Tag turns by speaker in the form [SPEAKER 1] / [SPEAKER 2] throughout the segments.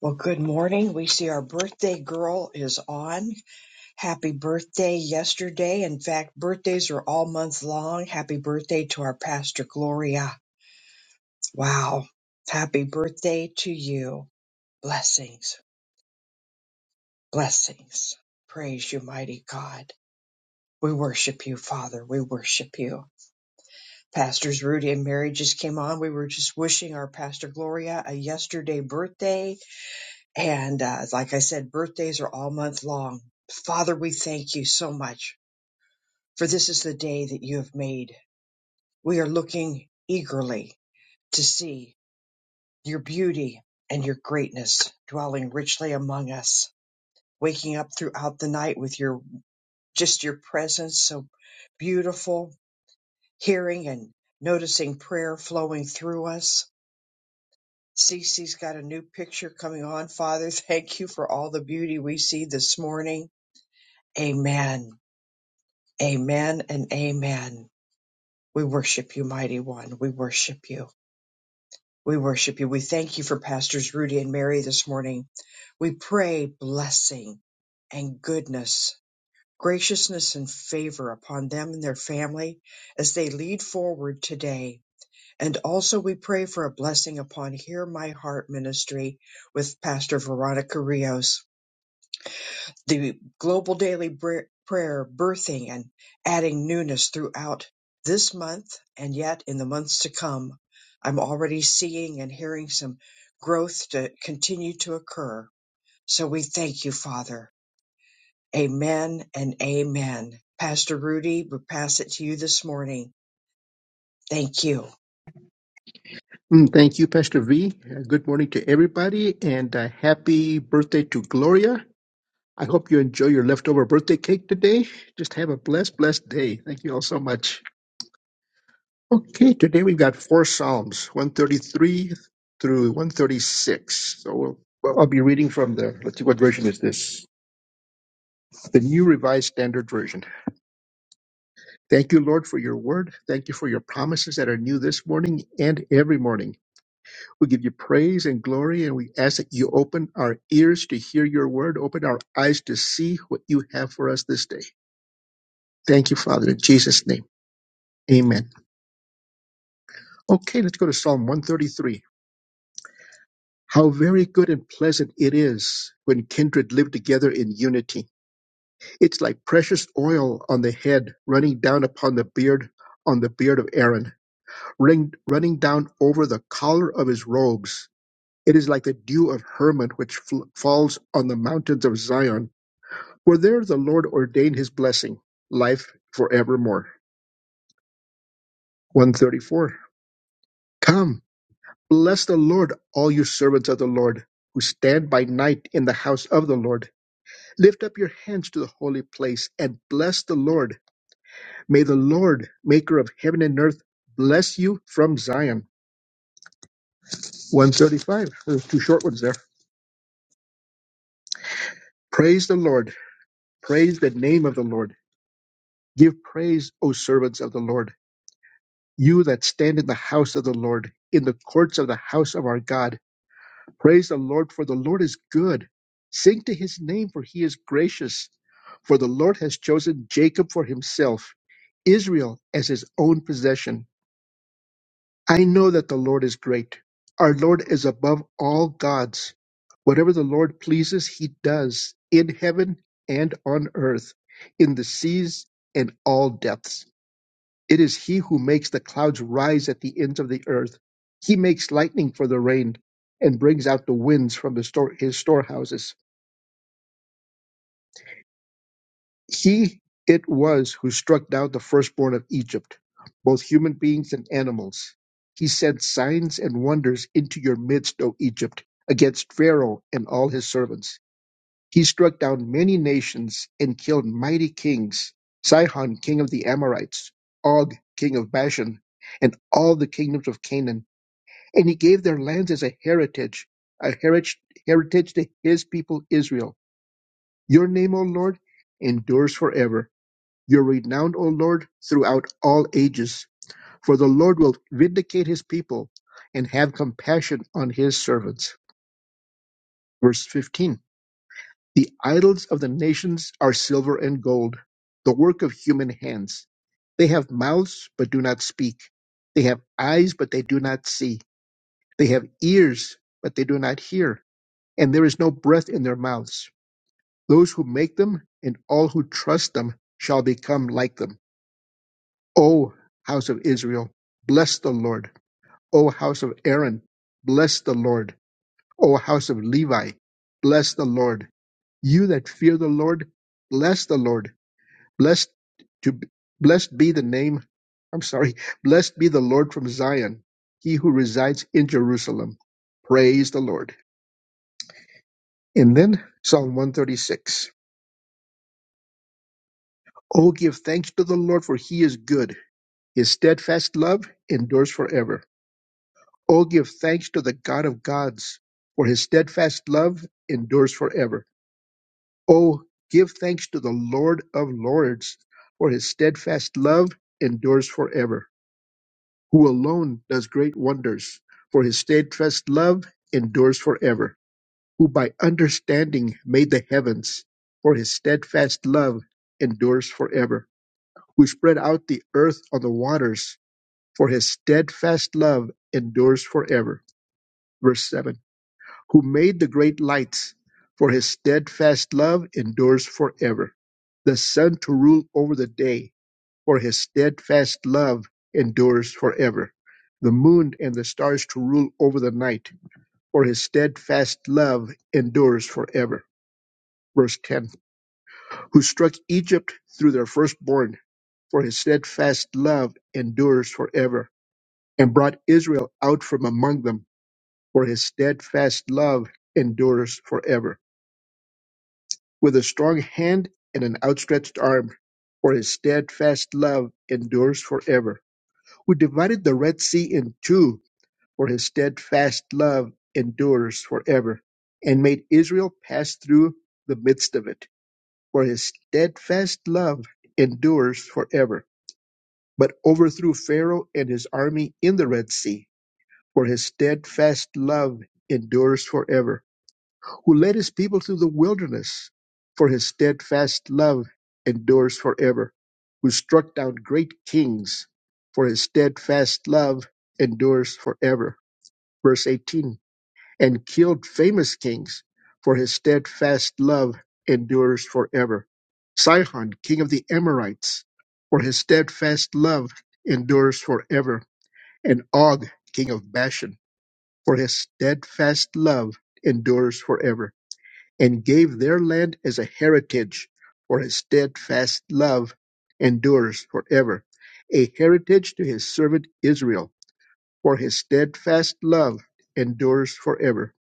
[SPEAKER 1] Well, good morning. We see our birthday girl is on. Happy birthday yesterday. In fact, birthdays are all month long. Happy birthday to our pastor Gloria. Wow. Happy birthday to you. Blessings. Blessings. Praise you, mighty God. We worship you, Father. We worship you. Pastors Rudy and Mary just came on. We were just wishing our pastor Gloria a yesterday birthday And uh, like I said, birthdays are all month long. Father, we thank you so much for this is the day that you have made. We are looking eagerly to see your beauty and your greatness dwelling richly among us, waking up throughout the night with your just your presence so beautiful, hearing and noticing prayer flowing through us. Cece's got a new picture coming on. Father, thank you for all the beauty we see this morning. Amen. Amen and amen. We worship you, mighty one. We worship you. We worship you. We thank you for Pastors Rudy and Mary this morning. We pray blessing and goodness, graciousness and favor upon them and their family as they lead forward today. And also we pray for a blessing upon Hear My Heart ministry with Pastor Veronica Rios. the global daily br- prayer birthing and adding newness throughout this month and yet in the months to come. I'm already seeing and hearing some growth to continue to occur. So we thank you, Father. Amen and amen. Pastor Rudy, we pass it to you this morning. Thank you.
[SPEAKER 2] Mm, Thank you, Pastor V. Uh, Good morning to everybody and uh, happy birthday to Gloria. I hope you enjoy your leftover birthday cake today. Just have a blessed, blessed day. Thank you all so much. Okay, today we've got four Psalms 133 through 136. So we'll, well, I'll be reading from the, let's see, what version is this? The New Revised Standard Version. Thank you, Lord, for your word. Thank you for your promises that are new this morning and every morning. We give you praise and glory, and we ask that you open our ears to hear your word, open our eyes to see what you have for us this day. Thank you, Father, in Jesus' name. Amen. Okay, let's go to Psalm 133. How very good and pleasant it is when kindred live together in unity. It's like precious oil on the head, running down upon the beard, on the beard of Aaron, running, running down over the collar of his robes. It is like the dew of Hermon, which fl- falls on the mountains of Zion For there the Lord ordained his blessing, life forevermore. 134. Come, bless the Lord, all you servants of the Lord, who stand by night in the house of the Lord. Lift up your hands to the holy place and bless the Lord. May the Lord, maker of heaven and earth, bless you from Zion. 135. There's two short ones there. Praise the Lord. Praise the name of the Lord. Give praise, O servants of the Lord You that stand in the house of the Lord, in the courts of the house of our God, praise the Lord, for the Lord is good. Sing to his name, for he is gracious. For the Lord has chosen Jacob for himself, Israel as his own possession. I know that the Lord is great. Our Lord is above all gods. Whatever the Lord pleases, he does, in heaven and on earth, in the seas and all depths. It is he who makes the clouds rise at the ends of the earth. He makes lightning for the rain and brings out the winds from the store, his storehouses. He it was who struck down the firstborn of Egypt, both human beings and animals. He sent signs and wonders into your midst, O Egypt, against Pharaoh and all his servants. He struck down many nations and killed mighty kings Sihon, king of the Amorites, Og, king of Bashan, and all the kingdoms of Canaan and he gave their lands as a heritage, a heritage, heritage to his people Israel. Your name, O Lord, endures forever. Your renown, O Lord, throughout all ages. For the Lord will vindicate his people and have compassion on his servants. Verse 15 The idols of the nations are silver and gold, the work of human hands. They have mouths, but do not speak. They have eyes, but they do not see. They have ears, but they do not hear and there is no breath in their mouths. Those who make them and all who trust them shall become like them. O house of Israel, bless the Lord. O house of Aaron, bless the Lord. O house of Levi, bless the Lord. You that fear the Lord, bless the Lord. Blessed to blessed be the name. I'm sorry. Blessed be the Lord from Zion, he who resides in Jerusalem. Praise the Lord. And then Psalm 136. Oh, give thanks to the Lord, for he is good. His steadfast love endures forever. Oh, give thanks to the God of gods, for his steadfast love endures forever. Oh, give thanks to the Lord of lords, for his steadfast love endures forever. Who alone does great wonders, for his steadfast love endures forever. Who by understanding made the heavens, for his steadfast love endures forever who spread out the earth on the waters, for his steadfast love endures forever. Verse 7 Who made the great lights, for his steadfast love endures forever. The sun to rule over the day, for his steadfast love endures forever. The moon and the stars to rule over the night, for his steadfast love endures forever. Verse 10 Who struck Egypt through their firstborn, for his steadfast love endures forever and brought Israel out from among them, for his steadfast love endures forever. With a strong hand and an outstretched arm, for his steadfast love endures forever. Who divided the Red Sea in two, for his steadfast love endures forever, and made Israel pass through the midst of it, for his steadfast love endures forever. But overthrew Pharaoh and his army in the Red Sea for his steadfast love endures forever. Who led his people through the wilderness, for his steadfast love endures forever. Who struck down great kings, for his steadfast love endures forever. Verse 18, and killed famous kings, for his steadfast love endures forever. Sihon, king of the Amorites, for his steadfast love endures forever. And Og, king of Bashan, for his steadfast love endures forever, and gave their land as a heritage, for his steadfast love endures forever, a heritage to his servant Israel, for his steadfast love endures forever.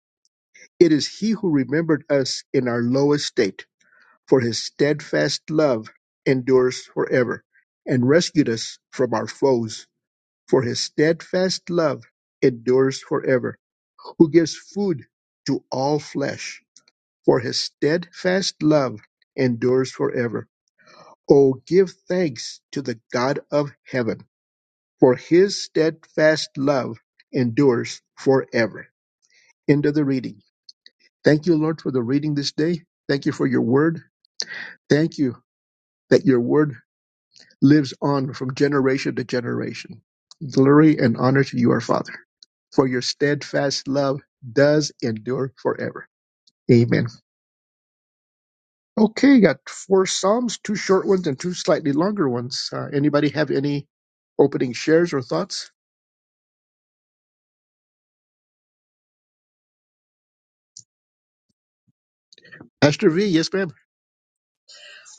[SPEAKER 2] It is he who remembered us in our low estate, for his steadfast love endures forever, and rescued us from our foes, for his steadfast love endures forever who gives food to all flesh, for his steadfast love endures forever. Oh, give thanks to the God of heaven, for his steadfast love endures forever. End of the reading. Thank you, Lord, for the reading this day. Thank you for your word. Thank you that your word lives on from generation to generation. Glory and honor to you, our Father, for your steadfast love does endure forever. Amen. Okay, got four Psalms, two short ones and two slightly longer ones. Uh, anybody have any opening shares or thoughts? Pastor V, yes, ma'am.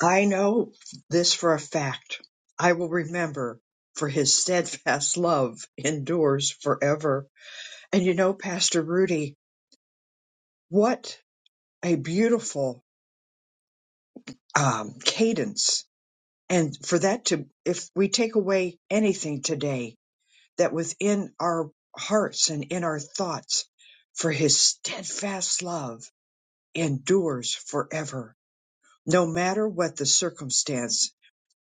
[SPEAKER 1] I know this for a fact. I will remember for his steadfast love endures forever. And you know, Pastor Rudy, what a beautiful um, cadence. And for that to, if we take away anything today, that within our hearts and in our thoughts, for his steadfast love endures forever, no matter what the circumstance.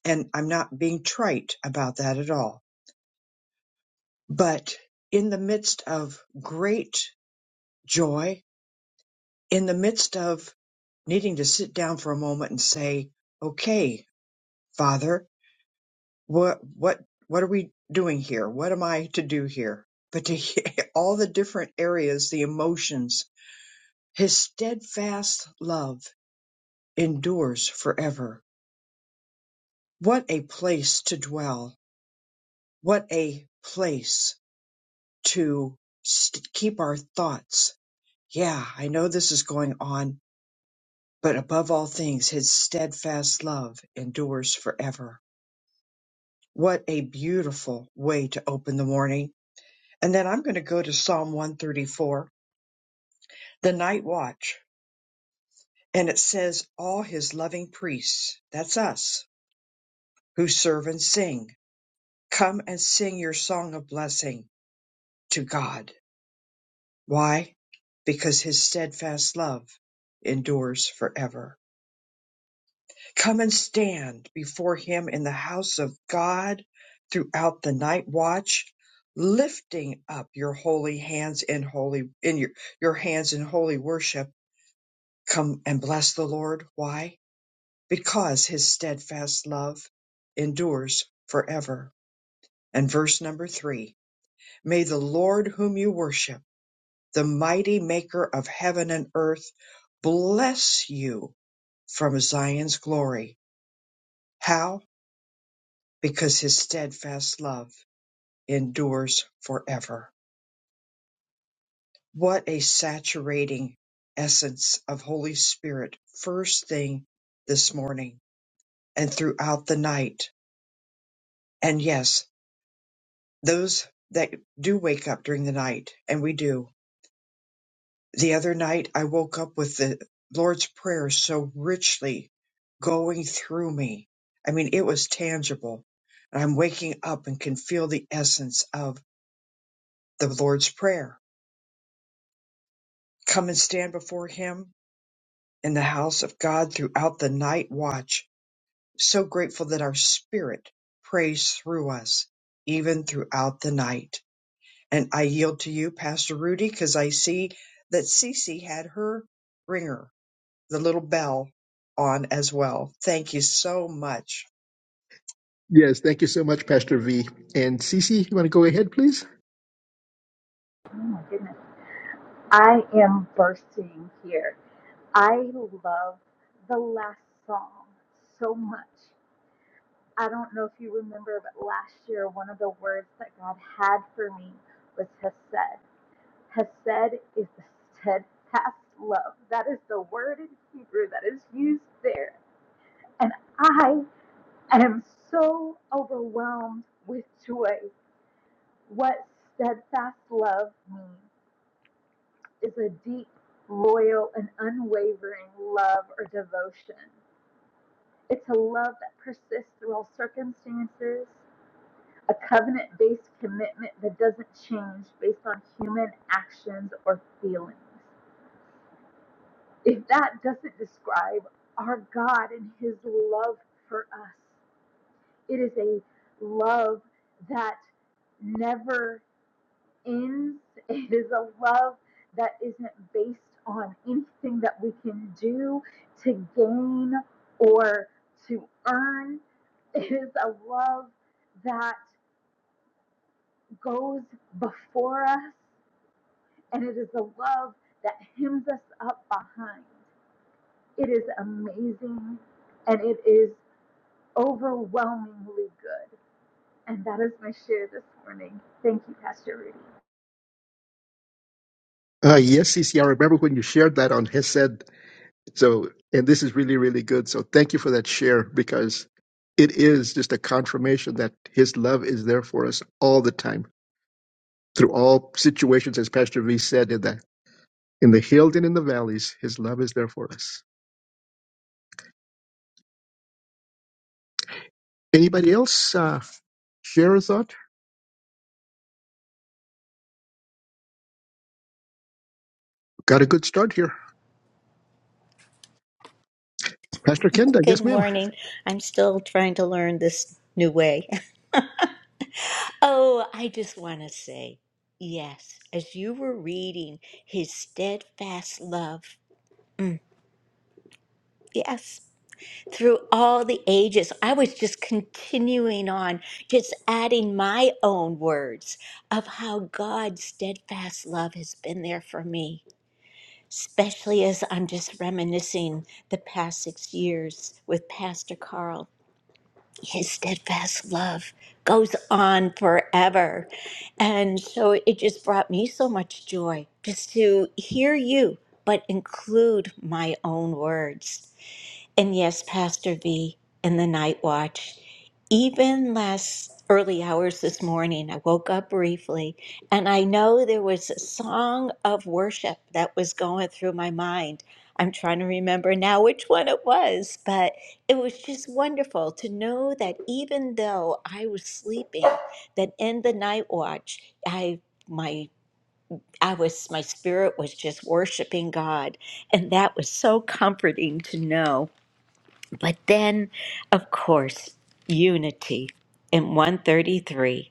[SPEAKER 1] And I'm not being trite about that at all. But in the midst of great joy, in the midst of needing to sit down for a moment and say, okay, Father, what what what are we doing here what am i to do here but to hear all the different areas the emotions his steadfast love endures forever what a place to dwell what a place to st- keep our thoughts yeah i know this is going on but above all things his steadfast love endures forever what a beautiful way to open the morning and then i'm going to go to psalm 134 the night watch, and it says, All his loving priests, that's us, who serve and sing, come and sing your song of blessing to God. Why? Because his steadfast love endures forever. Come and stand before him in the house of God throughout the night watch, lifting up your holy hands in holy in your, your hands in holy worship. Come and bless the Lord. Why? because his steadfast love endures forever. And verse number three May the Lord whom you worship, the mighty maker of heaven and earth, bless you from Zion's glory. How? Because his steadfast love endures forever. What a saturating essence of Holy Spirit, first thing this morning and throughout the night. And yes. those that do wake up during the night, and we do. The other night, I woke up with the Lord's Prayer so richly going through me. I mean, it was tangible. And I'm waking up and can feel the essence of the Lord's Prayer. Come and stand before Him in the house of God throughout the night watch. So grateful that our spirit prays through us, even throughout the night. And I yield to you, Pastor Rudy, because I see that Cece had her ringer, the little bell, on as well. Thank you so much.
[SPEAKER 2] Yes, thank you so much, Pastor V. And Cece, you want to go ahead, please?
[SPEAKER 3] Oh my goodness. I am bursting here. I love the last song so much. I don't know if you remember, but last year, one of the words that God had for me was Hesed. Hesed is the steadfast love. That is the word in Hebrew that is used there. And I am so overwhelmed with joy. What steadfast love means. is a deep, loyal, and unwavering love or devotion. It's a love that persists through all circumstances, a covenant based commitment that doesn't change based on human actions or feelings. If that doesn't describe our God and His love for us, it is a love that never ends. It is a love that isn't based on anything that we can do to gain or to earn. It is a love that goes before us, and it is a love that hems us up behind. It is amazing and it is overwhelmingly good. And that is my share this morning. Thank you, Pastor Rudy.
[SPEAKER 2] Uh, yes, Cece, I remember when you shared that on Hesed. So, and this is really, really good. So, thank you for that share because it is just a confirmation that His love is there for us all the time, through all situations, as Pastor V said in the in the hills and in the valleys, His love is there for us. Anybody else uh, share a thought? Got a good start here. Pastor Kenda,
[SPEAKER 4] Good
[SPEAKER 2] yes, ma'am.
[SPEAKER 4] morning. I'm still trying to learn this new way. Oh, I just want to say, yes, as you were reading his steadfast love, mm, yes, through all the ages, I was just continuing on, just adding my own words of how God's steadfast love has been there for me, especially as I'm just reminiscing the past six years with Pastor Carl. his steadfast love goes on forever. And so it just brought me so much joy just to hear you, but include my own words. And yes, Pastor V, in the night watch, even last early hours this morning, I woke up briefly and I know there was a song of worship that was going through my mind. I'm trying to remember now which one it was, but it was just wonderful to know that even though I was sleeping, that in the night watch, I my I was my spirit was just worshiping God, and that was so comforting to know. But then, of course, unity in 133.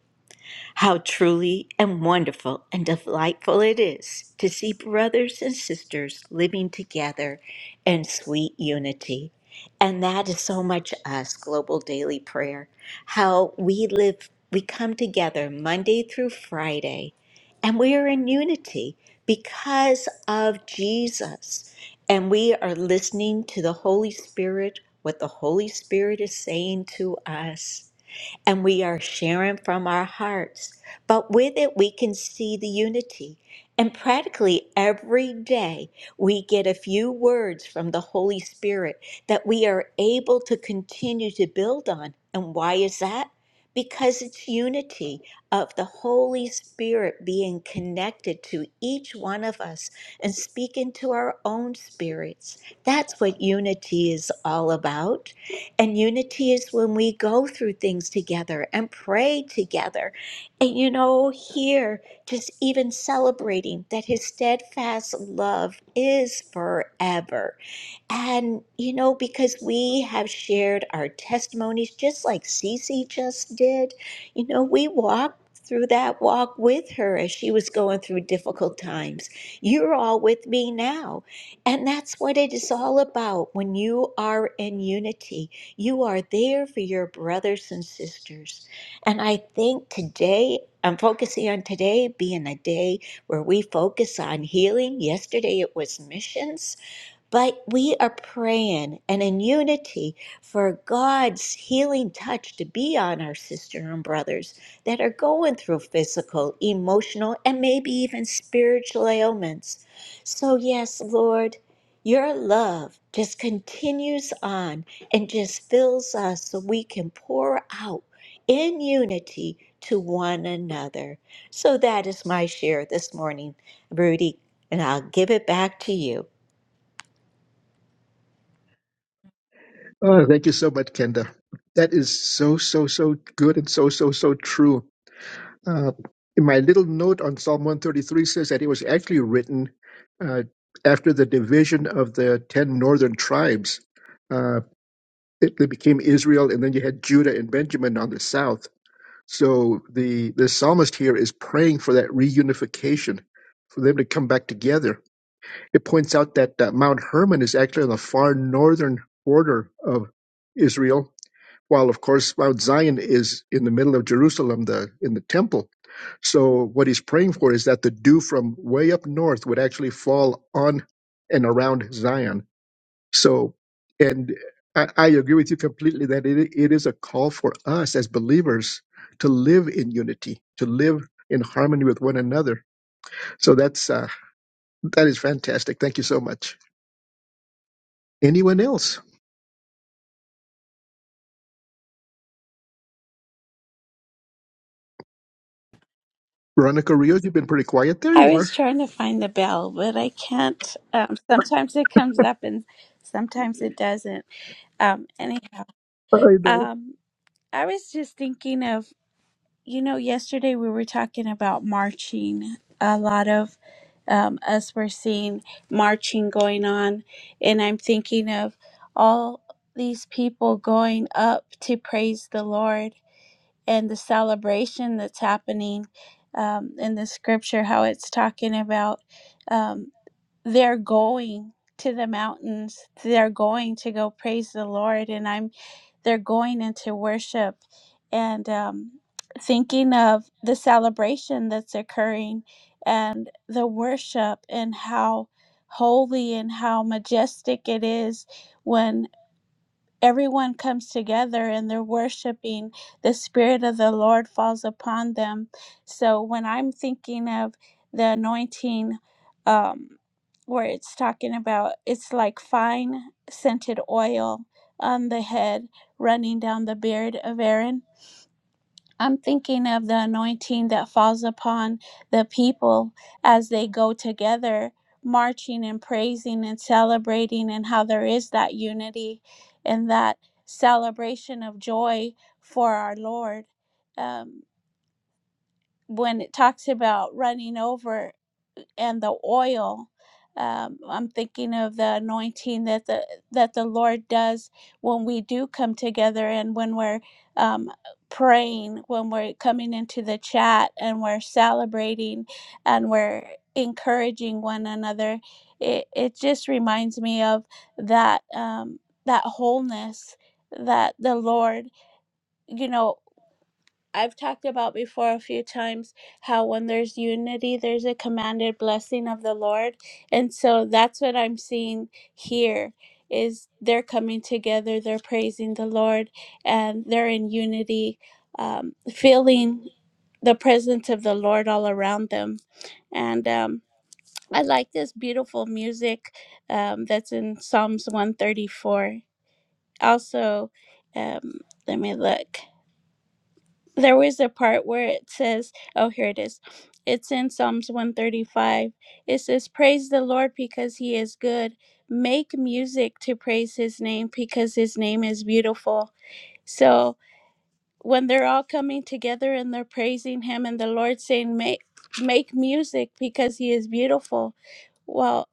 [SPEAKER 4] How truly and wonderful and delightful it is to see brothers and sisters living together in sweet unity. And that is so much us, Global Daily Prayer. How we live, we come together Monday through Friday, and we are in unity because of Jesus. And we are listening to the Holy Spirit, what the Holy Spirit is saying to us and we are sharing from our hearts. But with it, we can see the unity. And practically every day, we get a few words from the Holy Spirit that we are able to continue to build on. And why is that? Because it's unity of the Holy Spirit being connected to each one of us and speaking to our own spirits. That's what unity is all about. And unity is when we go through things together and pray together. And you know, here, just even celebrating that his steadfast love is forever and, you know, because we have shared our testimonies just like Cece just did, you know, we walked through that walk with her as she was going through difficult times. You're all with me now. And that's what it is all about when you are in unity. You are there for your brothers and sisters. And I think today, I'm focusing on today being a day where we focus on healing. Yesterday it was missions. But we are praying and in unity for God's healing touch to be on our sister and brothers that are going through physical, emotional, and maybe even spiritual ailments. So, yes, Lord, your love just continues on and just fills us so we can pour out in unity to one another. So, that is my share this morning, Rudy, and I'll give it back to you.
[SPEAKER 2] Oh, thank you so much, Kenda. That is so, so, so good and so, so, so true. Uh, in my little note on Psalm 133 says that it was actually written uh, after the division of the 10 northern tribes. Uh, it, they became Israel, and then you had Judah and Benjamin on the south. So the, the psalmist here is praying for that reunification, for them to come back together It points out that uh, Mount Hermon is actually on the far northern border of Israel, while of course Mount Zion is in the middle of Jerusalem, the in the temple. So what he's praying for is that the dew from way up north would actually fall on and around Zion. So, and I, I agree with you completely that it, it is a call for us as believers to live in unity, to live in harmony with one another. So that's uh, that is fantastic. Thank you so much. Anyone else? Veronica Rios, you've been pretty quiet. There
[SPEAKER 5] I
[SPEAKER 2] you are.
[SPEAKER 5] was trying to find the bell, but I can't. Um, sometimes it comes up and sometimes it doesn't. Um, anyhow,
[SPEAKER 2] I know.
[SPEAKER 5] um, I was just thinking of, you know, yesterday we were talking about marching. A lot of um, us were seeing marching going on, and I'm thinking of all these people going up to praise the Lord and the celebration that's happening um, in the scripture, how it's talking about. um they're going to the mountains they're going to go praise the lord and i'm they're going into worship and um, thinking of the celebration that's occurring and the worship and how holy and how majestic it is when everyone comes together and they're worshiping the spirit of the lord falls upon them so when i'm thinking of the anointing um where it's talking about it's like fine scented oil on the head running down the beard of aaron I'm thinking of the anointing that falls upon the people as they go together, marching and praising and celebrating, and how there is that unity and that celebration of joy for our Lord. Um, when it talks about running over and the oil. Um, I'm thinking of the anointing that the that the Lord does when we do come together and when we're um, praying, when we're coming into the chat and we're celebrating and we're encouraging one another. It it just reminds me of that um, that wholeness that the Lord, you know. I've talked about before a few times how when there's unity, there's a commanded blessing of the Lord. And so that's what I'm seeing here is they're coming together, they're praising the Lord, and they're in unity, um, feeling the presence of the Lord all around them. And um, I like this beautiful music um, that's in Psalms 134. Also, um, let me look there was a part where it says, oh, here it is. It's in Psalms 135. It says, Praise the Lord because he is good. Make music to praise his name because his name is beautiful. So when they're all coming together and they're praising him and the Lord saying, Make, make music because he is beautiful. well."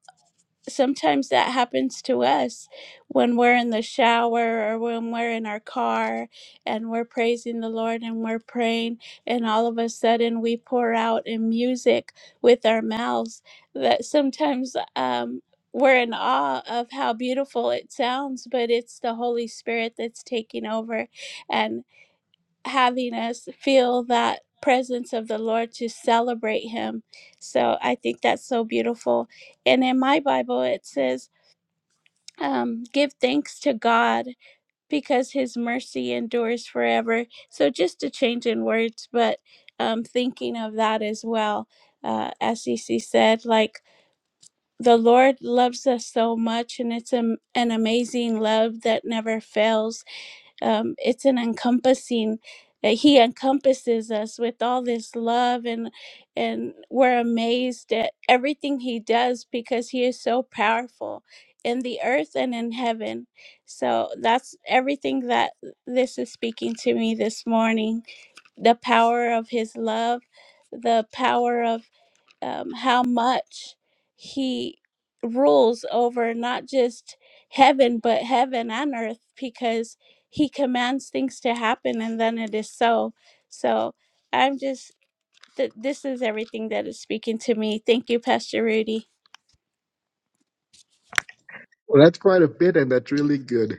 [SPEAKER 5] sometimes that happens to us when we're in the shower or when we're in our car and we're praising the Lord and we're praying, and all of a sudden we pour out in music with our mouths. That sometimes um, we're in awe of how beautiful it sounds, but it's the Holy Spirit that's taking over. and having us feel that presence of the Lord to celebrate Him. So I think that's so beautiful. And in my Bible, it says, um, give thanks to God because His mercy endures forever. So just a change in words, but um, thinking of that as well. Uh, as CC said, like the Lord loves us so much, and it's a, an amazing love that never fails um, it's an encompassing that he encompasses us with all this love and and we're amazed at everything he does because he is so powerful in the earth and in heaven so that's everything that this is speaking to me this morning the power of his love the power of um, how much he rules over not just heaven but heaven and earth because he commands things to happen and then it is so so i'm just th- this is everything that is speaking to me thank you pastor rudy
[SPEAKER 2] Well, that's quite a bit, and that's really good.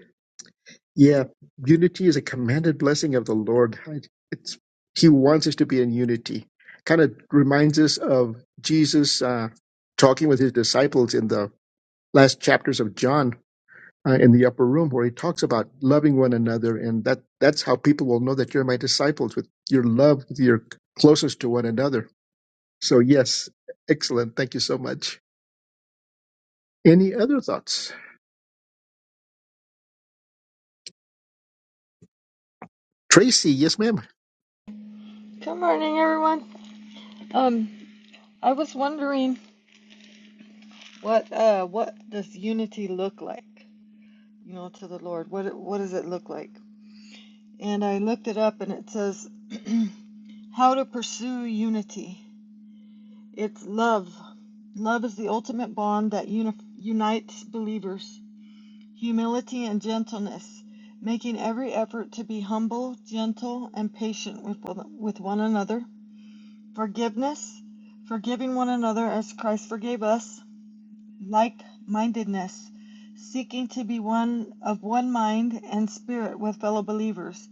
[SPEAKER 2] Yeah, unity is a commanded blessing of the Lord. I- It's He wants us to be in unity. Kind of reminds us of Jesus uh, talking with his disciples in the last chapters of John uh, in the upper room, where he talks about loving one another, and that that's how people will know that you're my disciples with your love, with your closeness to one another. So yes, excellent. Thank you so much. Any other thoughts? Tracy, yes, ma'am.
[SPEAKER 6] Good morning, everyone. Um, I was wondering what uh what does unity look like? You know, to the Lord. What what does it look like? And I looked it up, and it says how to pursue unity. It's love. Love is the ultimate bond that uni- unites believers. Humility and gentleness, making every effort to be humble, gentle, and patient with with one another. Forgiveness, forgiving one another as Christ forgave us like-mindedness, seeking to be one of one mind and spirit with fellow believers,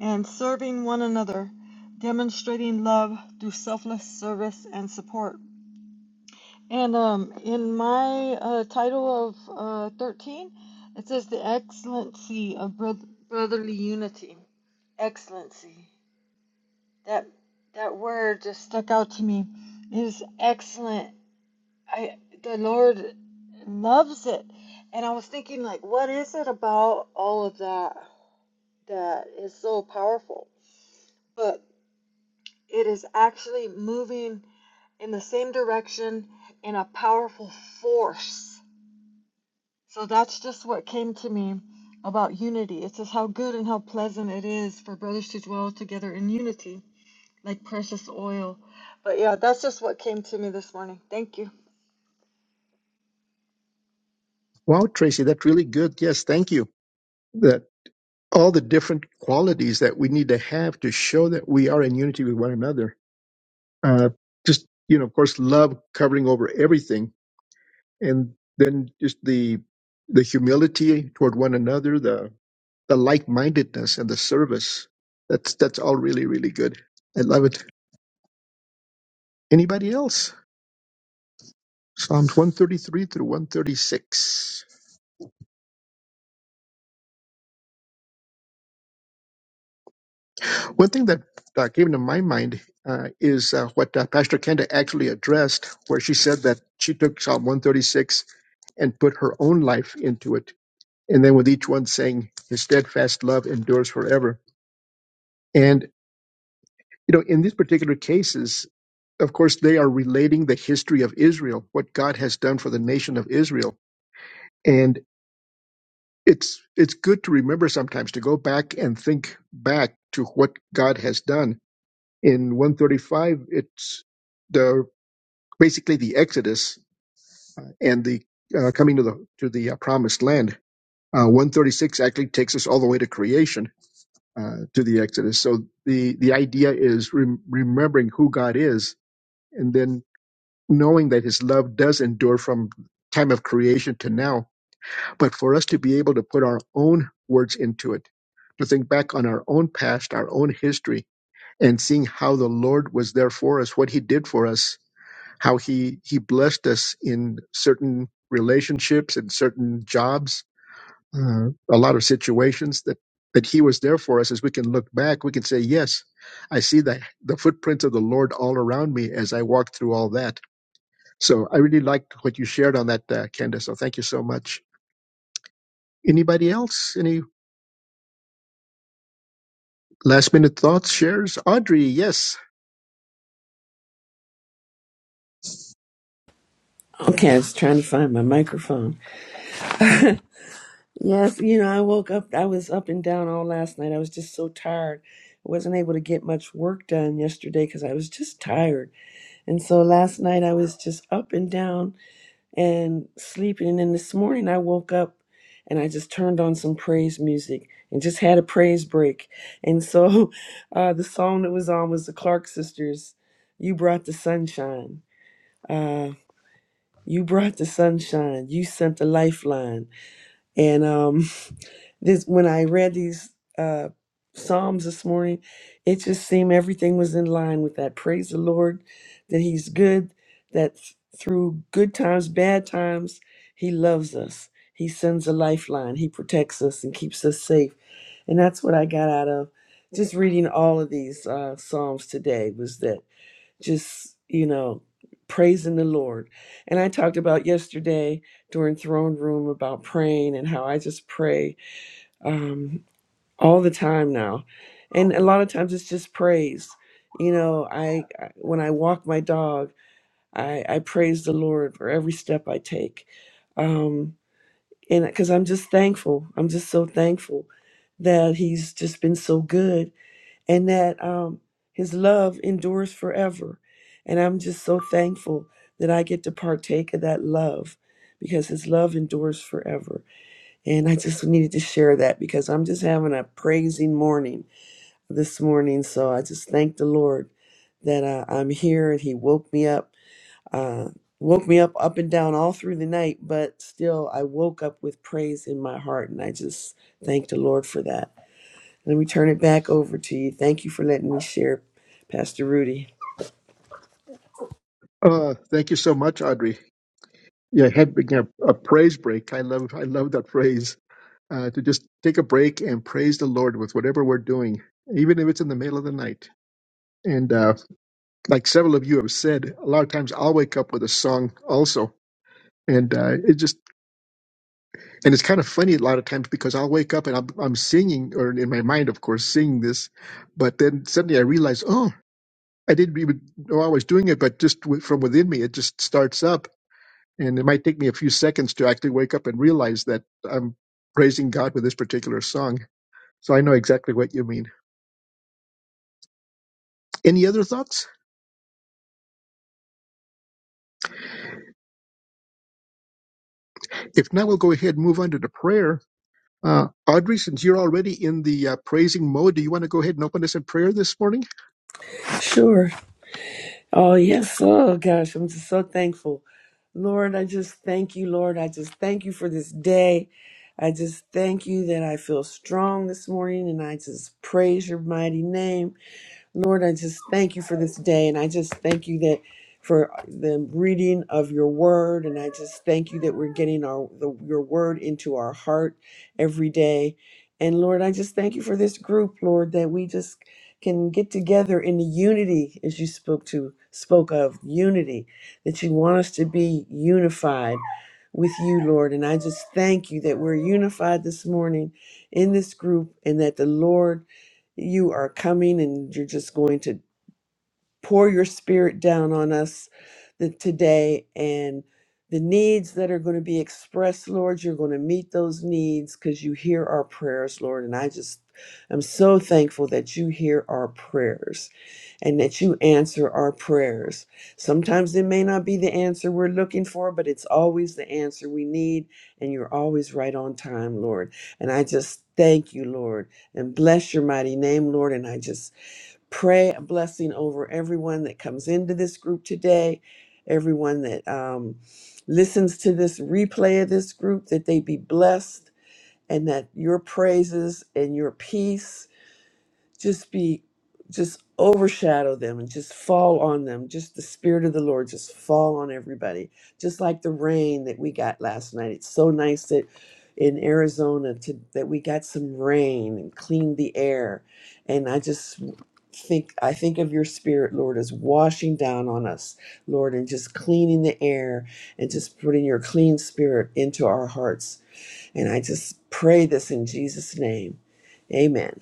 [SPEAKER 6] and serving one another, demonstrating love through selfless service and support. And um, in my uh, title of uh, 13, it says the excellency of brotherly unity. Excellency. That that word just stuck out to me. It is excellent I the Lord loves it. And I was thinking like what is it about all of that that is so powerful? But it is actually moving in the same direction in a powerful force. So that's just what came to me about unity. It says how good and how pleasant it is for brothers to dwell together in unity like precious oil. But yeah, that's just what came to me this morning. Thank you.
[SPEAKER 2] Wow, Tracy, that's really good. Yes, thank you. That all the different qualities that we need to have to show that we are in unity with one another. Uh, just you know, of course, love covering over everything, and then just the the humility toward one another, the the like mindedness, and the service. That's that's all really really good. I love it. Anybody else? Psalms one thirty three through one thirty six. One thing that uh, came to my mind uh, is uh, what uh, Pastor Kenda actually addressed, where she said that she took Psalm 136 and put her own life into it, and then with each one saying, "His steadfast love endures forever." And you know, in these particular cases, of course, they are relating the history of Israel, what God has done for the nation of Israel, and it's it's good to remember sometimes to go back and think back to what God has done In 135, it's the basically the Exodus uh, and the uh, coming to the to the uh, promised land. Uh, 136 actually takes us all the way to creation uh, to the Exodus. So the the idea is rem- remembering who God is and then knowing that His love does endure from time of creation to now. But for us to be able to put our own words into it, to think back on our own past, our own history, and seeing how the Lord was there for us, what He did for us, how he he blessed us in certain relationships and certain jobs uh, a lot of situations that that he was there for us as we can look back we can say yes i see the the footprints of the lord all around me as i walk through all that so i really liked what you shared on that uh, candace so thank you so much anybody else any last minute thoughts shares audrey yes
[SPEAKER 7] Okay, I was trying to find my microphone. Yes, you know, I woke up, I was up and down all last night. I was just so tired. I wasn't able to get much work done yesterday because I was just tired. And so last night I was just up and down and sleeping. And then this morning I woke up and I just turned on some praise music and just had a praise break. And so uh, the song that was on was the Clark Sisters, You Brought the Sunshine. Uh, you brought the sunshine. You sent the lifeline. And um, this when I read these uh, psalms this morning, it just seemed everything was in line with that. Praise the Lord that He's good. That th- through good times, bad times, He loves us. He sends a lifeline. He protects us and keeps us safe. And that's what I got out of just reading all of these uh, psalms today. Was that just you know praising the lord and i talked about yesterday during throne room about praying and how i just pray um, all the time now and a lot of times it's just praise you know i I- when i walk my dog i i praise the lord for every step i take um and because i'm just thankful i'm just so thankful that he's just been so good and that um, his love endures forever. And I'm just so thankful that I get to partake of that love because his love endures forever. And I just needed to share that because I'm just having a praising morning this morning. So I just thank the Lord that uh, I'm here and he woke me up. Uh, woke me up up and down all through the night but still i woke up with praise in my heart and i just thank the lord for that let me turn it back over to you. Thank you for letting me share, Pastor Rudy.
[SPEAKER 2] uh thank you so much audrey yeah, had began a, a praise break. I love, I love that phrase uh, to just take a break and praise the Lord with whatever we're doing, even if it's in the middle of the night. And uh, like several of you have said, a lot of times I'll wake up with a song also. And uh, it just and it's kind of funny a lot of times because I'll wake up and I'm, I'm singing or in my mind, of course, singing this, but then suddenly I realize, oh, I didn't even know I was doing it, but just w- from within me, it just starts up, and it might take me a few seconds to actually wake up and realize that I'm praising God with this particular song. So I know exactly what you mean. Any other thoughts? If not, we'll go ahead and move on to the prayer. Uh, Audrey, since you're already in the uh, praising mode, do you want to go ahead and open us in prayer this morning?
[SPEAKER 7] Sure. Oh, yes. Oh, gosh. I'm just so thankful. Lord, I just thank you, Lord. I just thank you for this day. I just thank you that I feel strong this morning and I just praise your mighty name. Lord, I just thank you for this day. And I just thank you that for the reading of your word. And I just thank you that we're getting our the, your word into our heart every day. And Lord, I just thank you for this group, Lord, that we just can get together in the unity as you spoke to spoke of unity that you want us to be unified with you lord and i just thank you that we're unified this morning in this group and that the lord you are coming and you're just going to pour your spirit down on us the, today and the needs that are going to be expressed, Lord, you're going to meet those needs because you hear our prayers, Lord. And I just am so thankful that you hear our prayers and that you answer our prayers. Sometimes it may not be the answer we're looking for, but it's always the answer we need. And you're always right on time, Lord. And I just thank you, Lord, and bless your mighty name, Lord. And I just pray a blessing over everyone that comes into this group today, everyone that um, listens to this replay of this group, that they be blessed and that your praises and your peace just be just overshadow them and just fall on them just the spirit of the lord just fall on everybody just like the rain that we got last night it's so nice that in arizona to, that we got some rain and cleaned the air and i just think i think of your spirit lord as washing down on us lord and just cleaning the air and just putting your clean spirit into our hearts and i just pray this in jesus name amen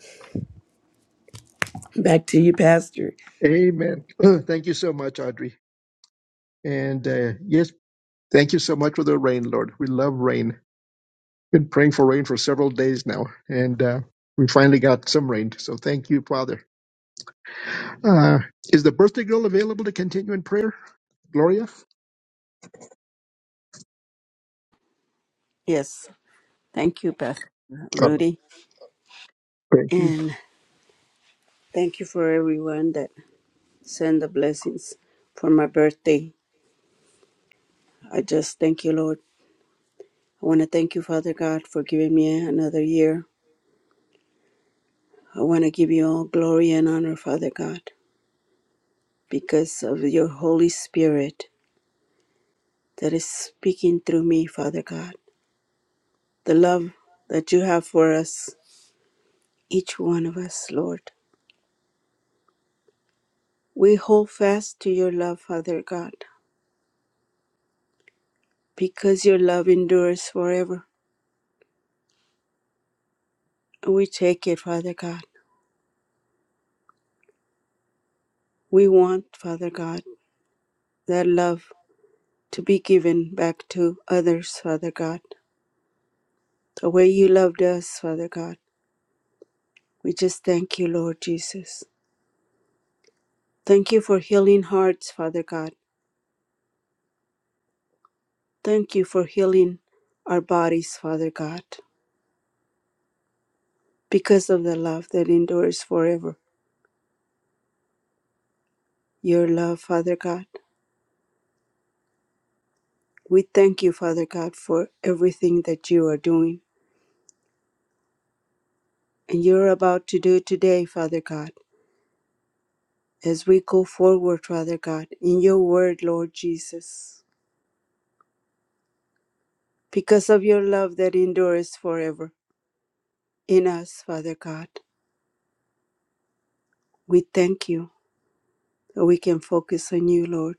[SPEAKER 7] Back to you, Pastor.
[SPEAKER 2] Amen. thank you so much, Audrey. And uh, yes, thank you so much for the rain, Lord. We love rain. Been praying for rain for several days now, and uh, we finally got some rain. So thank you, Father. Uh, is the birthday girl available to continue in prayer, Gloria?
[SPEAKER 5] Yes. Thank you, Pastor
[SPEAKER 2] Oh,
[SPEAKER 5] Rudy.
[SPEAKER 2] thank you.
[SPEAKER 5] And thank you for everyone that send the blessings for my birthday. I just thank you, Lord. I want to thank you, Father God, for giving me another year I want to give you all glory and honor, Father God, because of your Holy Spirit that is speaking through me, Father God. The love that you have for us, each one of us, Lord. We hold fast to your love, Father God, because your love endures forever. We take it, Father God. We want, Father God, that love to be given back to others, Father God. The way you loved us, Father God. We just thank you, Lord Jesus. Thank you for healing hearts, Father God. Thank you for healing our bodies, Father God, because of the love that endures forever. Your love, Father God. We thank you, Father God, for everything that you are doing and you're about to do today, Father God, as we go forward, Father God, in your word, Lord Jesus, because of your love that endures forever in us, Father God. We thank you that we can focus on you, Lord.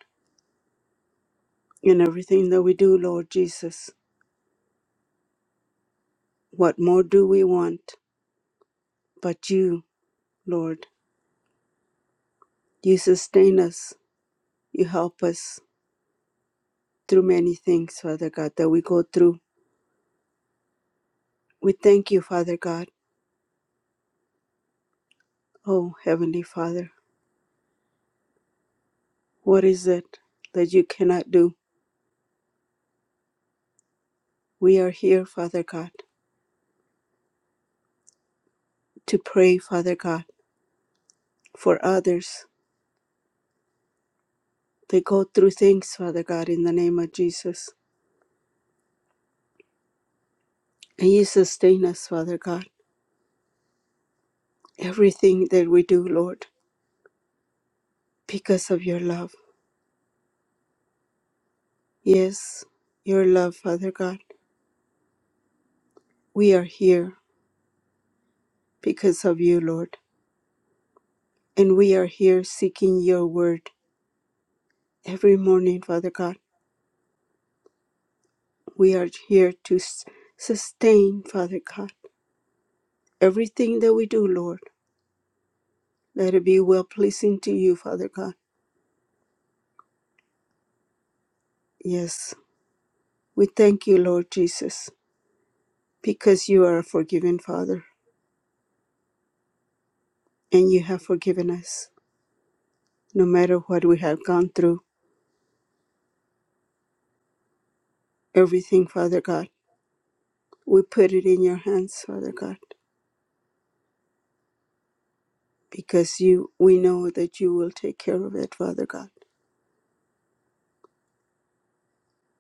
[SPEAKER 5] in everything that we do, Lord Jesus. What more do we want but you, Lord? You sustain us, you help us through many things, Father God, that we go through. We thank you, Father God. Oh, Heavenly Father, what is it that you cannot do? We are here, Father God, to pray, Father God, for others. They go through things, Father God, in the name of Jesus. And you sustain us, Father God, everything that we do, Lord, because of your love Yes, your love, Father God. We are here because of you, Lord. And we are here seeking your word every morning, Father God. We are here to s- sustain, Father God. Everything that we do, Lord, let it be well pleasing to you, Father God. Yes, we thank you, Lord Jesus, because you are a forgiving Father and you have forgiven us no matter what we have gone through. Everything, Father God, we put it in your hands, Father God because you we know that you will take care of it, Father God.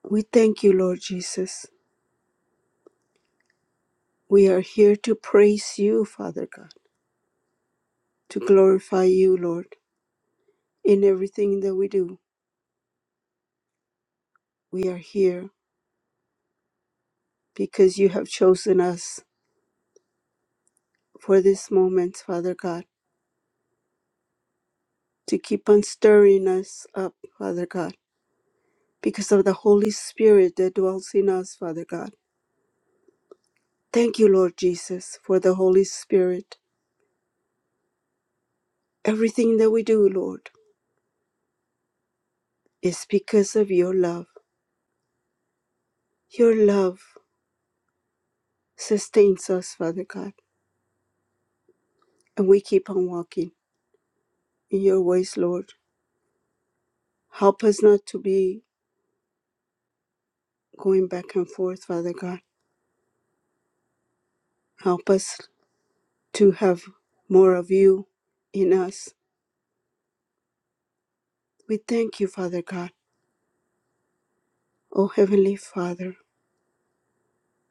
[SPEAKER 5] We thank you, Lord Jesus. We are here to praise you, Father God, to glorify you, Lord, in everything that we do. We are here because you have chosen us for this moment, Father God, to keep on stirring us up, Father God, because of the Holy Spirit that dwells in us, Father God. Thank you, Lord Jesus, for the Holy Spirit. Everything that we do, Lord, is because of your love Your love sustains us, Father God, and we keep on walking in your ways, Lord. Help us not to be going back and forth, Father God. Help us to have more of you in us. We thank you, Father God. Oh, Heavenly Father,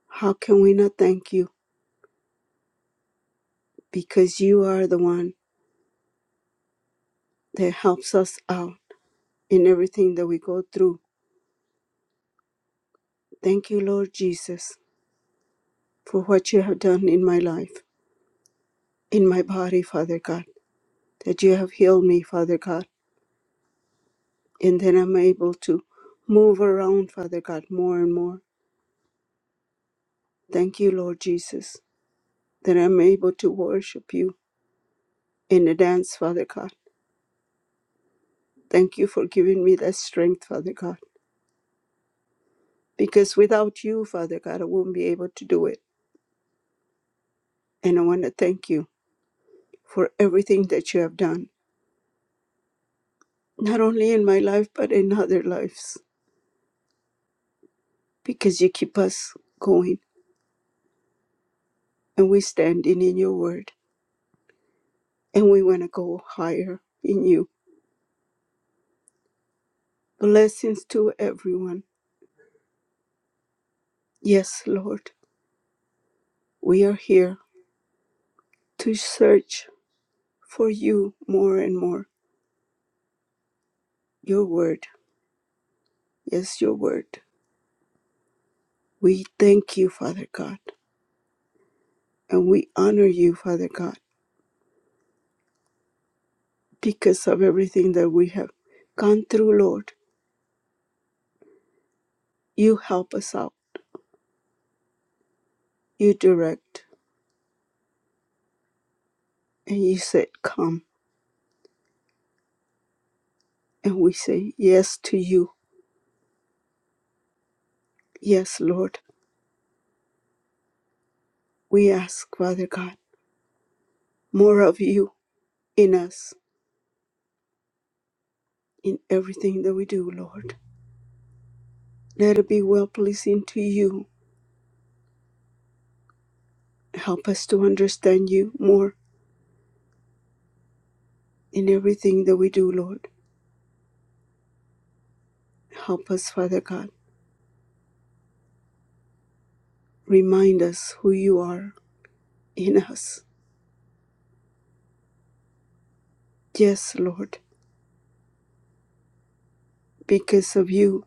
[SPEAKER 5] how can we not thank you? Because you are the one that helps us out in everything that we go through. Thank you, Lord Jesus, for what you have done in my life, in my body, Father God. that you have healed me, Father God, and then I'm able to move around, Father God, more and more. Thank you, Lord Jesus, that I'm able to worship you in the dance, Father God. Thank you for giving me that strength, Father God, because without you, Father God, I wouldn't be able to do it. And I want to thank you for everything that you have done, not only in my life, but in other lives, because you keep us going and we standing in your word and we want to go higher in you. Blessings to everyone. Yes, Lord, we are here to search for you more and more. Your word, yes, your word. We thank you, Father God, and we honor you, Father God, because of everything that we have gone through, Lord. You help us out, you direct, and you said, Come. And we say yes to you. Yes, Lord. We ask, Father God, more of you in us, in everything that we do, Lord. Let it be well pleasing to you. Help us to understand you more in everything that we do, Lord. Help us, Father God. Remind us who you are in us. Yes, Lord, because of you,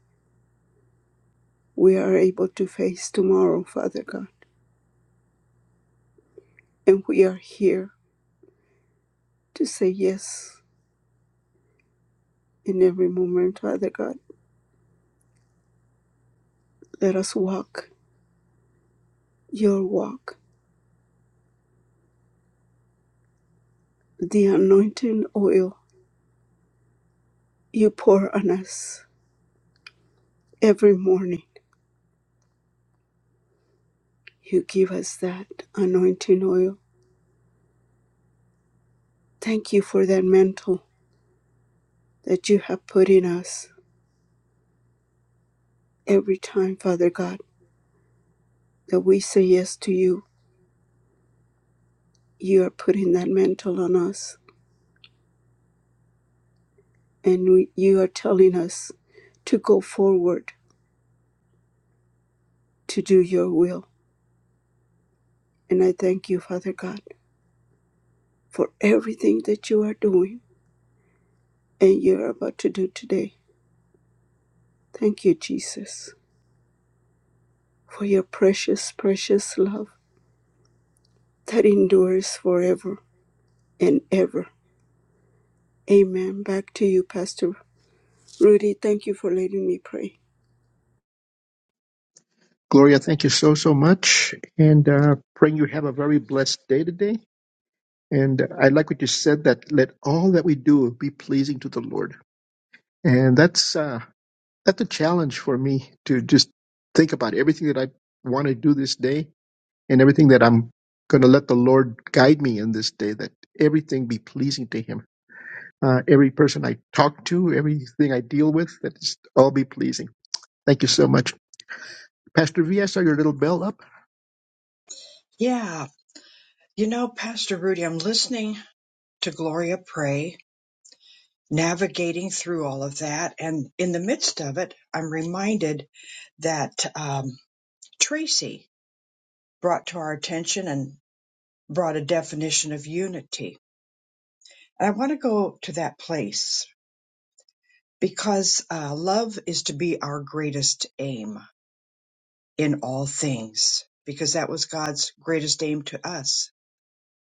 [SPEAKER 5] we are able to face tomorrow, Father God. And we are here to say yes in every moment, Father God. Let us walk your walk, the anointing oil you pour on us every morning. You give us that anointing oil Thank you for that mantle that you have put in us every time, Father God, that we say yes to you. You are putting that mantle on us, and we, you are telling us to go forward to do your will. And I thank you, Father God, for everything that you are doing and you are about to do today. Thank you, Jesus, for your precious, precious love that endures forever and ever. Amen. Back to you, Pastor Rudy. Thank you for letting me pray.
[SPEAKER 2] Gloria, thank you so, so much. And uh, praying you have a very blessed day today. And I like what you said that let all that we do be pleasing to the Lord. And that's uh, that's a challenge for me to just think about everything that I want to do this day and everything that I'm going to let the Lord guide me in this day. That everything be pleasing to Him. Uh, every person I talk to, everything I deal with, that it's all be pleasing. Thank you so much, Pastor V. I saw your little bell up.
[SPEAKER 1] Yeah, you know, Pastor Rudy, I'm listening to Gloria pray, navigating through all of that. And in the midst of it, I'm reminded that um, Tracy brought to our attention and brought a definition of unity. And I want to go to that place because uh, love is to be our greatest aim in all things, because that was God's greatest aim to us,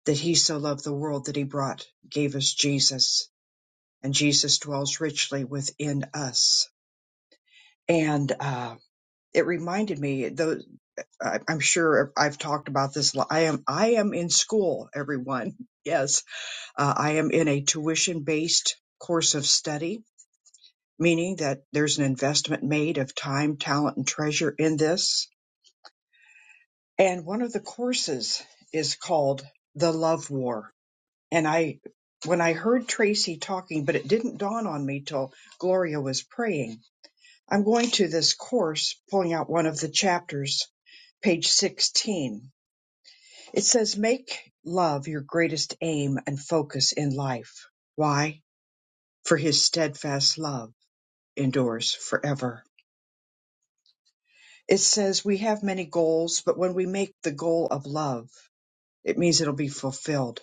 [SPEAKER 1] that He so loved the world that He brought, gave us Jesus, and Jesus dwells richly within us. And uh, it reminded me, though I- I'm sure I've talked about this. lo- I am I am in school, everyone. Yes, uh, I am in a tuition-based course of study meaning that there's an investment made of time, talent, and treasure in this. And one of the courses is called The Love War. And I, when I heard Tracy talking, but it didn't dawn on me till Gloria was praying, I'm going to this course, pulling out one of the chapters, page 16. It says, Make love your greatest aim and focus in life. Why? For his steadfast love endures forever It says we have many goals, but when we make the goal of love, it means it'll be fulfilled.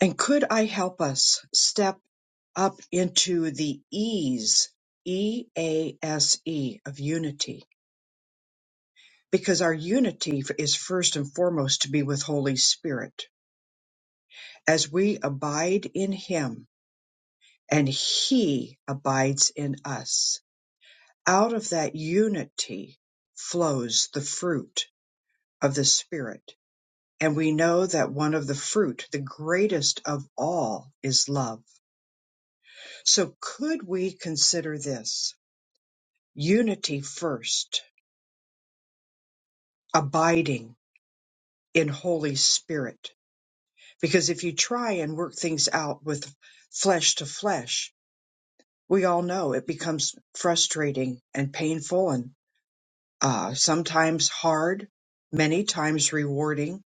[SPEAKER 1] And could I help us step up into the ease, E A S E, of unity? Because our unity is first and foremost to be with Holy Spirit. As we abide in Him and He abides in us, out of that unity flows the fruit of the Spirit And we know that one of the fruit, the greatest of all, is love. So could we consider this unity first, abiding in Holy Spirit? Because if you try and work things out with flesh to flesh, we all know it becomes frustrating and painful and uh, sometimes hard, many times rewarding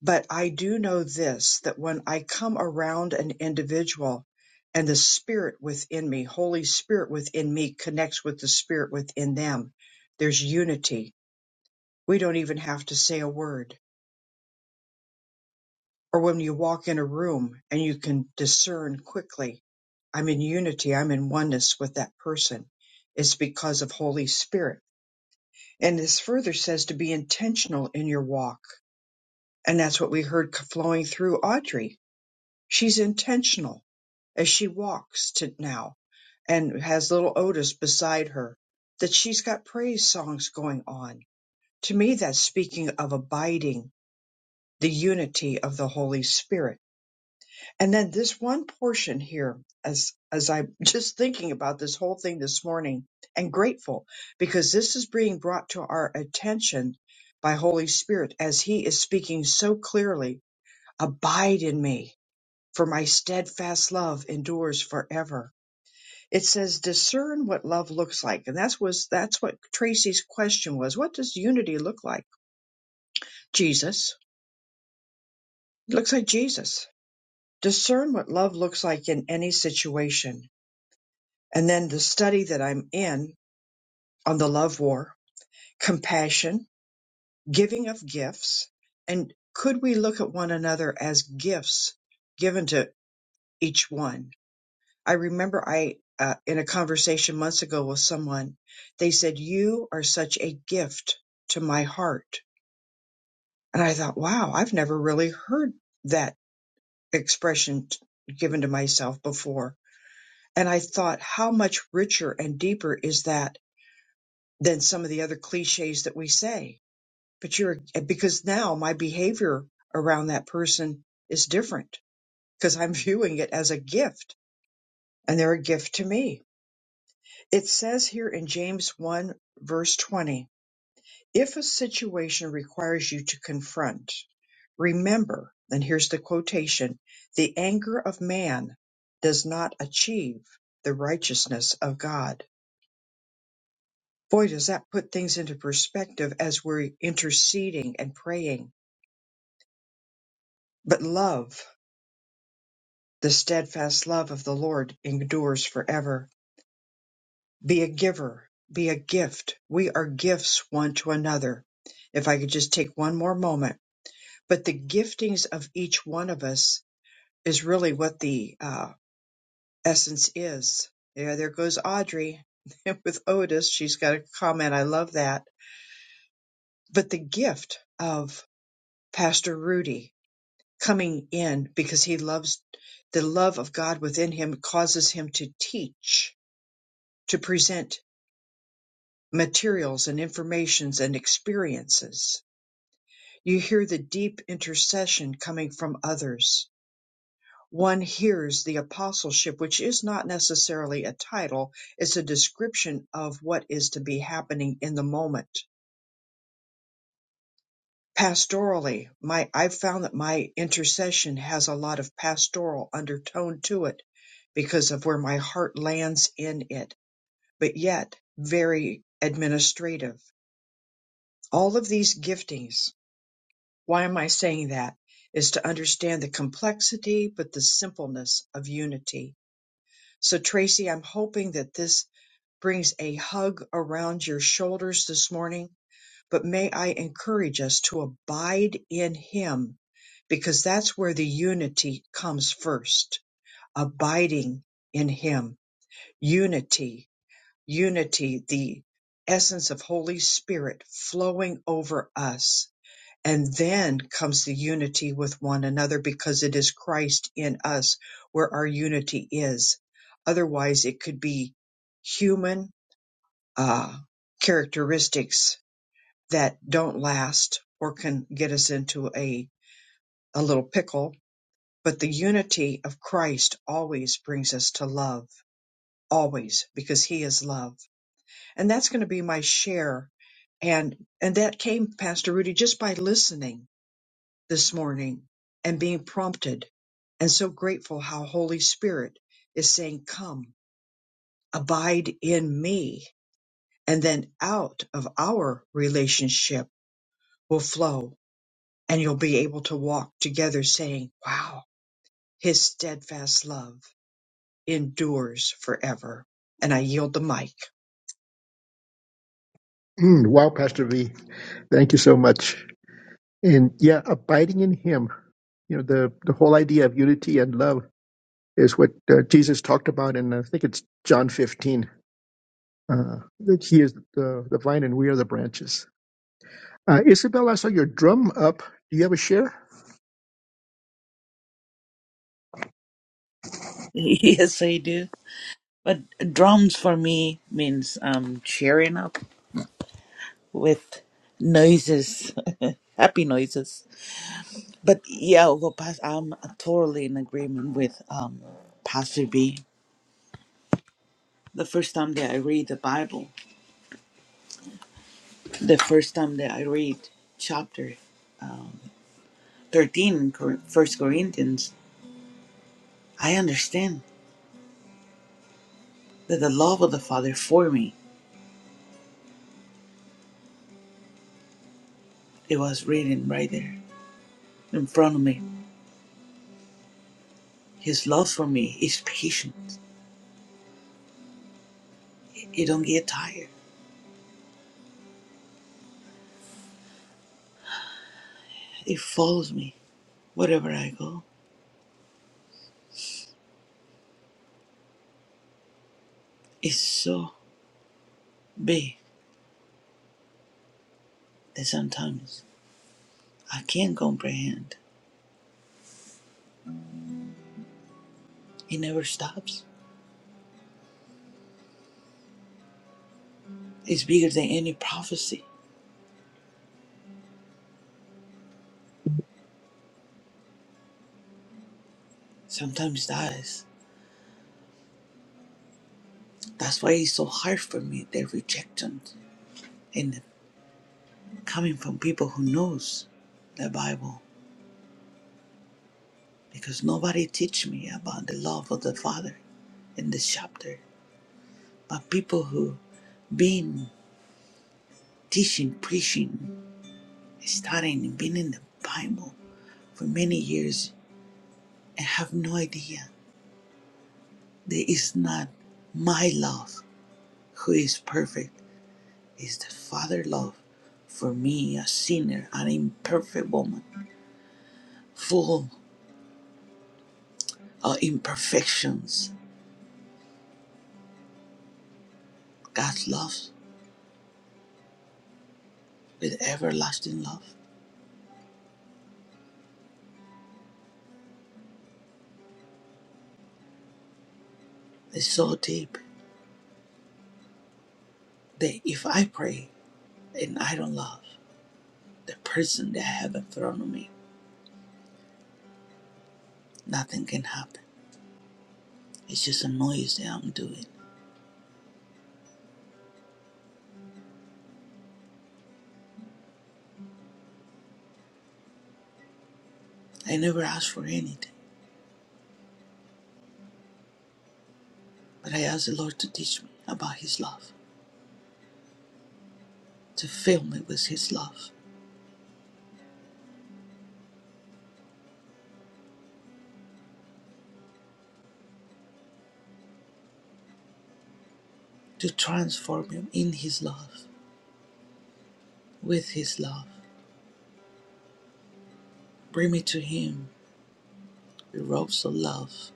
[SPEAKER 1] But I do know this that when I come around an individual and the spirit within me, Holy Spirit within me connects with the spirit within them, there's unity. We don't even have to say a word. Or when you walk in a room and you can discern quickly, I'm in unity, I'm in oneness with that person. It's because of Holy Spirit. And this further says to be intentional in your walk. And that's what we heard flowing through Audrey She's intentional as she walks to now and has little Otis beside her, that she's got praise songs going on. To me, that's speaking of abiding the unity of the Holy Spirit. And then this one portion here, as, as I'm just thinking about this whole thing this morning and grateful because this is being brought to our attention by Holy Spirit as he is speaking so clearly, abide in me for my steadfast love endures forever. It says discern what love looks like. And that's was that's what Tracy's question was. What does unity look like? Jesus. It looks like Jesus. Discern what love looks like in any situation. And then the study that I'm in on the love war, compassion, giving of gifts, and could we look at one another as gifts given to each one? I remember I, uh, in a conversation months ago with someone, they said, You are such a gift to my heart. And I thought, wow, I've never really heard that expression t- given to myself before. And I thought, how much richer and deeper is that than some of the other cliches that we say? But you're, eh, because now my behavior around that person is different because I'm viewing it as a gift and they're a gift to me It says here in James 1 verse 20, if a situation requires you to confront, remember, and here's the quotation, the anger of man does not achieve the righteousness of God. Boy, does that put things into perspective as we're interceding and praying. But love, the steadfast love of the Lord endures forever. Be a giver. Be a gift. We are gifts one to another. If I could just take one more moment, but the giftings of each one of us is really what the uh, essence is. Yeah, there goes Audrey with Otis. She's got a comment. I love that. But the gift of Pastor Rudy coming in because he loves the love of God within him causes him to teach, to present materials and informations and experiences You hear the deep intercession coming from others. One hears the apostleship, which is not necessarily a title, it's a description of what is to be happening in the moment. Pastorally, my I've found that my intercession has a lot of pastoral undertone to it because of where my heart lands in it, but yet very administrative. All of these giftings Why am I saying that? Is to understand the complexity, but the simpleness of unity. So, Tracy, I'm hoping that this brings a hug around your shoulders this morning, but may I encourage us to abide in Him because that's where the unity comes first. Abiding in Him, unity, unity, the essence of Holy Spirit flowing over us and then comes the unity with one another because it is Christ in us where our unity is. Otherwise, it could be human uh, characteristics that don't last or can get us into a, a little pickle. But the unity of Christ always brings us to love, always, because he is love. And that's going to be my share. And, and that came, Pastor Rudy, just by listening this morning and being prompted and so grateful how Holy Spirit is saying, come, abide in me. And then out of our relationship will flow and you'll be able to walk together saying, wow, his steadfast love endures forever. And I yield the mic.
[SPEAKER 2] Mm, wow, Pastor V. Thank you so much. and yeah, abiding in Him. You know, the the whole idea of unity and love is what uh, Jesus talked about, and I think it's John 15 uh, that He is the the vine and we are the branches. Uh, Isabel, I saw your drum up. Do you have a share?
[SPEAKER 8] Yes, I do. But drums for me means um cheering up with noises, happy noises. But yeah, I'll go past, I'm totally in agreement with um Pastor B. The first time that I read the Bible, the first time that I read chapter 13 in Cor- First Corinthians, I understand that the love of the Father for me, it was written right there in front of me. His love for me is patient. It it don't get tired It follows me wherever I go. It's so big that sometimes I can't comprehend. It never stops. It's bigger than any prophecy. Sometimes that is. That's why it's so hard for me, the rejection and coming from people who knows the Bible. Because nobody teach me about the love of the Father in this chapter. But people who been teaching, preaching, studying, and been in the Bible for many years I have no idea that it's not my love who is perfect. It's the Father love for me, a sinner, an imperfect woman, full of imperfections. God loves with everlasting love. It's so deep that if I pray and I don't love the person that I have in front of me, nothing can happen. It's just a noise that I'm doing. I never ask for anything, but I ask the Lord to teach me about His love. to fill me with His love, to transform me in His love, with His love. Bring me to Him, with robes of love.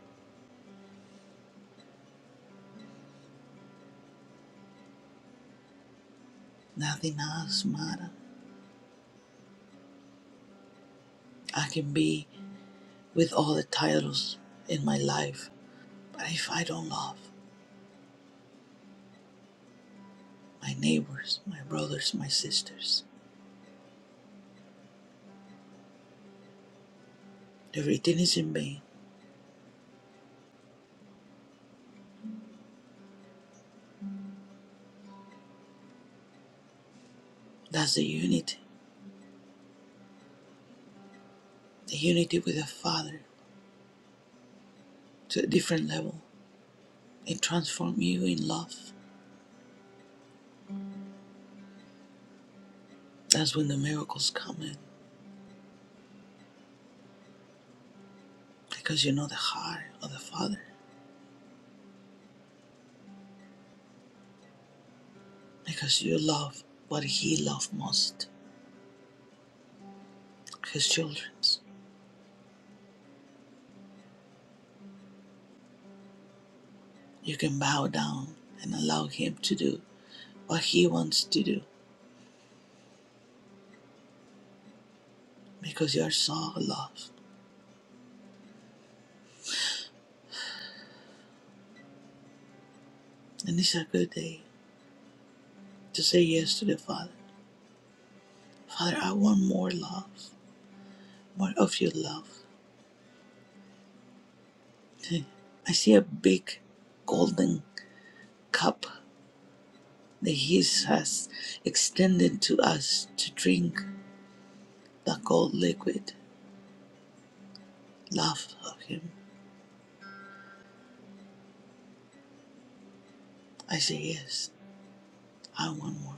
[SPEAKER 8] Nothing else matters. I can be with all the titles in my life, but if I don't love my neighbors, my brothers, my sisters, everything is in vain. That's the unity, the unity with the Father to a different level. It transforms you in love. That's when the miracles come in, because you know the heart of the Father. because you love what he loved most his children's. You can bow down and allow him to do what he wants to do because you are so loved. And it's a good day to say yes to the Father. Father, I want more love, more of your love. I see a big golden cup that he has extended to us to drink the gold liquid love of him. I say yes. I want more.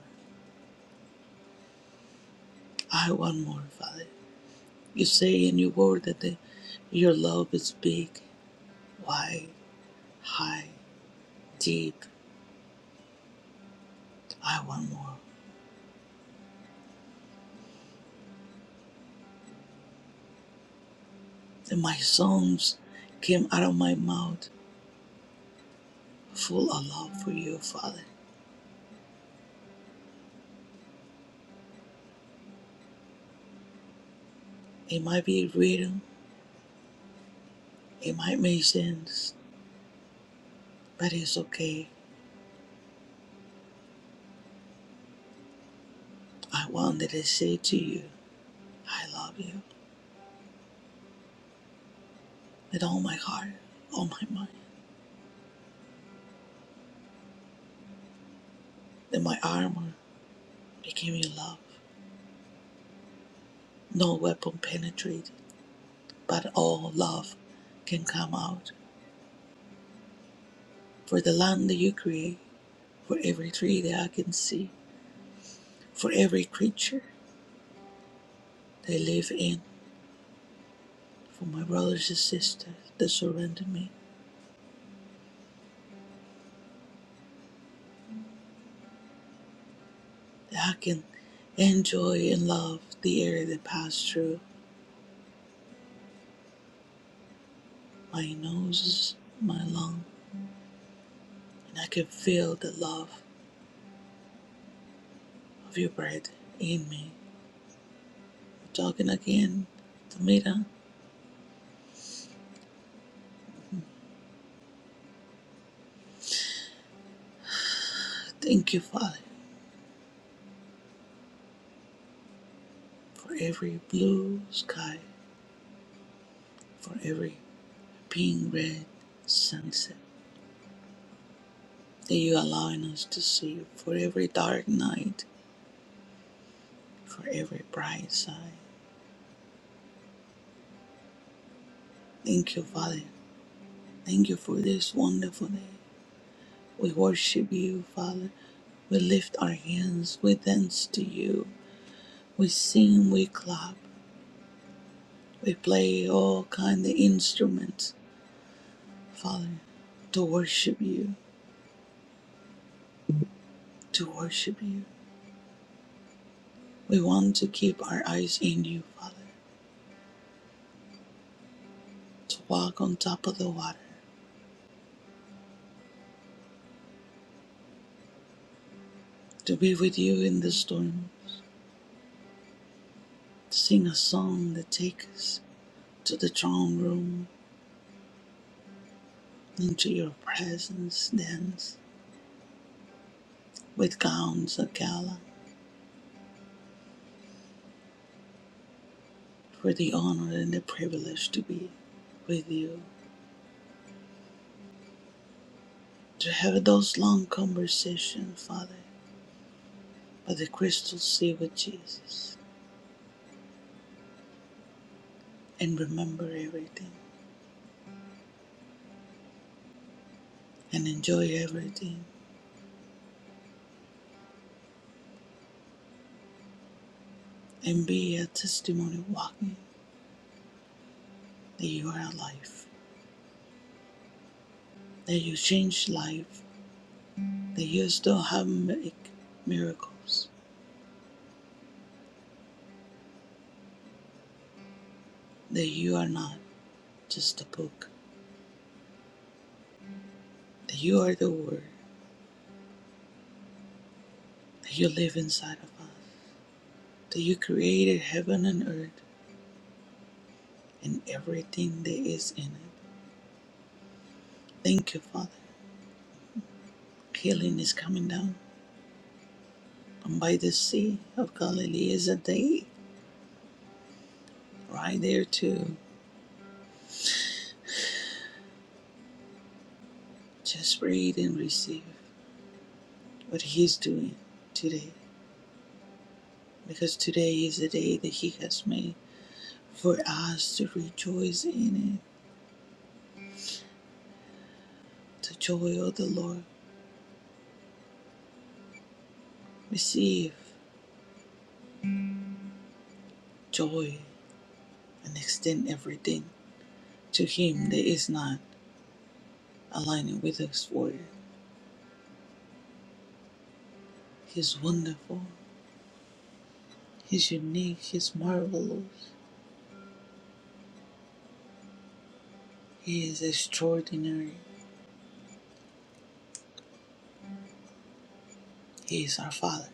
[SPEAKER 8] I want more, Father. You say in your word that the, your love is big, wide, high, deep. I want more. And my songs came out of my mouth full of love for you, Father. It might be rhythm, it might make sense, but it's okay. I want that I say to you, I love you with all my heart, all my mind. That my armor became your love. No weapon penetrated, but all love can come out. For the land that you create, for every tree that I can see, for every creature they live in, for my brothers and sisters that surrender me, that I can enjoy and love the air that passed through my noses, my lung, and I can feel the love of your breath in me. I'm Talking again, Tamira, I thank you, Father, for every blue sky, for every pink red sunset that you're allowing us to see, for every dark night for every bright side. Thank you, Father. Thank you for this wonderful day. We worship you, Father. We lift our hands, we dance to you. We sing, we clap, we play all kind of instruments, Father, to worship you, to worship you. We want to keep our eyes in you, Father, to walk on top of the water, to be with you in the storm, to sing a song that takes us to the throne room into your presence dance with gowns of gala for the honor and the privilege to be with you to have those long conversations father by the crystal sea with jesus and remember everything and enjoy everything and be a testimony walking that you are alive that you change life that you still have make miracles that you are not just a book that you are the word that you live inside of us that you created heaven and earth and everything that is in it. Thank you, Father. Healing is coming down. And by the sea of Galilee is a day right there to just breathe and receive what He's doing today. Because today is the day that He has made for us to rejoice in it. The joy of the Lord. Receive joy and extend everything to Him that is not aligning with us for it. He is wonderful. He's unique, He's marvelous, He is extraordinary. He is our Father,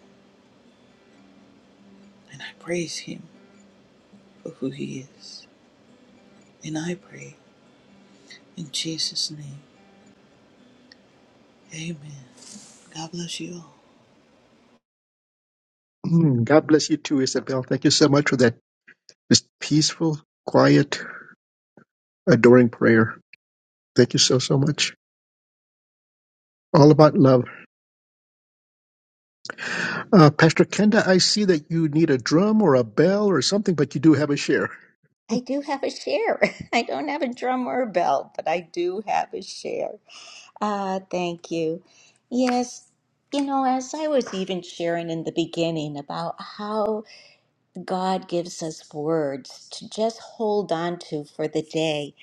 [SPEAKER 8] and I praise Him for who He is. And I pray in Jesus' name. Amen. God bless you all.
[SPEAKER 2] Mm, God bless you too, Isabel. Thank you so much for that just peaceful, quiet, adoring prayer. Thank you so so much. All about love. Uh, Pastor Kenda, I see that you need a drum or a bell or something, but you do have a share.
[SPEAKER 4] I do have a share. I don't have a drum or a bell, but I do have a share. Ah, thank you. Yes, you know, as I was even sharing in the beginning about how. God gives us words to just hold on to for the day.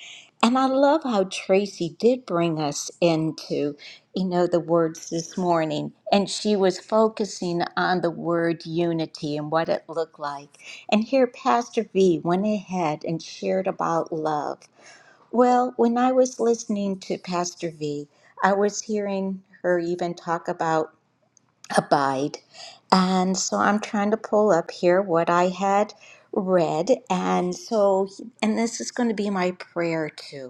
[SPEAKER 4] And I love how Tracy did bring us into, you know, the words this morning. And she was focusing on the word unity and what it looked like. And here Pastor V went ahead and shared about love. Well, when I was listening to Pastor V, I was hearing her even talk about abide. And so I'm trying to pull up here what I had read. And so, and this is going to be my prayer too.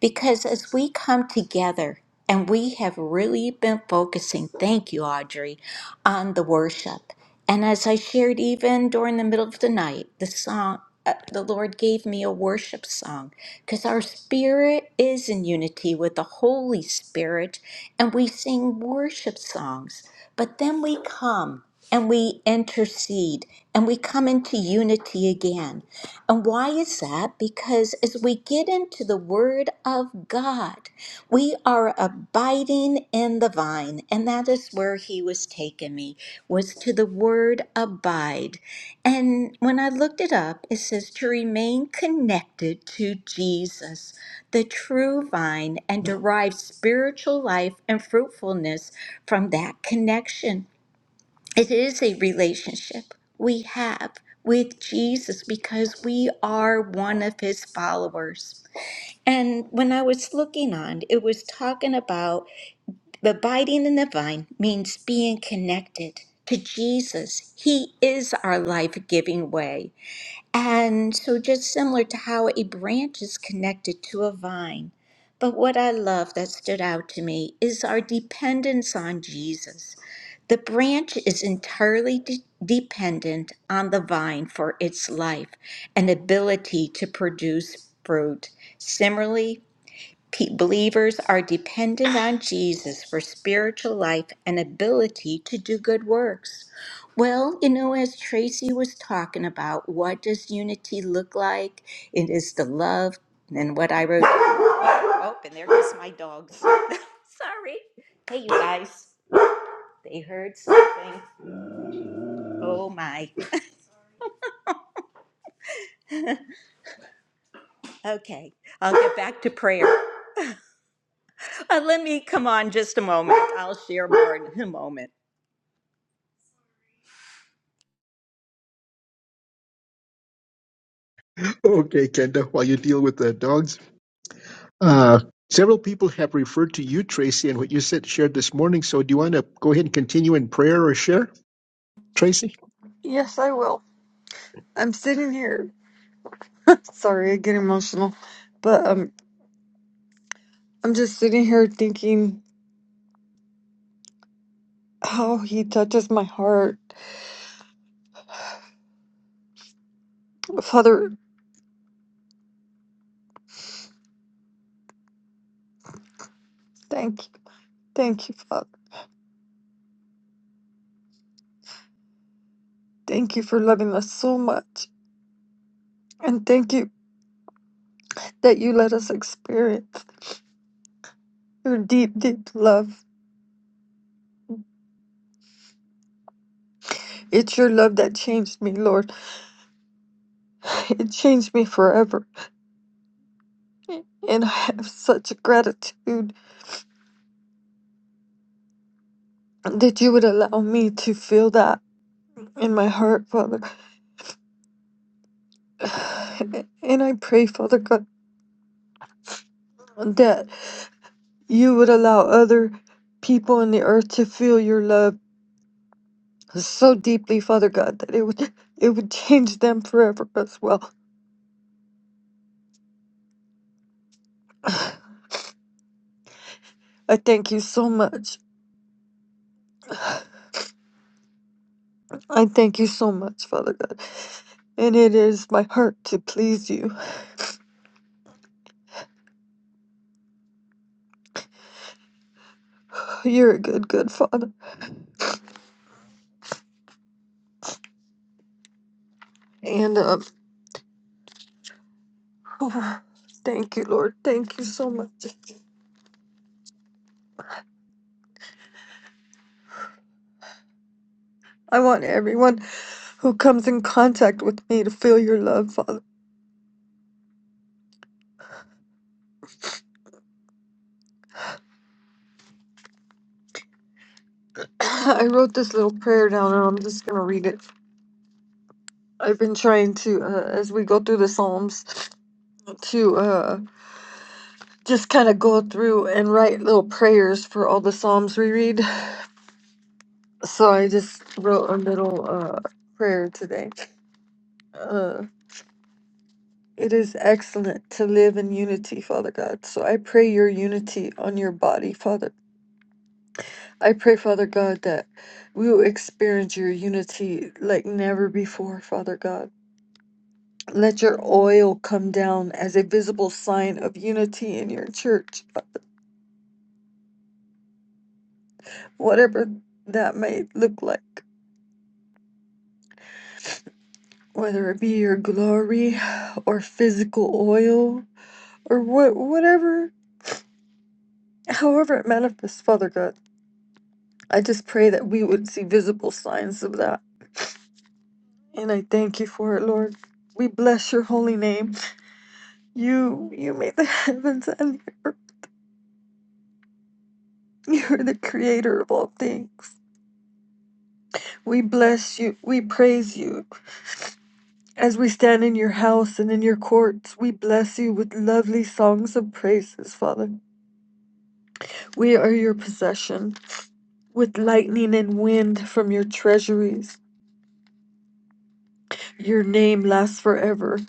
[SPEAKER 4] Because as we come together, and we have really been focusing, thank you, Audrey, on the worship. And as I shared, even during the middle of the night, the song, uh, the Lord gave me a worship song because our spirit is in unity with the Holy Spirit and we sing worship songs. But then we come and we intercede and we come into unity again. And why is that? Because as we get into the Word of God, we are abiding in the vine. And that is where He was taking me, was to the word abide. And when I looked it up, it says to remain connected to Jesus, the true vine, and derive spiritual life and fruitfulness from that connection. It is a relationship we have with Jesus because we are one of his followers. And when I was looking on, it was talking about abiding in the vine means being connected to Jesus. He is our life giving way. And so, just similar to how a branch is connected to a vine. But what I love that stood out to me is our dependence on Jesus. The branch is entirely de- dependent on the vine for its life and ability to produce fruit. Similarly, Pe- Believers are dependent on Jesus for spiritual life and ability to do good works. Well, you know, as Tracy was talking about, what does unity look like? It is the love and what I wrote. Oh, and there goes my dogs. Sorry. Hey, you guys. They heard something. Oh, my. okay, I'll get back to prayer. Uh, let me come on just a moment. I'll share more in a moment.
[SPEAKER 2] Okay, Kenda, while you deal with the dogs. Uh, several people have referred to you, Tracy, and what you said shared this morning. So do you want to go ahead and continue in prayer or share, Tracy?
[SPEAKER 6] Yes, I will. I'm sitting here Sorry, I get emotional, but um, I'm just sitting here thinking how he touches my heart. Father, thank you. Thank you, Father. Thank you for loving us so much. And thank you that you let us experience your deep, deep love. It's your love that changed me, Lord. It changed me forever. And I have such gratitude that you would allow me to feel that in my heart, Father. And I pray, Father God, that You would allow other people on the earth to feel your love so deeply, Father God, that it would it would change them forever as well. I thank you so much. I thank you so much, Father God. And it is my heart to please you. You're a good, good Father. And um, thank you, Lord. Thank you so much. I want everyone who comes in contact with me to feel your love, Father. I wrote this little prayer down and I'm just going to read it. I've been trying to, uh, as we go through the Psalms, to uh, just kind of go through and write little prayers for all the Psalms we read. So I just wrote a little uh, prayer today. Uh, it is excellent to live in unity, Father God. So I pray your unity on your body, Father. I pray, Father God, that we will experience your unity like never before, Father God. Let your oil come down as a visible sign of unity in your church. whatever that may look like, whether it be your glory or physical oil or what, whatever, however it manifests, Father God. I just pray that we would see visible signs of that, and I thank you for it, Lord. We bless your holy name. You, you made the heavens and the earth. You are the creator of all things. We bless you. We praise you. As we stand in your house and in your courts, we bless you with lovely songs of praises, Father. We are your possession. With lightning and wind from your treasuries, your name lasts forever.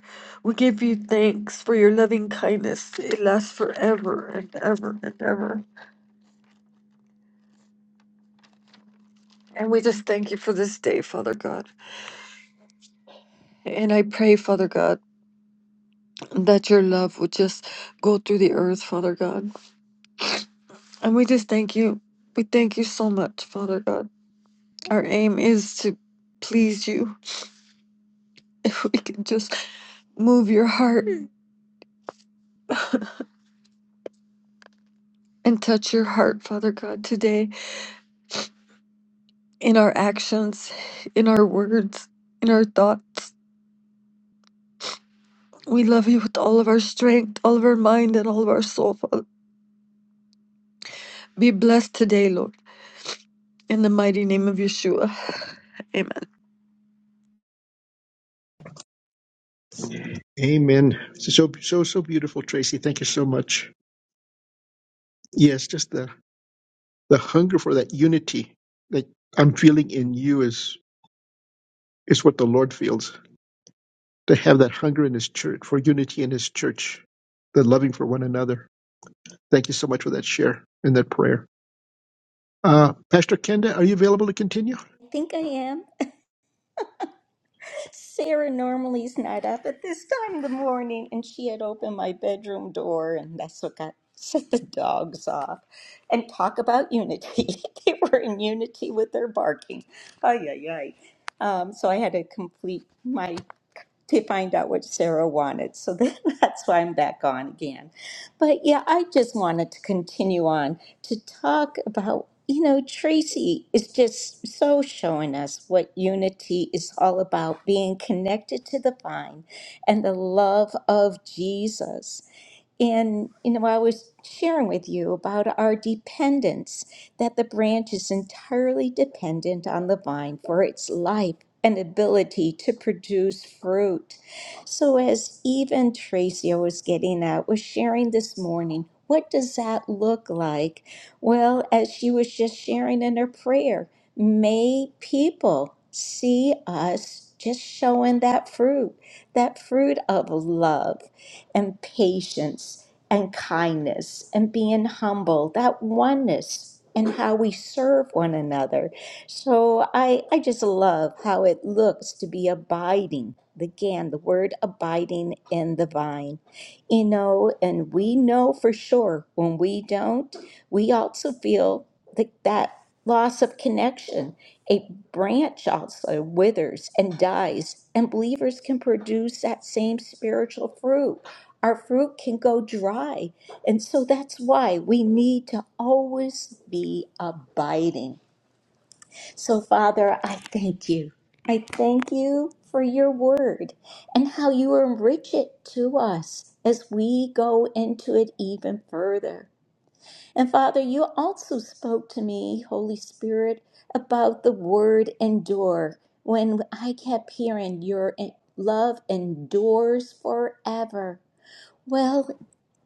[SPEAKER 6] We give you thanks for your loving kindness. It lasts forever and ever and ever. And we just thank you for this day, Father God. And I pray, Father God, that your love would just go through the earth, Father God. And we just thank you. We thank you so much, Father God. Our aim is to please you. If we can just move your heart and touch your heart, Father God, today in our actions, in our words, in our thoughts. We love you with all of our strength, all of our mind, and all of our soul, Father. Be blessed today, Lord, in the mighty name of Yeshua.
[SPEAKER 2] Amen. So so so beautiful, Tracy. Thank you so much. Yes, just the the hunger for that unity that I'm feeling in you is is what the Lord feels. To have that hunger in His church for unity in His church, the loving for one another. Thank you so much for that share and that prayer. Uh, Pastor Kenda, are you available to continue?
[SPEAKER 4] I think I am. Sarah normally is not up at this time of the morning, and she had opened my bedroom door, and that's what got set the dogs off. And talk about unity. they were in unity with their barking. Ay, ay, ay. Um, so I had to complete my to find out what Sarah wanted. So then that's why I'm back on again. But yeah, I just wanted to continue on to talk about, you know, Tracy is just so showing us what unity is all about being connected to the vine and the love of Jesus. And you know, I was sharing with you about our dependence, that the branch is entirely dependent on the vine for its life and ability to produce fruit. So, as even Tracy was getting at, was sharing this morning, what does that look like? Well, as she was just sharing in her prayer, may people see us just showing that fruit, that fruit of love and patience and kindness and being humble, that oneness and how we serve one another. So I, I just love how it looks to be abiding. Again, the word abiding in the vine. You know, and we know for sure when we don't, we also feel that, that loss of connection. A branch also withers and dies, and believers can produce that same spiritual fruit our fruit can go dry. And so that's why we need to always be abiding. So, Father, I thank you. I thank you for your word and how you enrich it to us as we go into it even further. And Father, you also spoke to me, Holy Spirit, about the word endure when I kept hearing your love endures forever. Well,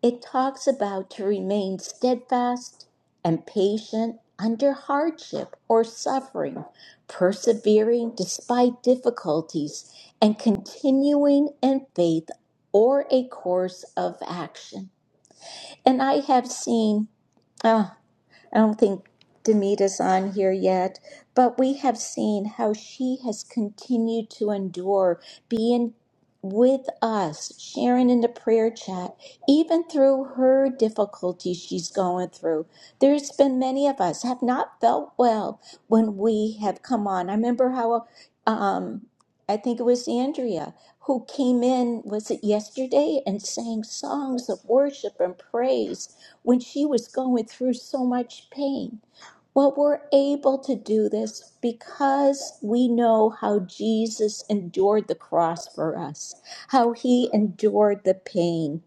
[SPEAKER 4] it talks about to remain steadfast and patient under hardship or suffering, persevering despite difficulties, and continuing in faith or a course of action. And I have seen. uh, I don't think Demita's on here yet, but we have seen how she has continued to endure being with us, sharing in the prayer chat, even through her difficulties she's going through. There's been many of us have not felt well when we have come on. I remember how, um, I think it was Andrea who came in, was it yesterday, and sang songs of worship and praise when she was going through so much pain. Well, we're able to do this because we know how Jesus endured the cross for us, how he endured the pain.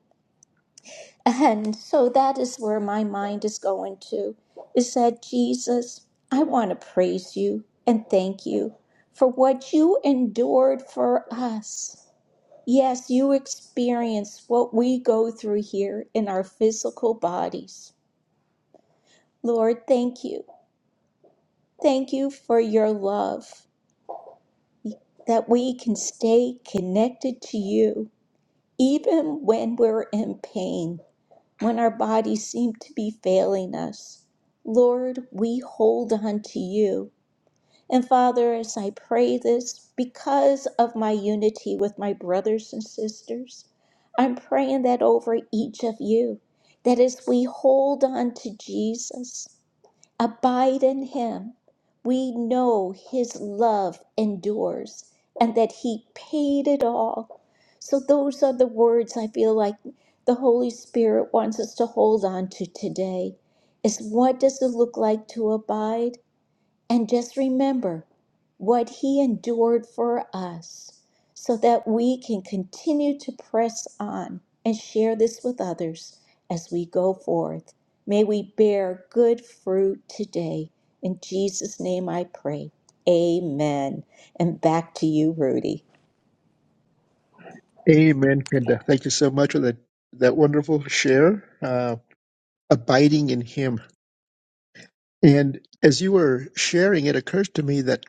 [SPEAKER 4] And so that is where my mind is going to is that Jesus, I want to praise you and thank you for what you endured for us. Yes, you experience what we go through here in our physical bodies. Lord, thank you. Thank you for your love, that we can stay connected to you, even when we're in pain, when our bodies seem to be failing us. Lord, we hold on to you. And Father, as I pray this, because of my unity with my brothers and sisters, I'm praying that over each of you, that as we hold on to Jesus, Abide in him. We know his love endures and that he paid it all. So, those are the words I feel like the Holy Spirit wants us to hold on to today. Is what does it look like to abide? And just remember what he endured for us so that we can continue to press on and share this with others as we go forth. May we bear good fruit today. In Jesus' name I pray. Amen. And back to you, Rudy.
[SPEAKER 2] Amen, Kenda. Thank you so much for that that wonderful share, uh, abiding in Him. And as you were sharing, it occurs to me that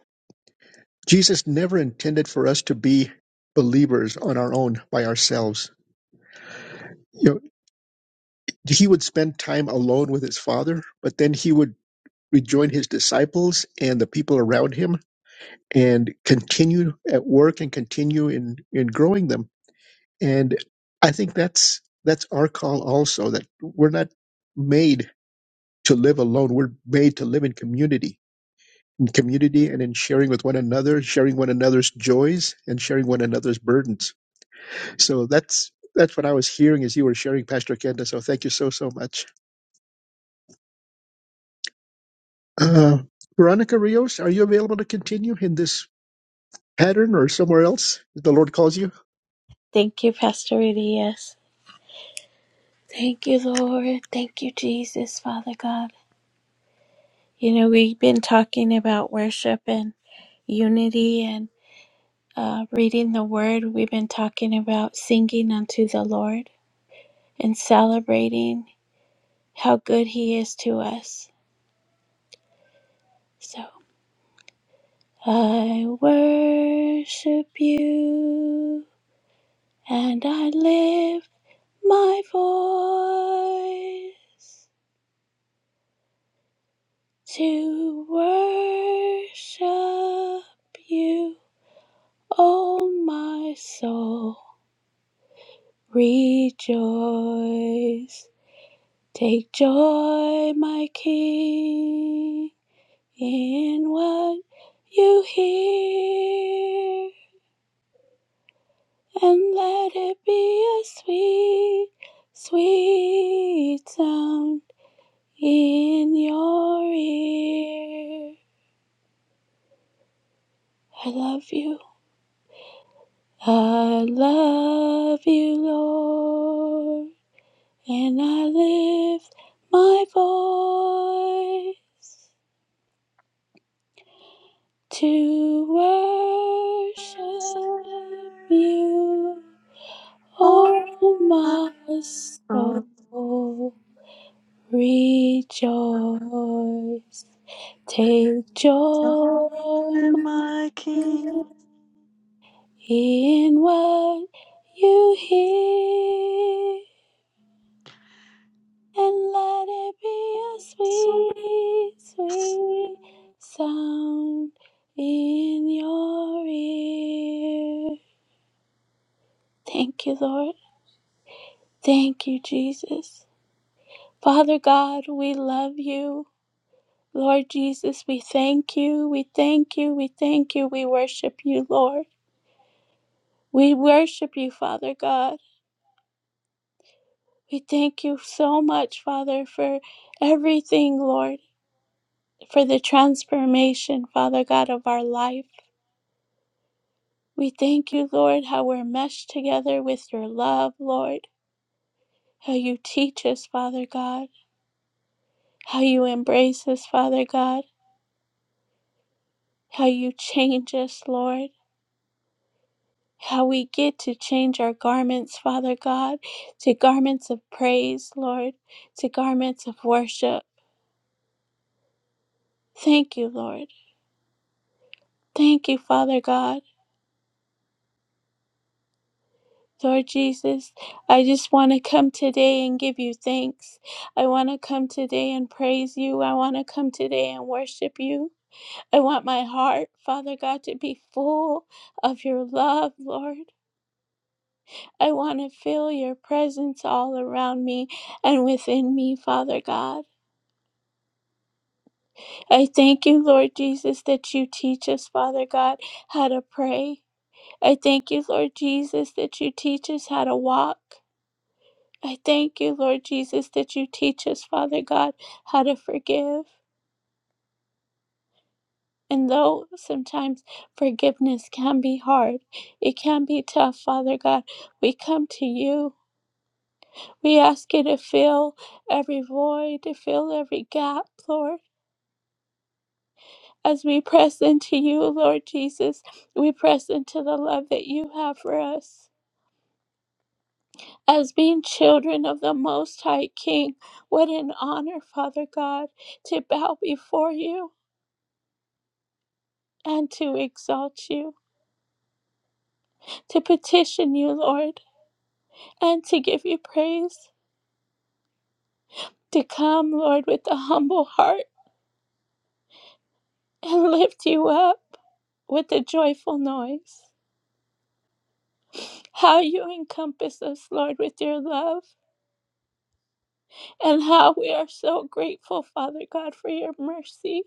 [SPEAKER 2] Jesus never intended for us to be believers on our own by ourselves You know. he would spend time alone with his father, but then he would rejoin his disciples and the people around him and continue at work and continue in, in growing them. And I think that's that's our call also, that we're not made to live alone. We're made to live in community. In community and in sharing with one another, sharing one another's joys and sharing one another's burdens. So that's that's what I was hearing as you were sharing, Pastor Kenda. So thank you so so much. Uh, Veronica Rios, are you available to continue in this pattern or somewhere else if the Lord calls you?
[SPEAKER 5] Thank you, Pastor Rita. Yes. Thank you, Lord. Thank you, Jesus, Father God. You know, we've been talking about worship and unity and uh, reading the word. We've been talking about singing unto the Lord and celebrating how good He is to us. So, I worship you and I lift my voice. to worship you, O my soul. Rejoice, take joy, my King, in what you hear, and let it be a sweet, sweet sound in your ear. I love you. I love you, Lord, and I lift my voice to worship you,
[SPEAKER 6] Amen.
[SPEAKER 5] oh my soul. Rejoice, take joy, my Lord, in what you hear. and let it be a sweet, sweet sound in your ear. Thank you, Lord. Thank you, Jesus. Father God, we love you. Lord Jesus, we thank you. We thank you. We thank you. We worship you, Lord. We worship you, Father God. We thank you so much, Father, for everything, Lord, for the transformation, Father God, of our life. We thank you, Lord, how we're meshed together with your love, Lord. How you teach us, Father God. How you embrace us, Father God. How you change us, Lord. How we get to change our garments, Father God, to garments of praise, Lord, to garments of worship. Thank you, Lord. Thank you, Father God. Lord Jesus, I just want to come today and give you thanks. I want to come today and praise you. I want to come today and worship you. I want my heart, Father God, to be full of your love, Lord. I want to feel your presence all around me and within me, Father God. I thank you, Lord Jesus, that you teach us, Father God, how to pray. I thank you, Lord Jesus, that you teach us how to walk. I thank you, Lord Jesus, that you teach us, Father God, how to forgive. And though sometimes forgiveness can be hard, it can be tough, Father God, we come to you. We ask you to fill every void, to fill every gap, Lord. As we press into you, Lord Jesus, we press into the love that you have for us. As being children of the Most High King, what an honor, Father God, to bow before you and to exalt you, to petition you, Lord, and to give you praise. to come, Lord, with a humble heart and lift you up with a joyful noise. How you encompass us, Lord, with your love, and how we are so grateful, Father God, for your mercy.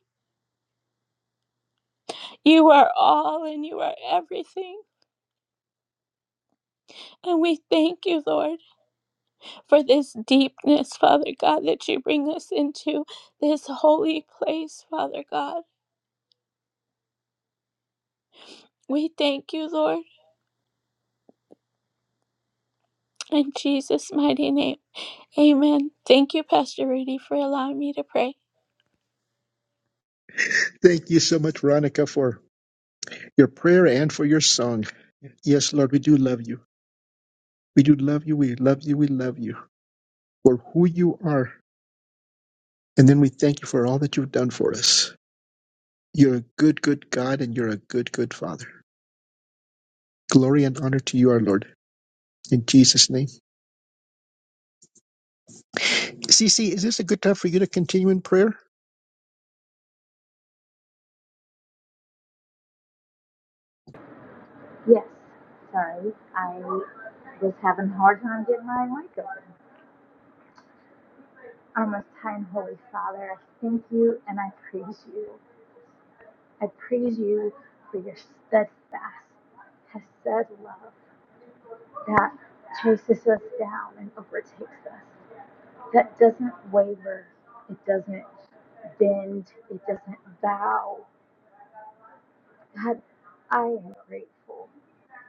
[SPEAKER 5] You are all and you are everything. And we thank you, Lord, for this deepness, Father God, that you bring us into this holy place, Father God. We thank you, Lord, in Jesus' mighty name. Amen. Thank you, Pastor Rudy, for allowing me to pray.
[SPEAKER 2] Thank you so much, Veronica, for your prayer and for your song. Yes, Lord, we do love you. We do love you. We love you. We love you for who you are. And then we thank you for all that you've done for us. You're a good, good God, and you're a good, good Father. Glory and honor to you, our Lord. In Jesus' name. CC, is this a good time for you to continue in prayer?
[SPEAKER 3] Yes. Sorry, I was having a hard time getting my mic open. Our Most High and Holy Father, I thank you and I praise you. I praise you for your steadfast, chesed love that chases us down and overtakes us, that doesn't waver, it doesn't bend, it doesn't bow. God, I am grateful.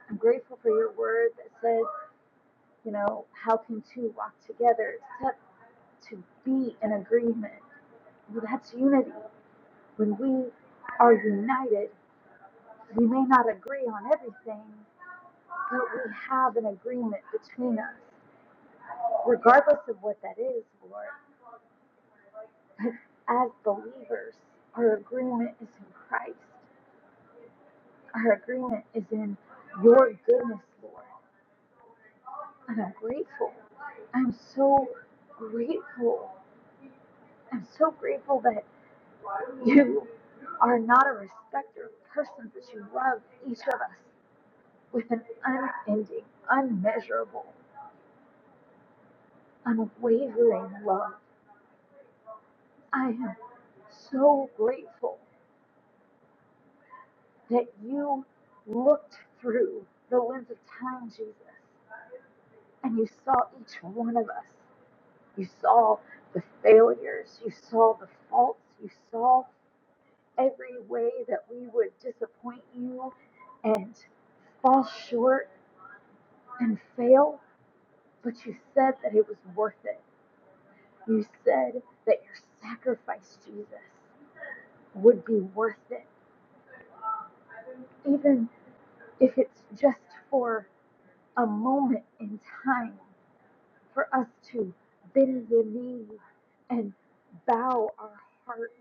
[SPEAKER 3] I'm grateful for your word that says, you know, how can two walk together except to be in agreement. That's unity. When we are united, we may not agree on everything, but we have an agreement between us, regardless of what that is, Lord. But as believers, our agreement is in Christ. Our agreement is in your goodness, Lord. And I'm grateful. I'm so grateful. I'm so grateful that You are not a respecter of persons that you love each of us with an unending, unmeasurable, unwavering love. I am so grateful that you looked through the lens of time, Jesus, and you saw each one of us. You saw the failures, you saw the faults, you saw every way that we would disappoint you and fall short and fail, but you said that it was worth it. You said that your sacrifice, Jesus, would be worth it. Even if it's just for a moment in time for us to bend the knee and bow our heart.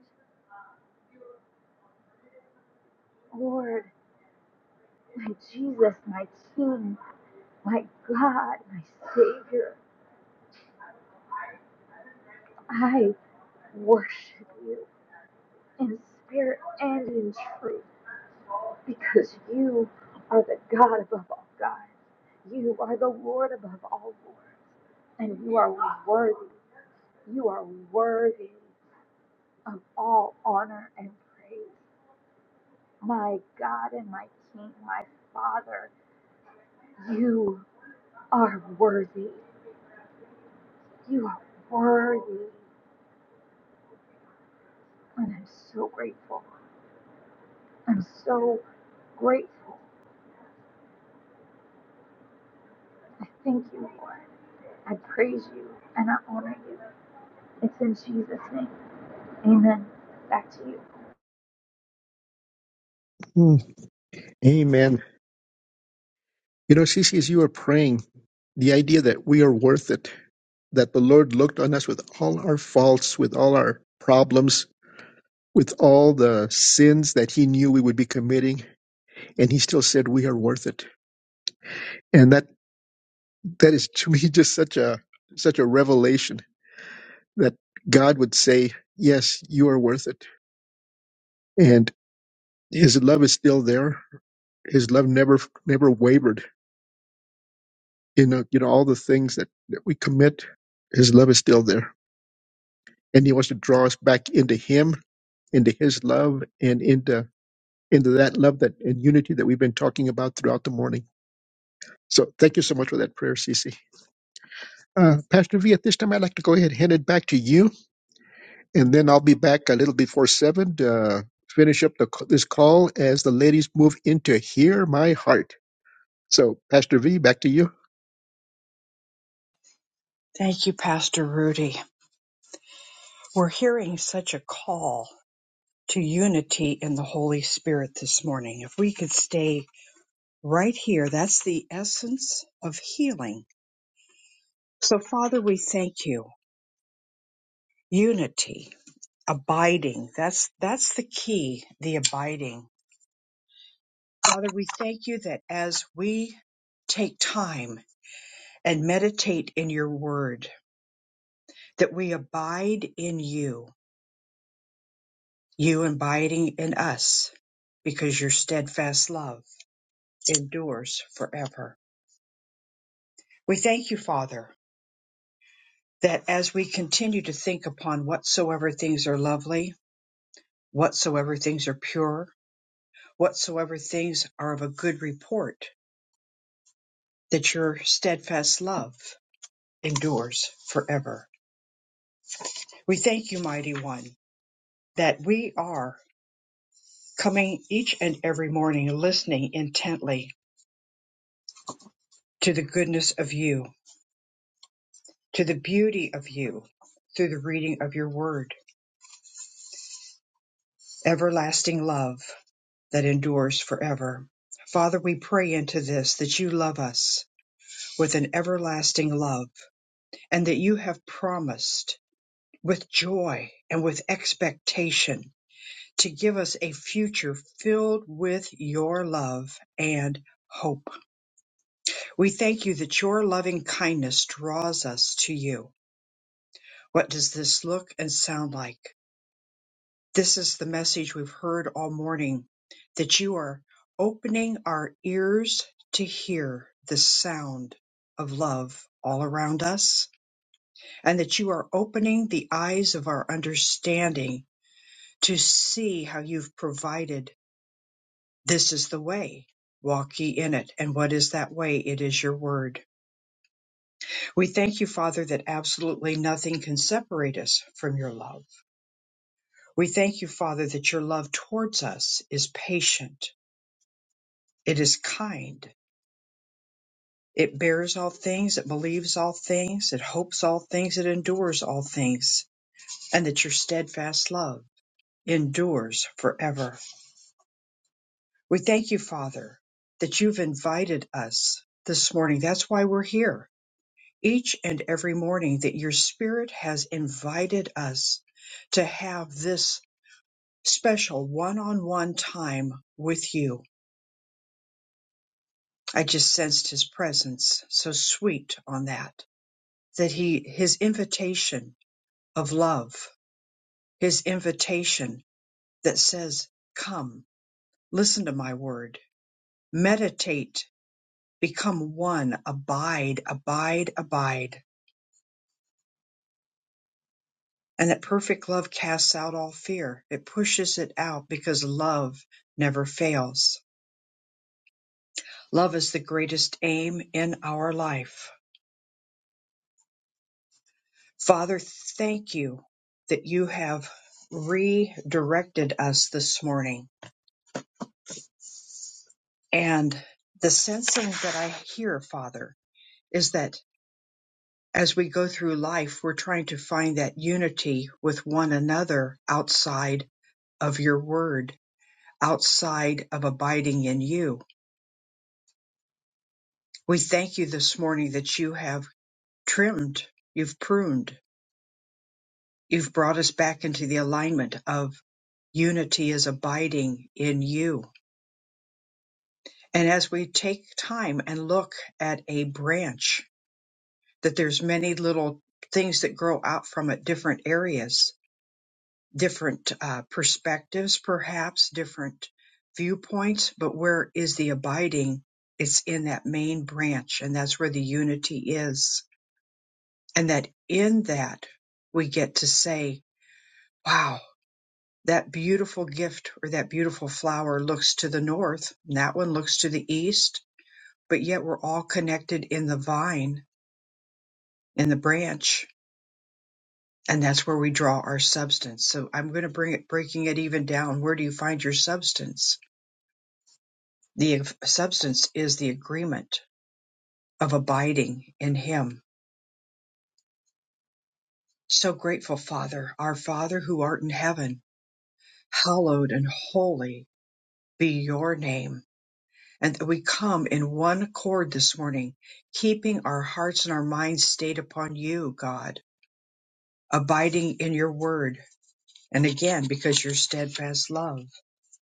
[SPEAKER 3] Lord, my Jesus, my King, my God, my Savior, I worship you in spirit and in truth. because you are the God above all gods. You are the Lord above all lords. And you are worthy. You are worthy of all honor and praise. My God and my King, my Father, you are worthy. You are worthy. And I'm so grateful. I'm so grateful. I thank you, Lord. I praise you and I honor you. It's in Jesus' name. Amen. Back to you.
[SPEAKER 2] Hmm. Amen. You know, Cece, as you are praying, the idea that we are worth it, that the Lord looked on us with all our faults, with all our problems, with all the sins that He knew we would be committing, and He still said, "We are worth it." And that that is to me just such a such a revelation that God would say, "Yes, you are worth it," and His love is still there. His love never never wavered. You know, you know all the things that, that we commit. His love is still there. and he wants to draw us back into him into his love and into into that love that and unity that we've been talking about throughout the morning so thank you so much for that prayer Cece, uh, pastor v at this time i'd like to go ahead and hand it back to you and then i'll be back a little before seven to uh, finish up the, this call as the ladies move into hear my heart so pastor v back to you
[SPEAKER 1] Thank you, Pastor Rudy. We're hearing such a call to unity in the Holy Spirit this morning. If we could stay right here. That's the essence of healing. So Father, we thank you. Unity, abiding. That's, that's the key, the abiding. Father, we thank you that as we take time and meditate in your word, that we abide in you, you abiding in us because your steadfast love endures forever. We thank you, Father, that as we continue to think upon whatsoever things are lovely, whatsoever things are pure, whatsoever things are of a good report, that your steadfast love endures forever. We thank you, mighty one, that we are coming each and every morning listening intently to the goodness of you, to the beauty of you, through the reading of your word, everlasting love that endures forever. Father, we pray into this that you love us with an everlasting love and that you have promised with joy and with expectation to give us a future filled with your love and hope. We thank you that your loving kindness draws us to you. What does this look and sound like? This is the message we've heard all morning that you are opening our ears to hear the sound of love all around us, and that you are opening the eyes of our understanding to see how you've provided this is the way. Walk ye in it. And what is that way? It is your word. We thank you, Father, that absolutely nothing can separate us from your love. We thank you, Father, that your love towards us is patient. It is kind. It bears all things. It believes all things. It hopes all things. It endures all things. And that your steadfast love endures forever. We thank you, Father, that you've invited us this morning. That's why we're here each and every morning, that your Spirit has invited us to have this special one on one time with you. I just sensed his presence so sweet on that, that he, his invitation of love, his invitation that says, Come, listen to my word, meditate Become one. Abide, abide, abide. And that perfect love casts out all fear. It pushes it out because love never fails. Love is the greatest aim in our life. Father, thank you that you have redirected us this morning. And the sensing that I hear, Father, is that as we go through life, we're trying to find that unity with one another outside of your word outside of abiding in you. We thank you this morning that you have trimmed, you've pruned, you've brought us back into the alignment of unity is abiding in you. And as we take time and look at a branch, that there's many little things that grow out from it, different areas different uh, perspectives, perhaps different viewpoints, but where is the abiding? It's in that main branch, and that's where the unity is. And that in that we get to say, wow, that beautiful gift or that beautiful flower looks to the north, and that one looks to the east, but yet we're all connected in the vine, in the branch. And that's where we draw our substance. So I'm going to bring it, breaking it even down. Where do you find your substance? The substance is the agreement of abiding in Him. So grateful, Father, our Father who art in heaven, hallowed and holy be your name. And that we come in one accord this morning, keeping our hearts and our minds stayed upon you, God, abiding in your word. And again, because your steadfast love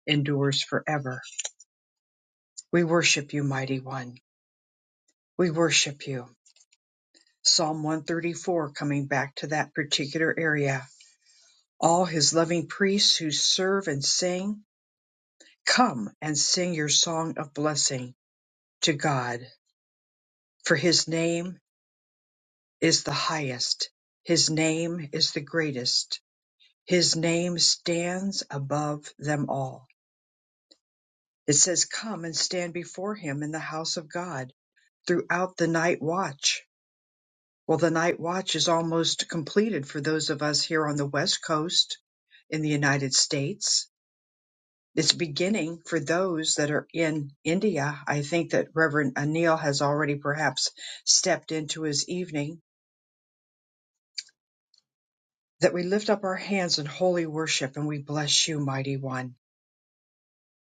[SPEAKER 1] endures forever. We worship you, mighty one. We worship you. Psalm 134, coming back to that particular area all his loving priests who serve and sing, come and sing your song of blessing to God, for his name is the highest, his name is the greatest, his name stands above them all. It says, Come and stand before him in the house of God throughout the night watch. Well, the night watch is almost completed for those of us here on the West Coast in the United States It's beginning for those that are in India. I think that Reverend Anil has already perhaps stepped into his evening. That we lift up our hands in holy worship and we bless you, mighty one,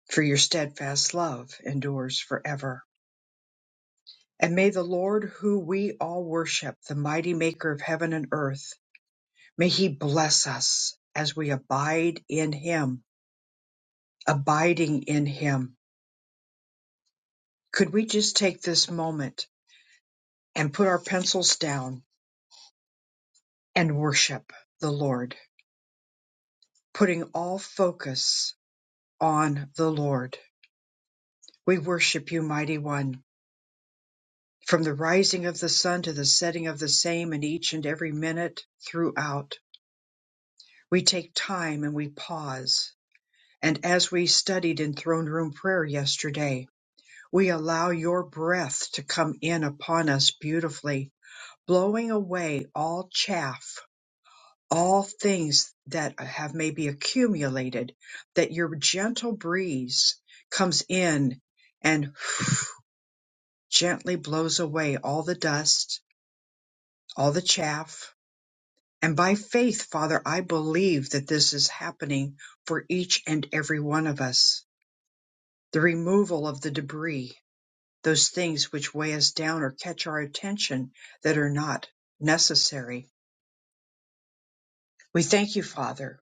[SPEAKER 1] for your steadfast love endures forever. And may the Lord who we all worship, the mighty maker of heaven and earth, may he bless us as we abide in him, abiding in him. Could we just take this moment and put our pencils down and worship the Lord, putting all focus on the Lord. We worship you, mighty one, from the rising of the sun to the setting of the same and each and every minute throughout. We take time and we pause. And as we studied in throne room prayer yesterday, we allow your breath to come in upon us beautifully, blowing away all chaff all things that have maybe accumulated, that your gentle breeze comes in and gently blows away all the dust, all the chaff. And by faith, Father, I believe that this is happening for each and every one of us. The removal of the debris, those things which weigh us down or catch our attention that are not necessary. We thank you, Father,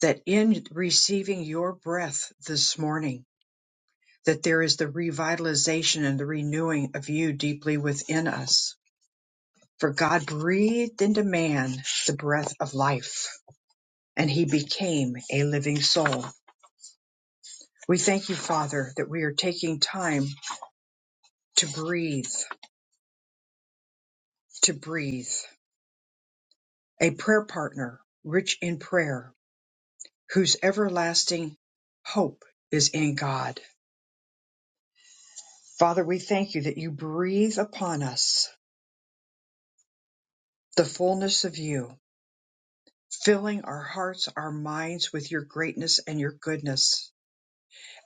[SPEAKER 1] that in receiving your breath this morning, that there is the revitalization and the renewing of you deeply within us. For God breathed into man the breath of life, and he became a living soul. We thank you, Father, that we are taking time to breathe, to breathe. A prayer partner rich in prayer, whose everlasting hope is in God. Father, we thank you that you breathe upon us the fullness of you filling our hearts, our minds with your greatness and your goodness.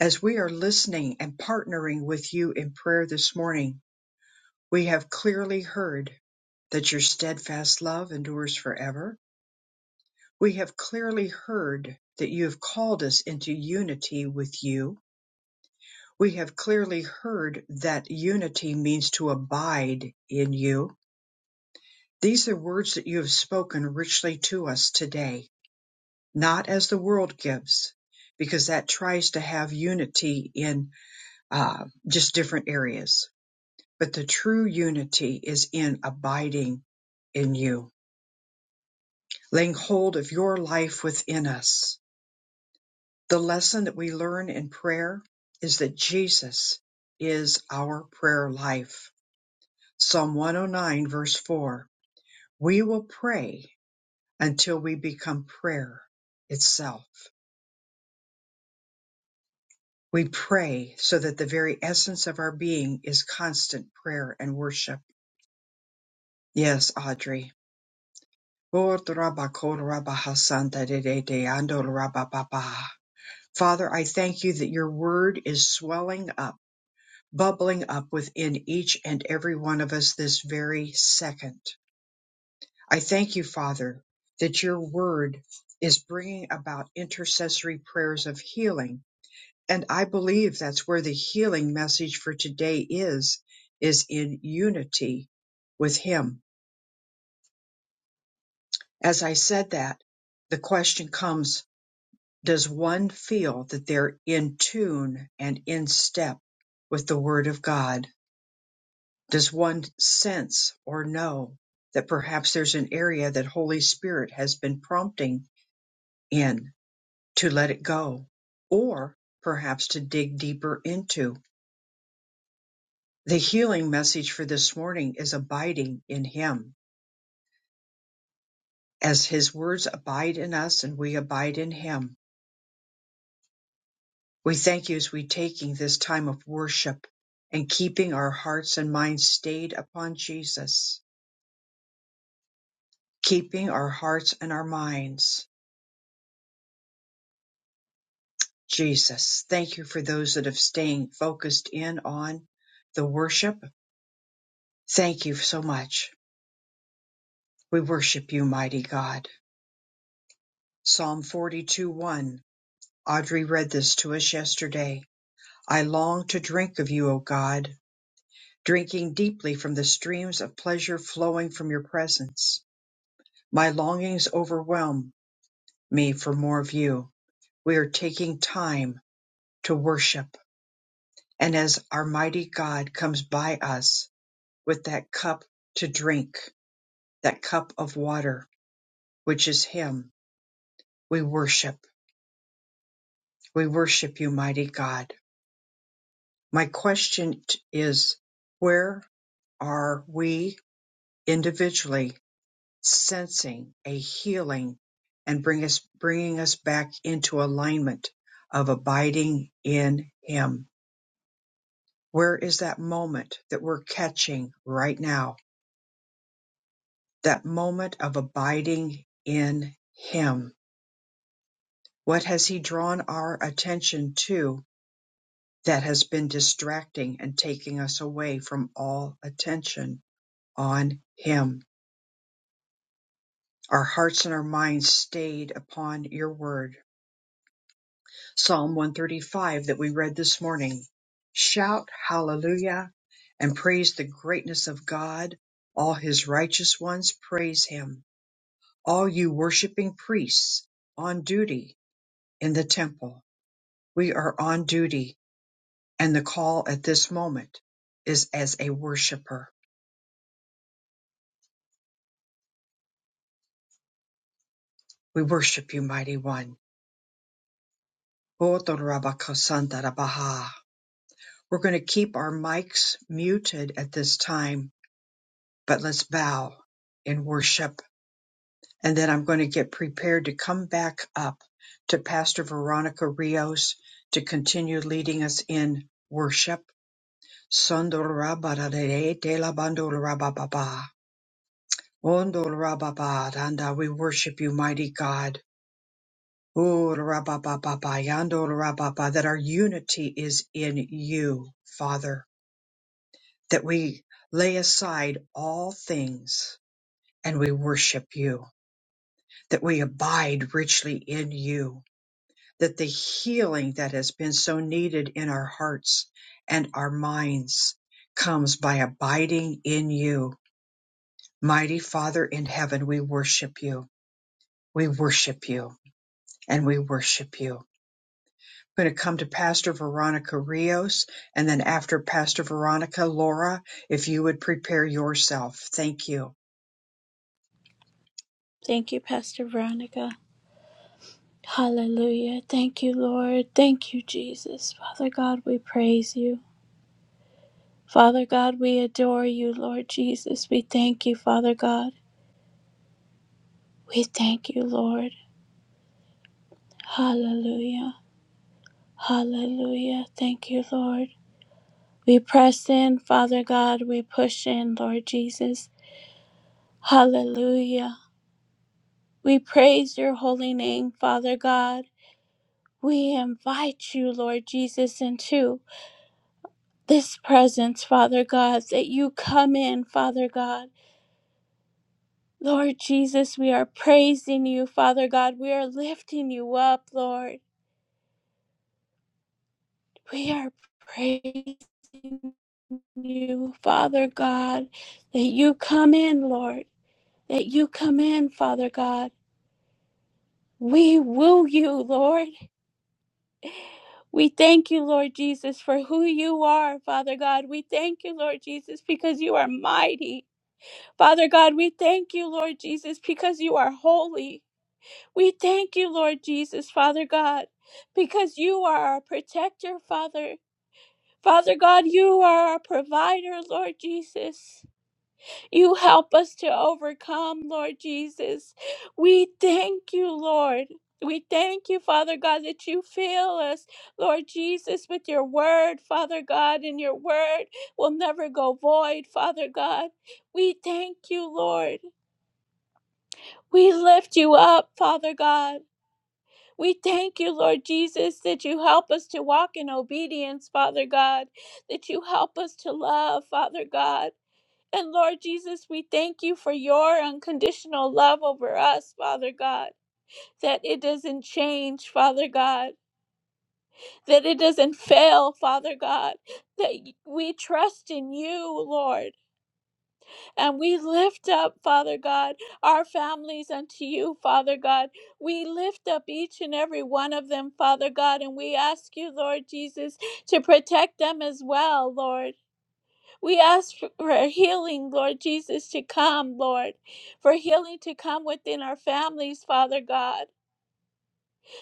[SPEAKER 1] As we are listening and partnering with you in prayer this morning, we have clearly heard that your steadfast love endures forever. We have clearly heard that you have called us into unity with you. We have clearly heard that unity means to abide in you. These are words that you have spoken richly to us today not as the world gives, because that tries to have unity in uh, just different areas. But the true unity is in abiding in you, laying hold of your life within us. The lesson that we learn in prayer is that Jesus is our prayer life. Psalm 109, verse 4 We will pray until we become prayer itself. We pray so that the very essence of our being is constant prayer and worship. Yes, Audrey. Father, I thank you that your word is swelling up, bubbling up within each and every one of us this very second. I thank you, Father, that your word is bringing about intercessory prayers of healing And I believe that's where the healing message for today is, is in unity with Him. As I said that, the question comes, does one feel that they're in tune and in step with the Word of God? Does one sense or know that perhaps there's an area that Holy Spirit has been prompting in to let it go or perhaps to dig deeper into? The healing message for this morning is abiding in Him. As His words abide in us and we abide in Him, we thank you as we taking this time of worship and keeping our hearts and minds stayed upon Jesus, keeping our hearts and our minds. Jesus, thank you for those that have staying focused in on the worship. Thank you so much. We worship you, mighty God. Psalm 42 1. Audrey read this to us yesterday. I long to drink of you, O God, drinking deeply from the streams of pleasure flowing from your presence. My longings overwhelm me for more of you. We are taking time to worship. And as our mighty God comes by us with that cup to drink, that cup of water, which is Him, we worship. We worship you, mighty God. My question t- is where are we individually sensing a healing and bring us, bringing us back into alignment of abiding in Him. Where is that moment that we're catching right now? That moment of abiding in Him. What has He drawn our attention to that has been distracting and taking us away from all attention on Him? Our hearts and our minds stayed upon your word Psalm 135 that we read this morning. Shout hallelujah and praise the greatness of God. All his righteous ones praise him. All you worshiping priests on duty in the temple. We are on duty and the call at this moment is as a worshiper. We worship you, mighty one. We're going to keep our mics muted at this time, but let's bow in worship. and then I'm going to get prepared to come back up to Pastor Veronica Rios to continue leading us in worship. Sondolabarare, delabandolarababa, ondolarababa, danda. We worship you, mighty God. Oolarabababa, yandolarababa, That our unity is in you, Father. That we lay aside all things and we worship you. That we abide richly in you that the healing that has been so needed in our hearts and our minds comes by abiding in you. Mighty Father in heaven, we worship you. We worship you and we worship you. I'm going to come to Pastor Veronica Rios and then after Pastor Veronica, Laura, if you would prepare yourself. Thank you.
[SPEAKER 5] Thank you, Pastor Veronica. Hallelujah. Thank you, Lord. Thank you, Jesus. Father God, we praise you. Father God, we adore you, Lord Jesus. We thank you, Father God. We thank you, Lord. Hallelujah. Hallelujah. Thank you, Lord. We press in, Father God. We push in, Lord Jesus. Hallelujah. We praise your holy name, Father God. We invite you, Lord Jesus, into this presence, Father God, that you come in, Father God. Lord Jesus, we are praising you, Father God. We are lifting you up, Lord. We are praising you, Father God, that you come in, Lord. That you come in, Father God. We woo you, Lord. We thank you, Lord Jesus, for who you are, Father God. We thank you, Lord Jesus, because you are mighty. Father God, we thank you, Lord Jesus, because you are holy. We thank you, Lord Jesus, Father God, because you are our protector, Father. Father God, you are our provider, Lord Jesus. You help us to overcome, Lord Jesus. We thank you, Lord. We thank you, Father God, that you fill us, Lord Jesus, with your word, Father God, and your word will never go void, Father God. We thank you, Lord. We lift you up, Father God. We thank you, Lord Jesus, that you help us to walk in obedience, Father God, that you help us to love, Father God. And Lord Jesus, we thank you for your unconditional love over us, Father God, that it doesn't change, Father God, that it doesn't fail, Father God, that we trust in you, Lord. And we lift up, Father God, our families unto you, Father God. We lift up each and every one of them, Father God, and we ask you, Lord Jesus, to protect them as well, Lord. We ask for healing, Lord Jesus, to come, Lord, for healing to come within our families, Father God.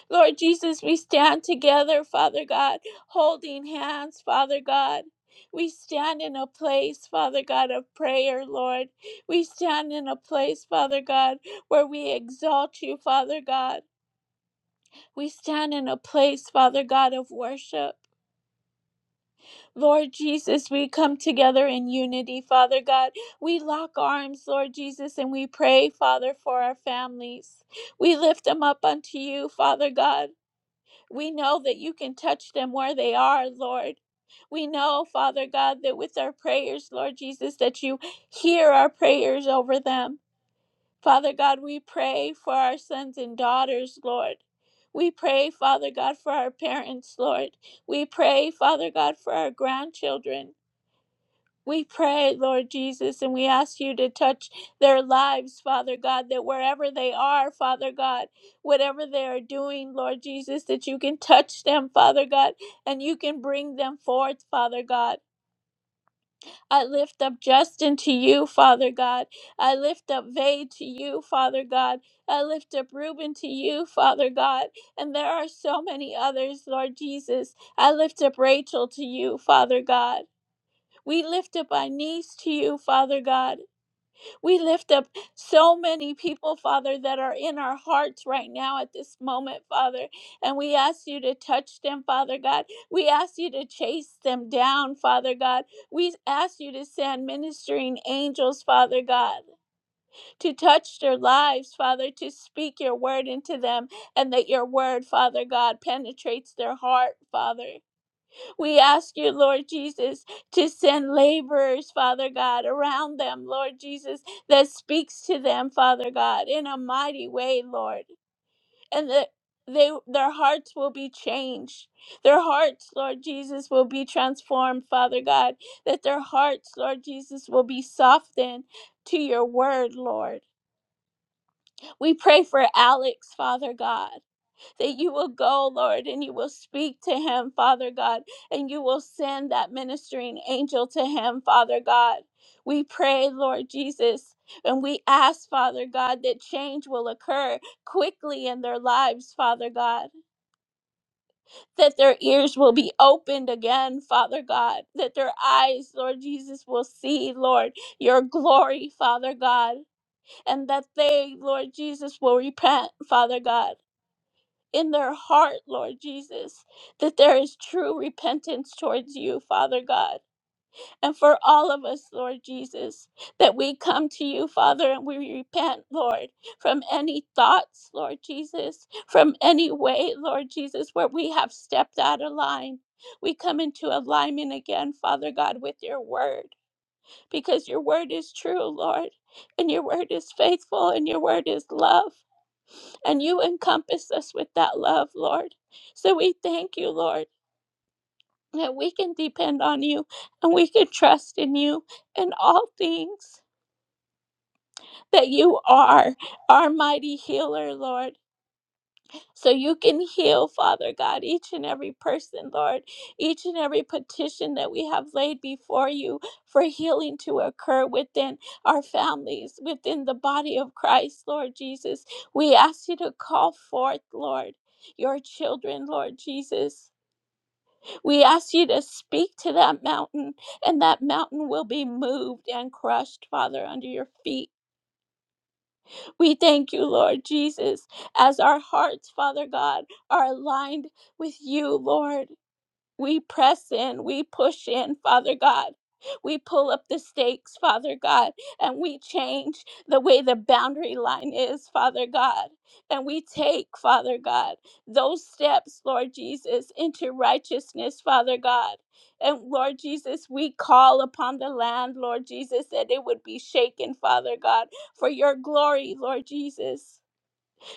[SPEAKER 5] Lord Jesus, we stand together, Father God, holding hands, Father God. We stand in a place, Father God, of prayer, Lord. We stand in a place, Father God, where we exalt you, Father God. We stand in a place, Father God, of worship. Lord Jesus, we come together in unity, Father God. We lock arms, Lord Jesus, and we pray, Father, for our families. We lift them up unto you, Father God. We know that you can touch them where they are, Lord. We know, Father God, that with our prayers, Lord Jesus, that you hear our prayers over them. Father God, we pray for our sons and daughters, Lord. We pray, Father God, for our parents, Lord. We pray, Father God, for our grandchildren. We pray, Lord Jesus, and we ask you to touch their lives, Father God, that wherever they are, Father God, whatever they are doing, Lord Jesus, that you can touch them, Father God, and you can bring them forth, Father God. I lift up Justin to you, Father God. I lift up Vay to you, Father God. I lift up Reuben to you, Father God. And there are so many others, Lord Jesus. I lift up Rachel to you, Father God. We lift up our knees to you, Father God. We lift up so many people, Father, that are in our hearts right now at this moment, Father. And we ask you to touch them, Father God. We ask you to chase them down, Father God. We ask you to send ministering angels, Father God, to touch their lives, Father, to speak your word into them, and that your word, Father God, penetrates their heart, Father. We ask you, Lord Jesus, to send laborers, Father God, around them, Lord Jesus, that speaks to them, Father God, in a mighty way, Lord, and that they their hearts will be changed. Their hearts, Lord Jesus, will be transformed, Father God, that their hearts, Lord Jesus, will be softened to your word, Lord. We pray for Alex, Father God that you will go, Lord, and you will speak to him, Father God, and you will send that ministering angel to him, Father God. We pray, Lord Jesus, and we ask, Father God, that change will occur quickly in their lives, Father God, that their ears will be opened again, Father God, that their eyes, Lord Jesus, will see, Lord, your glory, Father God, and that they, Lord Jesus, will repent, Father God in their heart, Lord Jesus, that there is true repentance towards you, Father God. And for all of us, Lord Jesus, that we come to you, Father, and we repent, Lord, from any thoughts, Lord Jesus, from any way, Lord Jesus, where we have stepped out of line. We come into alignment again, Father God, with your word because your word is true, Lord, and your word is faithful, and your word is love. And you encompass us with that love, Lord. So we thank you, Lord, that we can depend on you and we can trust in you in all things, that you are our mighty healer, Lord. So you can heal, Father God, each and every person, Lord, each and every petition that we have laid before you for healing to occur within our families, within the body of Christ, Lord Jesus. We ask you to call forth, Lord, your children, Lord Jesus. We ask you to speak to that mountain, and that mountain will be moved and crushed, Father, under your feet. We thank you, Lord Jesus, as our hearts, Father God, are aligned with you, Lord. We press in, we push in, Father God. We pull up the stakes, Father God, and we change the way the boundary line is, Father God. And we take, Father God, those steps, Lord Jesus, into righteousness, Father God. And Lord Jesus, we call upon the land, Lord Jesus, that it would be shaken, Father God, for your glory, Lord Jesus.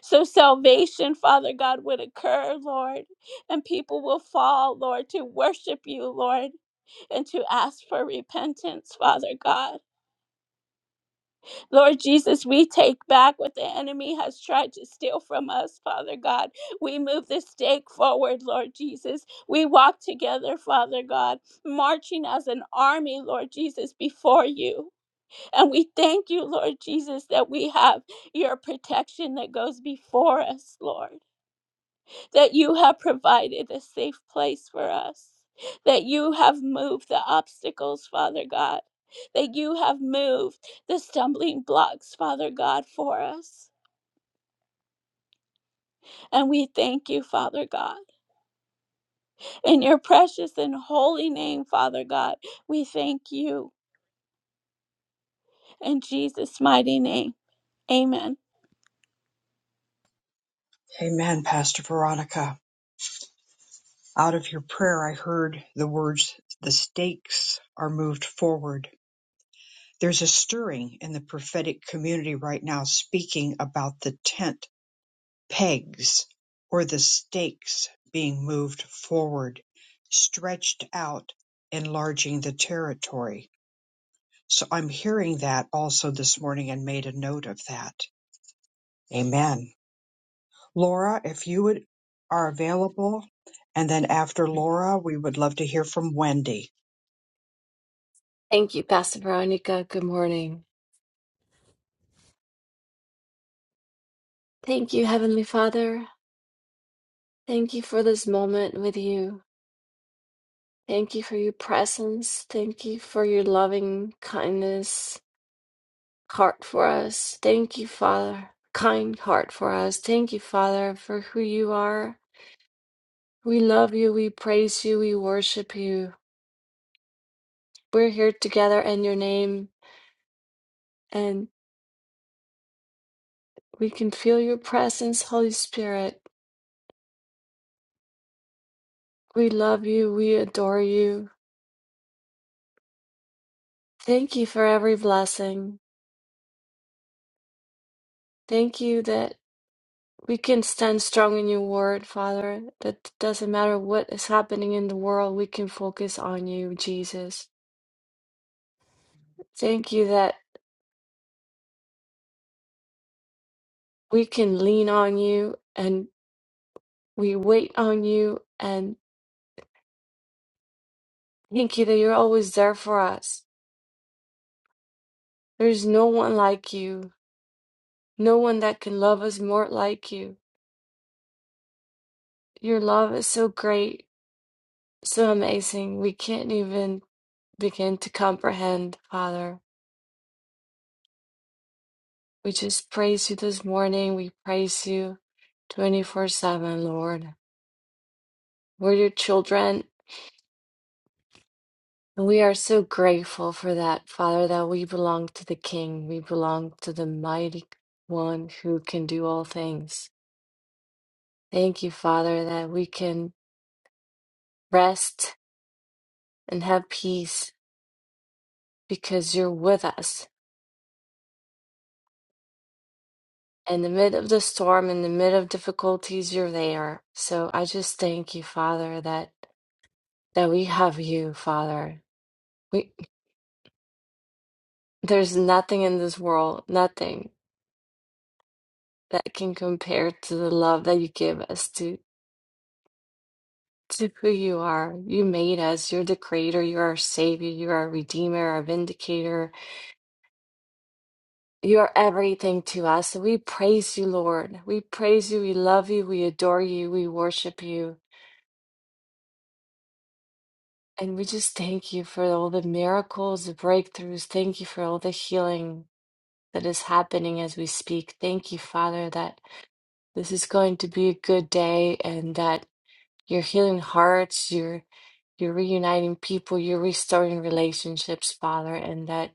[SPEAKER 5] So salvation, Father God, would occur, Lord, and people will fall, Lord, to worship you, Lord, and to ask for repentance, Father God. Lord Jesus, we take back what the enemy has tried to steal from us, Father God. We move the stake forward, Lord Jesus. We walk together, Father God, marching as an army, Lord Jesus, before you. And we thank you, Lord Jesus, that we have your protection that goes before us, Lord. that you have provided a safe place for us, that you have moved the obstacles, Father God, that you have moved the stumbling blocks, Father God, for us. And we thank you, Father God. In your precious and holy name, Father God, we thank you. In Jesus' mighty name, amen.
[SPEAKER 1] Amen, Pastor Veronica. Out of your prayer, I heard the words, the stakes are moved forward There's a stirring in the prophetic community right now speaking about the tent pegs or the stakes being moved forward, stretched out, enlarging the territory. So I'm hearing that also this morning and made a note of that. Amen. Laura, if you would are available, and then after Laura, we would love to hear from Wendy.
[SPEAKER 9] Thank you, Pastor Veronica. Good morning. Thank you, Heavenly Father. Thank you for this moment with you. Thank you for your presence. Thank you for your loving kindness, heart for us. Thank you, Father, kind heart for us. Thank you, Father, for who you are. We love you. We praise you. We worship you. We're here together in your name, and we can feel your presence, Holy Spirit. We love you. We adore you. Thank you for every blessing. Thank you that we can stand strong in your word, Father, that doesn't matter what is happening in the world, we can focus on you, Jesus. Thank you that we can lean on you and we wait on you, and thank you that you're always there for us. There's no one like you, no one that can love us more like you. Your love is so great, so amazing, we can't even begin to comprehend, Father. We just praise you this morning. We praise you 24 7, Lord. We're your children. And we are so grateful for that, Father, that we belong to the King. We belong to the mighty one who can do all things. Thank you, Father, that we can rest and have peace because you're with us. In the mid of the storm, in the mid of difficulties, you're there. So I just thank you, Father, that that we have you, Father. There's nothing in this world, nothing that can compare to the love that you give us to to who you are. You made us. You're the creator. You're our savior. You're our redeemer, our vindicator. You are everything to us. So we praise you, Lord. We praise you. We love you. We adore you. We worship you. And we just thank you for all the miracles, the breakthroughs. Thank you for all the healing that is happening as we speak. Thank you, Father, that this is going to be a good day and that. You're healing hearts, you're you're reuniting people, you're restoring relationships, Father, and that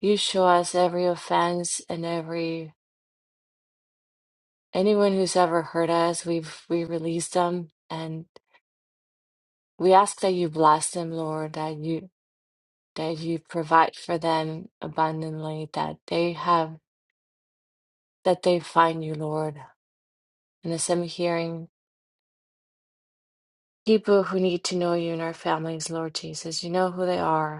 [SPEAKER 9] you show us every offense and every anyone who's ever hurt us, we've we release them and we ask that you bless them, Lord, that you that you provide for them abundantly, that they have that they find you, Lord. And as I'm hearing people who need to know you in our families, Lord Jesus, you know who they are.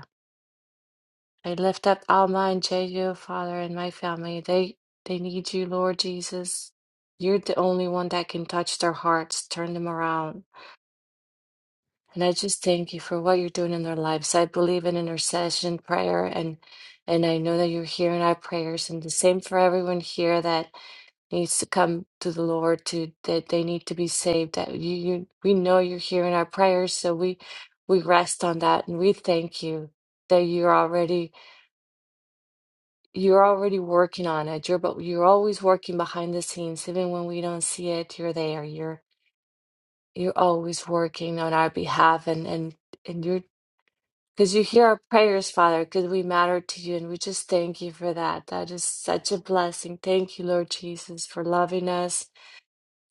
[SPEAKER 9] I lift up Alma and Jeju, Father, and my family. They they need you, Lord Jesus. You're the only one that can touch their hearts, turn them around. And I just thank you for what you're doing in their lives. I believe in intercession, prayer, and and I know that you're hearing our prayers. And the same for everyone here that needs to come to the Lord to that they need to be saved. That you, you we know you're hearing our prayers, so we we rest on that and we thank you that you're already You're already working on it. You're but you're always working behind the scenes, even when we don't see it. You're there. You're you're always working on our behalf, and and and you're because you hear our prayers, Father, because we matter to you, and we just thank you for that. That is such a blessing. Thank you, Lord Jesus, for loving us,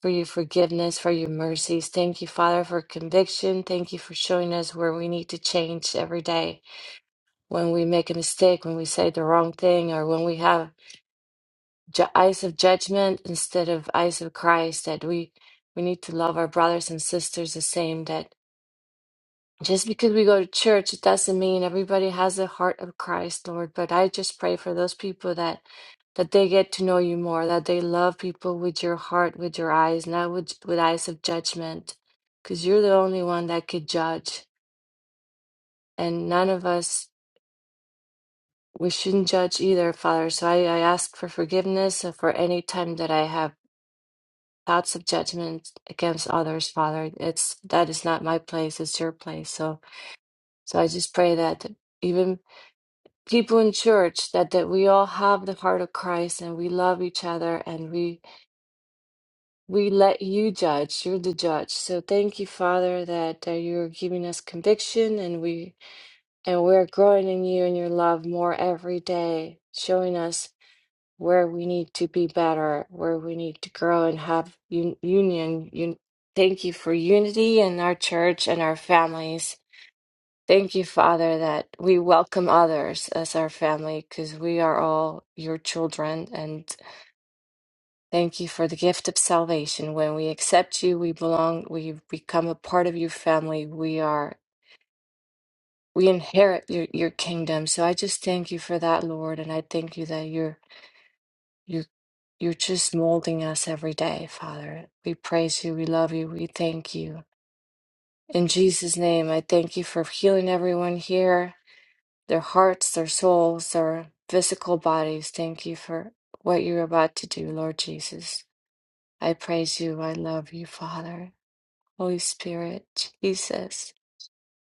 [SPEAKER 9] for your forgiveness, for your mercies. Thank you, Father, for conviction. Thank you for showing us where we need to change every day when we make a mistake, when we say the wrong thing, or when we have ju- eyes of judgment instead of eyes of Christ, that we, we need to love our brothers and sisters the same, that just because we go to church, it doesn't mean everybody has the heart of Christ, Lord. But I just pray for those people that that they get to know you more, that they love people with your heart, with your eyes, not with with eyes of judgment, because you're the only one that could judge, and none of us we shouldn't judge either, Father. So I, I ask for forgiveness uh, for any time that I have. thoughts of judgment against others, Father. It's that is not my place, it's your place. So so I just pray that even people in church that, that we all have the heart of Christ and we love each other and we we let you judge. You're the judge. So thank you, Father, that, that you're giving us conviction and we and we're growing in you and your love more every day, showing us where we need to be better, where we need to grow and have un- union. Un- Thank you for unity in our church and our families. Thank you, Father, that we welcome others as our family because we are all your children. And thank you for the gift of salvation. When we accept you, we belong, we become a part of your family. We are. We inherit your, your kingdom. So I just thank you for that, Lord. And I thank you that you're You, you're just molding us every day, Father. We praise you. We love you. We thank you. In Jesus' name, I thank you for healing everyone here, their hearts, their souls, their physical bodies. Thank you for what you're about to do, Lord Jesus. I praise you. I love you, Father. Holy Spirit, Jesus.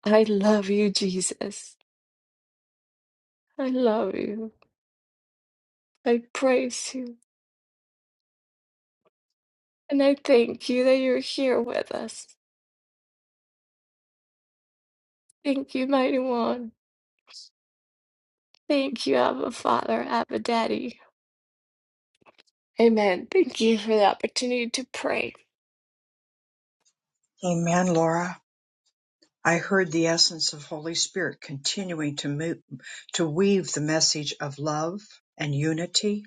[SPEAKER 9] I love you, Jesus. I love you. I praise you. And I thank you that you're here with us. Thank you, Mighty One. Thank you, Abba Father, Abba Daddy. Amen. Thank you for the opportunity to pray.
[SPEAKER 1] Amen, Laura. I heard the essence of Holy Spirit continuing to move, to weave the message of love and unity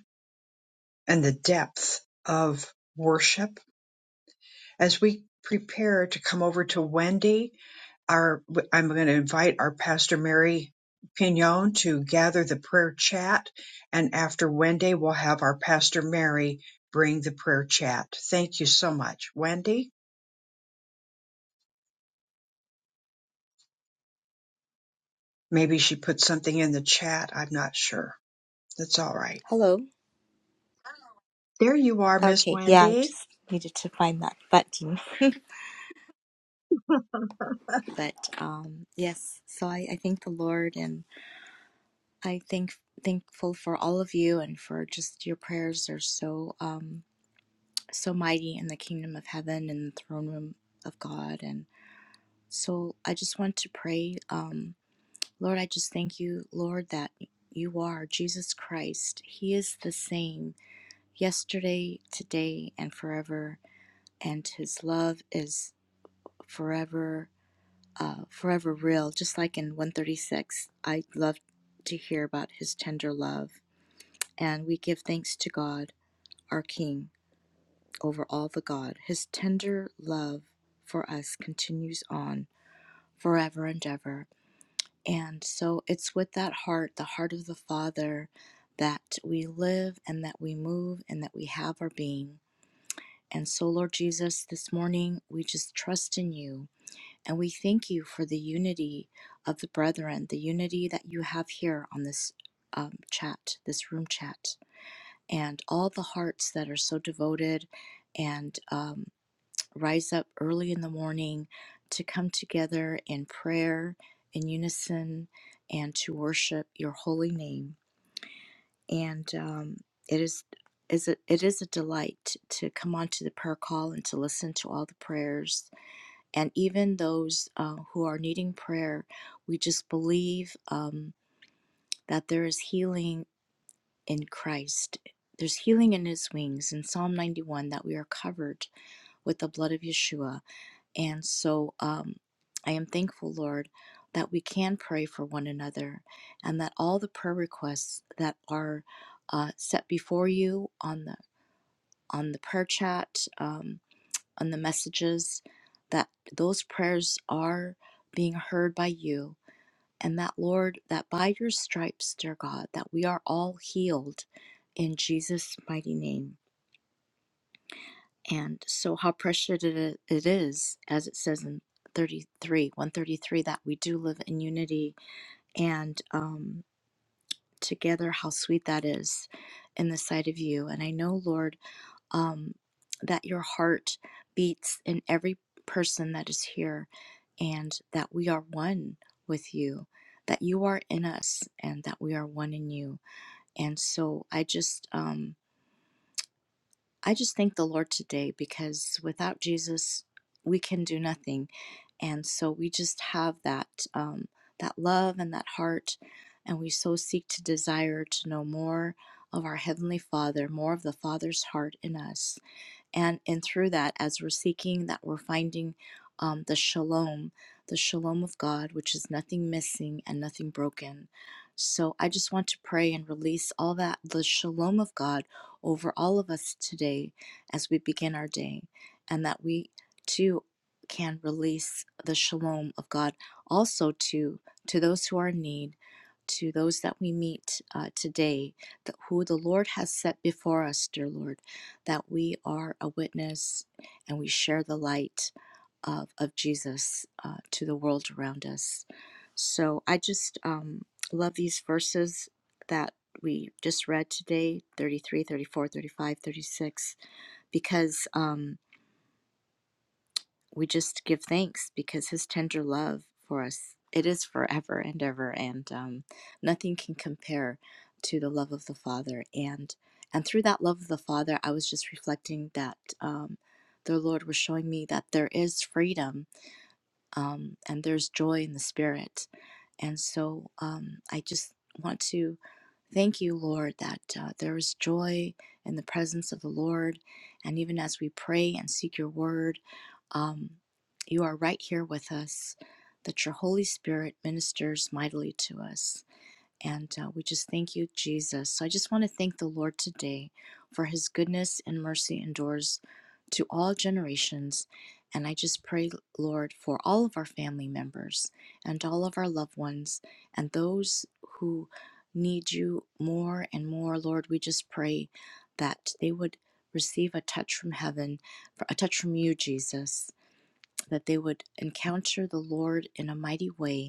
[SPEAKER 1] and the depth of worship as we prepare to come over to Wendy. Our I'm going to invite our pastor Mary Pignon to gather the prayer chat, and after Wendy, we'll have our pastor Mary bring the prayer chat. Thank you so much, Wendy. Maybe she put something in the chat. I'm not sure. That's all right.
[SPEAKER 10] Hello.
[SPEAKER 1] There you are, Miss
[SPEAKER 10] Okay, yeah, I
[SPEAKER 1] Wendy.
[SPEAKER 10] just needed to find that button. but um yes, so I, I thank the Lord and I thank thankful for all of you and for just your prayers are so um so mighty in the kingdom of heaven and the throne room of God and so I just want to pray um Lord, I just thank you, Lord, that you are Jesus Christ. He is the same yesterday, today, and forever, and his love is forever uh, forever real, just like in 136. I love to hear about his tender love. And we give thanks to God, our King, over all the God. His tender love for us continues on forever and ever. And so it's with that heart, the heart of the Father, that we live and that we move and that we have our being. And so, Lord Jesus, this morning we just trust in you. And we thank you for the unity of the brethren, the unity that you have here on this um, chat, this room chat, and all the hearts that are so devoted and um, rise up early in the morning to come together in prayer, in unison, and to worship your holy name. And um, it is. Is a, it is a delight to come onto the prayer call and to listen to all the prayers and even those uh, who are needing prayer, we just believe um, that there is healing in Christ. There's healing in His wings in Psalm 91 that we are covered with the blood of Yeshua. And so um, I am thankful, Lord, that we can pray for one another and that all the prayer requests that are uh, set before you on the on the prayer chat. Um, on the messages that those prayers are being heard by you and that Lord that by your stripes dear God that we are all healed in Jesus mighty name and so how precious it is as it says in 33 133 that we do live in unity and um together how sweet that is in the sight of you and I know Lord um, that your heart beats in every person that is here, and that we are one with you, that you are in us, and that we are one in you. And so I just, um, I just thank the Lord today because without Jesus, we can do nothing. And so we just have that, um, that love and that heart, and we so seek to desire to know more of our Heavenly Father, more of the Father's heart in us and and through that as we're seeking that we're finding um, the shalom the shalom of god which is nothing missing and nothing broken so i just want to pray and release all that the shalom of god over all of us today as we begin our day and that we too can release the shalom of god also to to those who are in need to those that we meet uh, today that who the lord has set before us dear lord that we are a witness and we share the light of, of Jesus uh, to the world around us. So I just um, love these verses that we just read today 33, 34, 35, 36, because. Um, we just give thanks because his tender love for us it is forever and ever and um, nothing can compare to the love of the father and and through that love of the father i was just reflecting that um, the lord was showing me that there is freedom um, and there's joy in the spirit. And so um, I just want to thank you, Lord, that uh, there is joy in the presence of the Lord. And even as we pray and seek your word, um, you are right here with us, that your Holy Spirit ministers mightily to us. And uh, we just thank you, Jesus. So I just want to thank the Lord today for his goodness and mercy endures to all generations. And I just pray, Lord, for all of our family members and all of our loved ones and those who need you more and more, Lord. We just pray that they would receive a touch from heaven, a touch from you, Jesus, that they would encounter the Lord in a mighty way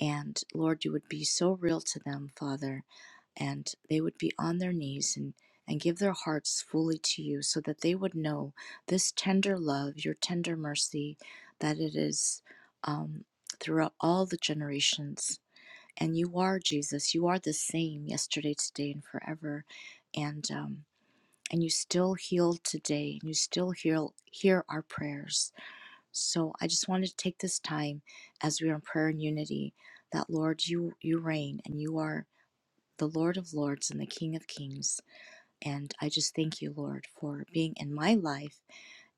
[SPEAKER 10] and Lord, you would be so real to them, Father, and they would be on their knees and, and give their hearts fully to you so that they would know this tender love, your tender mercy, that it is um, throughout all the generations. And you are Jesus. You are the same yesterday, today, and forever. And um, and you still heal today, and you still heal, hear our prayers. So I just wanted to take this time as we are in prayer and unity that Lord you you reign and you are the Lord of Lords and the King of Kings. And I just thank you, Lord, for being in my life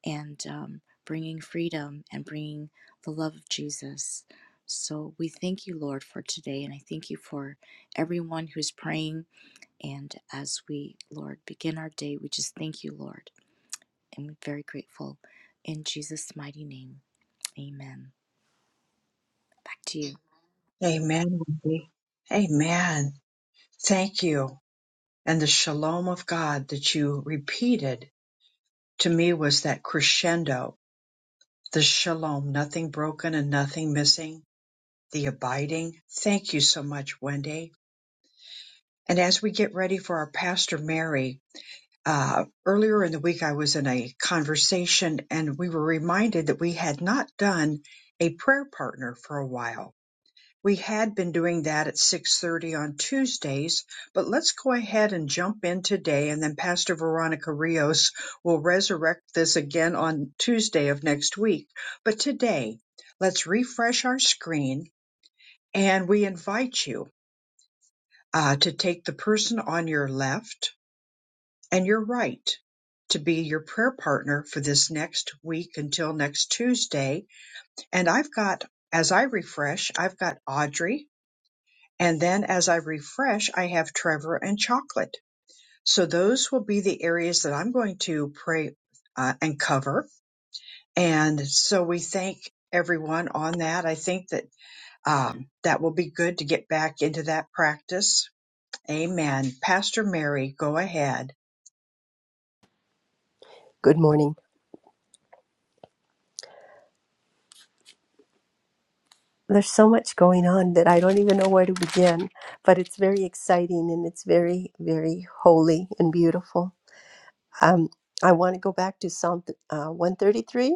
[SPEAKER 10] and um, bringing freedom and bringing the love of Jesus. So we thank you, Lord, for today. And I thank you for everyone who's praying. And as we, Lord, begin our day, we just thank you, Lord. And we're very grateful. In Jesus' mighty name, amen. Back to you.
[SPEAKER 1] Amen, Wendy. Amen. Thank you. And the shalom of God that you repeated to me was that crescendo, the shalom, nothing broken and nothing missing, the abiding. Thank you so much, Wendy. And as we get ready for our Pastor Mary, uh, earlier in the week I was in a conversation and we were reminded that we had not done a prayer partner for a while We had been doing that at 6:30 on Tuesdays, but let's go ahead and jump in today and then Pastor Veronica Rios will resurrect this again on Tuesday of next week. But today, let's refresh our screen and we invite you uh, to take the person on your left and your right to be your prayer partner for this next week until next Tuesday. And I've got, as I refresh, I've got Audrey, And then as I refresh, I have Trevor and chocolate. So those will be the areas that I'm going to pray uh, and cover. And so we thank everyone on that. I think that um, that will be good to get back into that practice. Amen. Pastor Mary, go ahead.
[SPEAKER 11] Good morning. There's so much going on that I don't even know where to begin, but it's very exciting and it's very, very holy and beautiful. Um, I want to go back to Psalm uh, 133,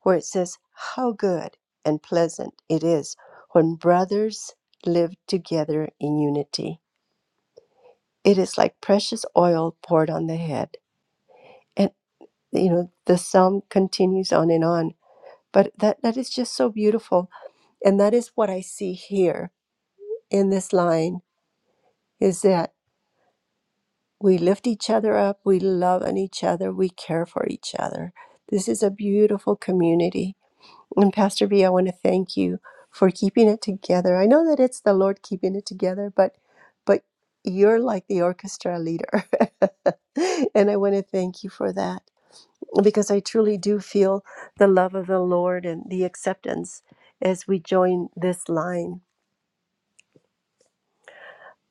[SPEAKER 11] where it says, How good and pleasant it is when brothers live together in unity. It is like precious oil poured on the head. And, you know, the psalm continues on and on, but that, that is just so beautiful. And that is what I see here in this line is that we lift each other up, we love on each other, we care for each other. This is a beautiful community. And Pastor V, I want to thank you for keeping it together. I know that it's the Lord keeping it together, but but you're like the orchestra leader. and I want to thank you for that because I truly do feel the love of the Lord and the acceptance as we join this line.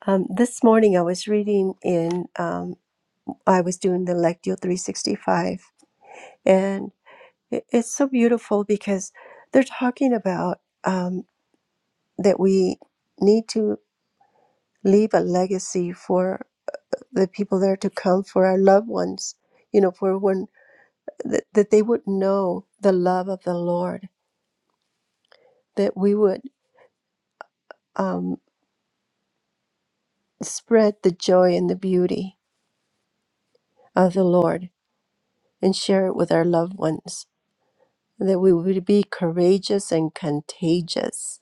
[SPEAKER 11] Um, this morning I was reading in um, I was doing the Lectio 365, and it- it's so beautiful because they're talking about um, that we need to leave a legacy for the people that are to come, for our loved ones, you know, for when that, that they would know the love of the Lord, that we would um, spread the joy and the beauty of the Lord and share it with our loved ones, that we would be courageous and contagious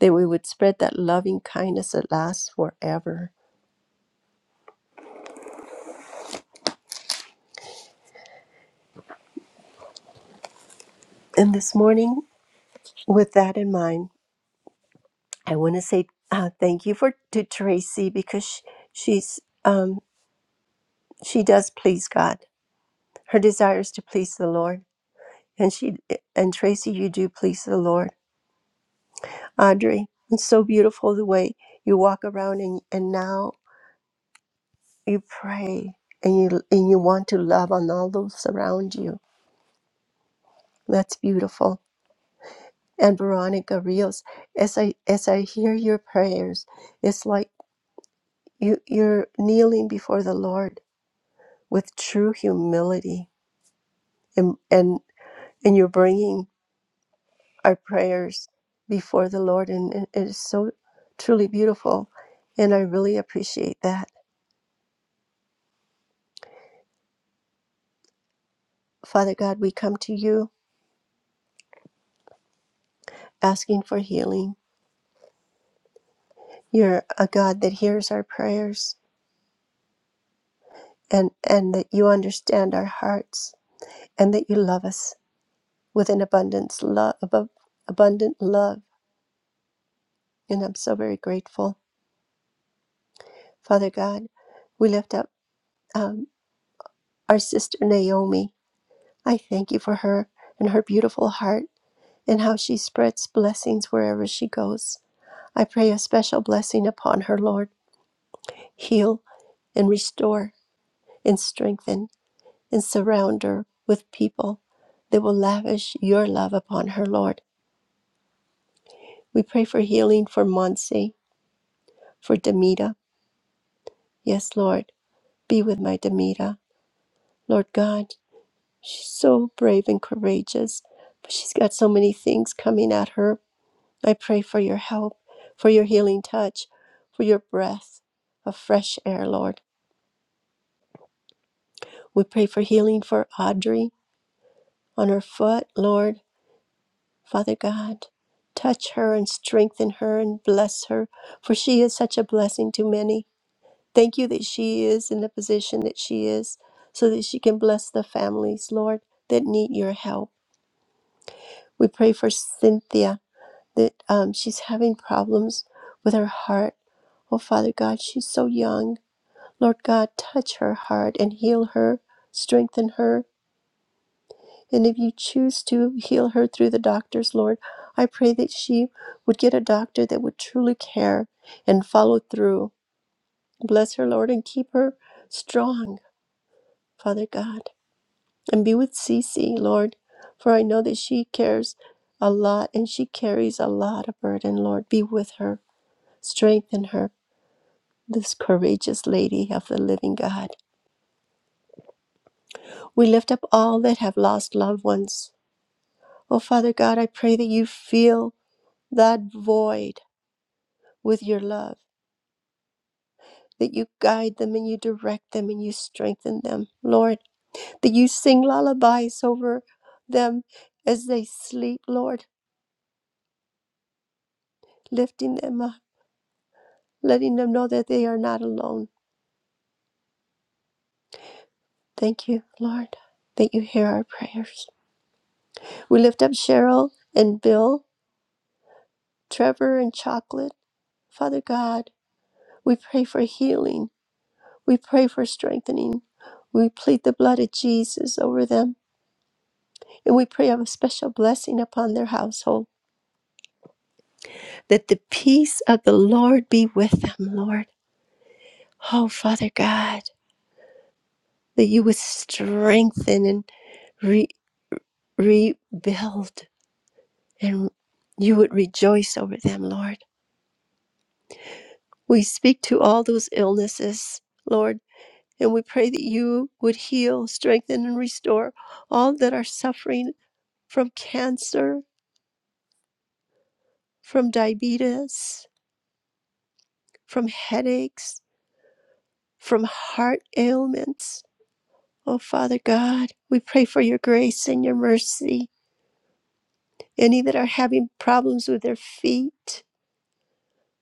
[SPEAKER 11] that we would spread that loving kindness that lasts forever. And this morning, with that in mind, I want to say uh, thank you for to Tracy because sh- she's um, she does please God. Her desire is to please the Lord, and she and Tracy, you do please the Lord. Audrey, it's so beautiful the way you walk around and and now you pray and you and you want to love on all those around you. That's beautiful and Veronica Rios, as I as I hear your prayers, it's like you you're kneeling before the Lord with true humility, and and and you're bringing our prayers before the Lord, and it it is so truly beautiful, and I really appreciate that. Father God, we come to you asking for healing. You're a God that hears our prayers, and and that you understand our hearts, and that you love us with an abundance love abundant love and i'm so very grateful father god we lift up um, our sister naomi i thank you for her and her beautiful heart and how she spreads blessings wherever she goes i pray a special blessing upon her lord heal and restore and strengthen and surround her with people that will lavish your love upon her lord we pray for healing for monse for demita yes lord Be with my Demita, Lord God. She's so brave and courageous, but she's got so many things coming at her. I pray for your help, for your healing touch, for your breath of fresh air, Lord. We pray for healing for Audrey on her foot, Lord. Father God, touch her and strengthen her and bless her, for she is such a blessing to many. Thank you that she is in the position that she is, so that she can bless the families, Lord, that need your help. We pray for Cynthia that um, she's having problems with her heart. Oh, Father God, she's so young. Lord God, touch her heart and heal her, strengthen her. And if you choose to heal her through the doctors, Lord, I pray that she would get a doctor that would truly care and follow through. Bless her, Lord, and keep her strong, Father God. and be with Cece, Lord, for I know that she cares a lot and she carries a lot of burden, Lord. Be with her, strengthen her, this courageous lady of the living God. We lift up all that have lost loved ones. Oh, Father God, I pray that you fill that void with your love. That you guide them and you direct them and you strengthen them, Lord. That you sing lullabies over them as they sleep, Lord, lifting them up letting them know that they are not alone. Thank you, Lord, that you hear our prayers. We lift up Cheryl and Bill, Trevor and Chocolate. Father God, we pray for healing. We pray for strengthening. We plead the blood of Jesus over them. And we pray of a special blessing upon their household. That the peace of the Lord be with them, Lord. Oh, Father God, that you would strengthen and re- rebuild and you would rejoice over them, Lord. We speak to all those illnesses, Lord, and we pray that you would heal, strengthen, and restore all that are suffering from cancer, from diabetes, from headaches, from heart ailments. Oh, Father God, we pray for your grace and your mercy. Any that are having problems with their feet,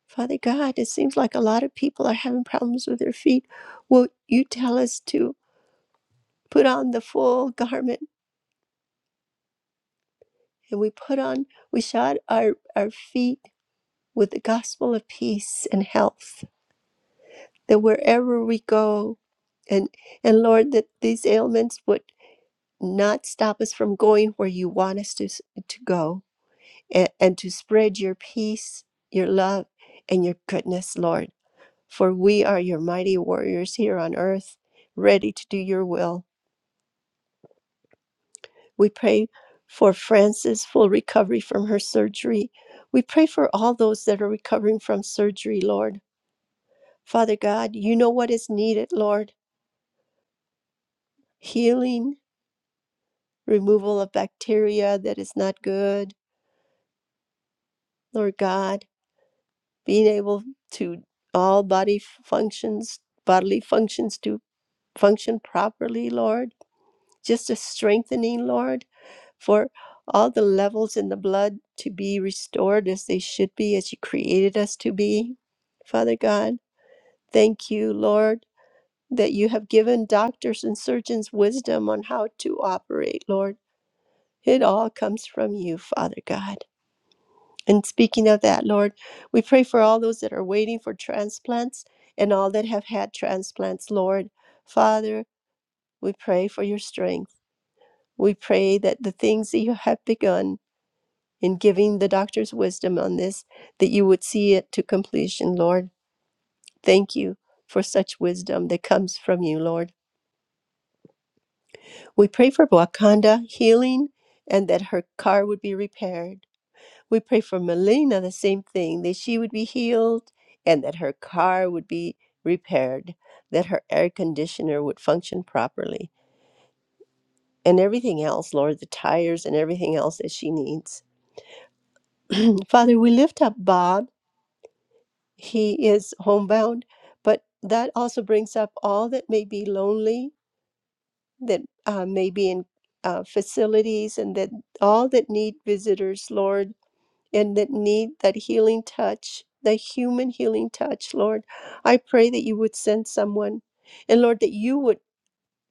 [SPEAKER 11] Father God, it seems like a lot of people are having problems with their feet. Will you tell us to? put on the full garment and we put on we shod our, our feet with the gospel of peace and health that wherever we go and and lord that these ailments would not stop us from going where you want us to, to go and, and to spread your peace your love and your goodness lord for we are your mighty warriors here on earth ready to do your will We pray for Frances' full recovery from her surgery. We pray for all those that are recovering from surgery, Lord. Father God, you know what is needed, Lord healing, removal of bacteria that is not good, Lord God, being able to all body functions, bodily functions to function properly, Lord. just a strengthening, Lord, for all the levels in the blood to be restored as they should be, as you created us to be. Father God, thank you, Lord, that you have given doctors and surgeons wisdom on how to operate, Lord. It all comes from you, Father God. And speaking of that, Lord, we pray for all those that are waiting for transplants and all that have had transplants, Lord. Father, we pray for your strength. We pray that the things that you have begun in giving the doctor's wisdom on this, that you would see it to completion, Lord. Thank you for such wisdom that comes from you, Lord. We pray for Wakanda healing and that her car would be repaired. We pray for Melina the same thing, that she would be healed and that her car would be repaired, that her air conditioner would function properly, and everything else, Lord, the tires and everything else that she needs. Father, we lift up Bob. he is homebound, but that also brings up all that may be lonely, that uh, may be in uh, facilities, and that all that need visitors, Lord, and that need that healing touch, the human healing touch, Lord. I pray that you would send someone, and Lord, that you would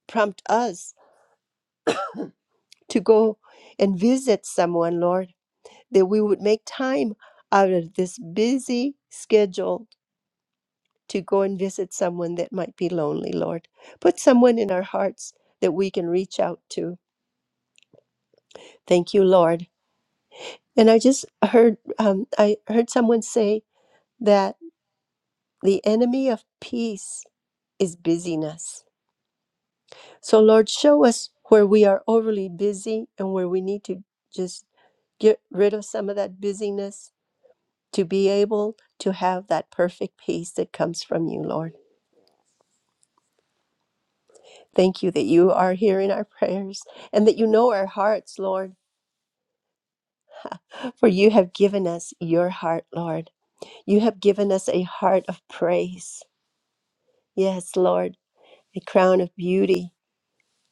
[SPEAKER 11] prompt us to go and visit someone, Lord, that we would make time out of this busy schedule to go and visit someone that might be lonely, Lord. Put someone in our hearts that we can reach out to. Thank you, Lord. And I just heard um, I heard someone say that the enemy of peace is busyness. So Lord, show us where we are overly busy and where we need to just get rid of some of that busyness to be able to have that perfect peace that comes from you, Lord. Thank you that you are hearing our prayers and that you know our hearts, Lord For you have given us your heart, Lord. You have given us a heart of praise. Yes, Lord, a crown of beauty,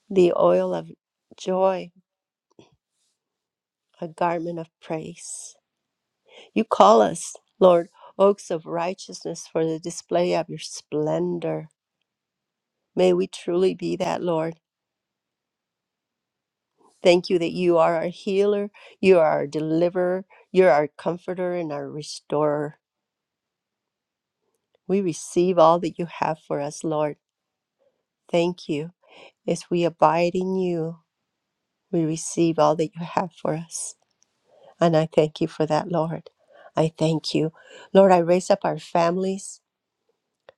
[SPEAKER 11] the oil of joy, a garment of praise. You call us, Lord, oaks of righteousness for the display of your splendor. May we truly be that, Lord. Thank you that you are our healer, you are our deliverer, you're our comforter and our restorer. We receive all that you have for us, Lord. Thank you. As we abide in you, we receive all that you have for us. And I thank you for that, Lord. I thank you. Lord, I raise up our families,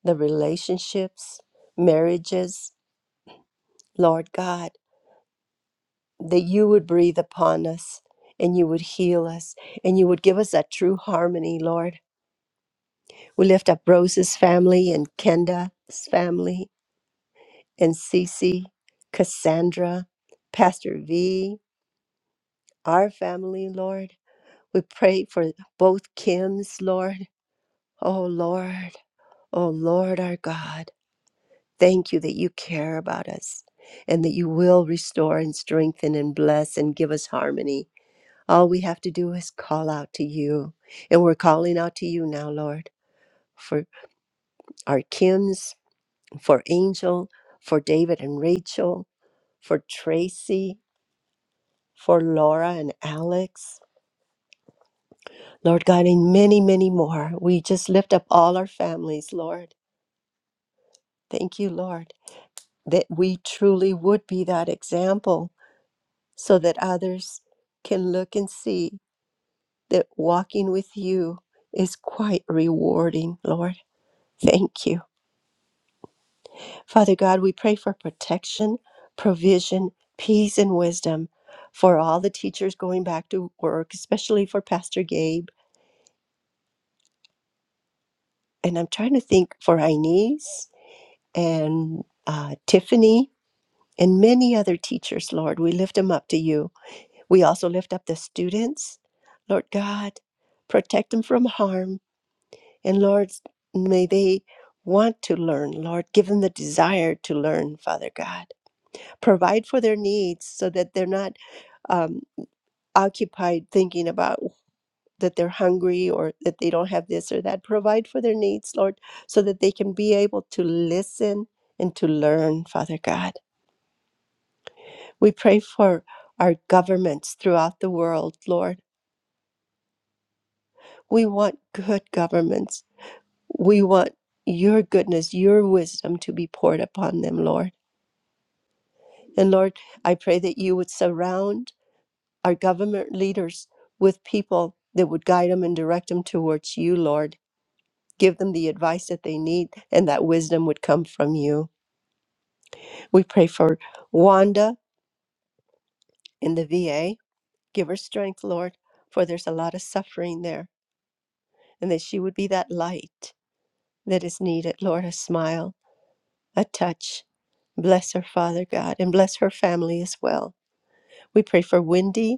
[SPEAKER 11] the relationships, marriages, Lord God, that you would breathe upon us and you would heal us and you would give us that true harmony, Lord. We lift up Rose's family and Kenda's family and Cece, Cassandra, Pastor V, our family, Lord. We pray for both Kims, Lord. Oh, Lord. Oh, Lord our God. Thank you that you care about us and that you will restore and strengthen and bless and give us harmony. All we have to do is call out to you. And we're calling out to you now, Lord, for our Kims, for Angel, for David and Rachel, for Tracy, for Laura and Alex. Lord God, and many, many more. We just lift up all our families, Lord. Thank you, Lord, that we truly would be that example so that others can look and see that walking with you is quite rewarding, Lord. Thank you. Father God, we pray for protection, provision, peace, and wisdom for all the teachers going back to work, especially for Pastor Gabe. And I'm trying to think for Inez and uh, Tiffany and many other teachers, Lord. We lift them up to you. We also lift up the students. Lord God, protect them from harm. And Lord, may they want to learn, Lord. Give them the desire to learn, Father God. Provide for their needs so that they're not um, occupied thinking about that they're hungry or that they don't have this or that. Provide for their needs, Lord, so that they can be able to listen and to learn, Father God. We pray for our governments throughout the world, Lord. We want good governments. We want your goodness, your wisdom to be poured upon them, Lord. And Lord, I pray that you would surround our government leaders with people that would guide them and direct them towards you, Lord. Give them the advice that they need, and that wisdom would come from you. We pray for Wanda in the VA. Give her strength, Lord, for there's a lot of suffering there, and that she would be that light that is needed, Lord, a smile a touch. Bless her, Father God, and bless her family as well. We pray for Wendy.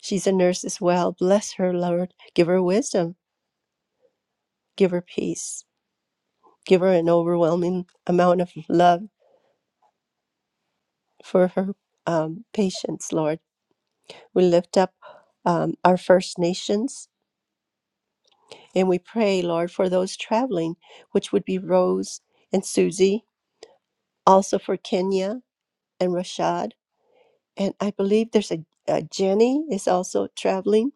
[SPEAKER 11] She's a nurse as well. Bless her, Lord. Give her wisdom. Give her peace. Give her an overwhelming amount of love for her um, patients, Lord. We lift up um, our First Nations and we pray, Lord, for those traveling, which would be Rose and Susie, also for Kenya and Rashad. And I believe there's a, a Jenny is also traveling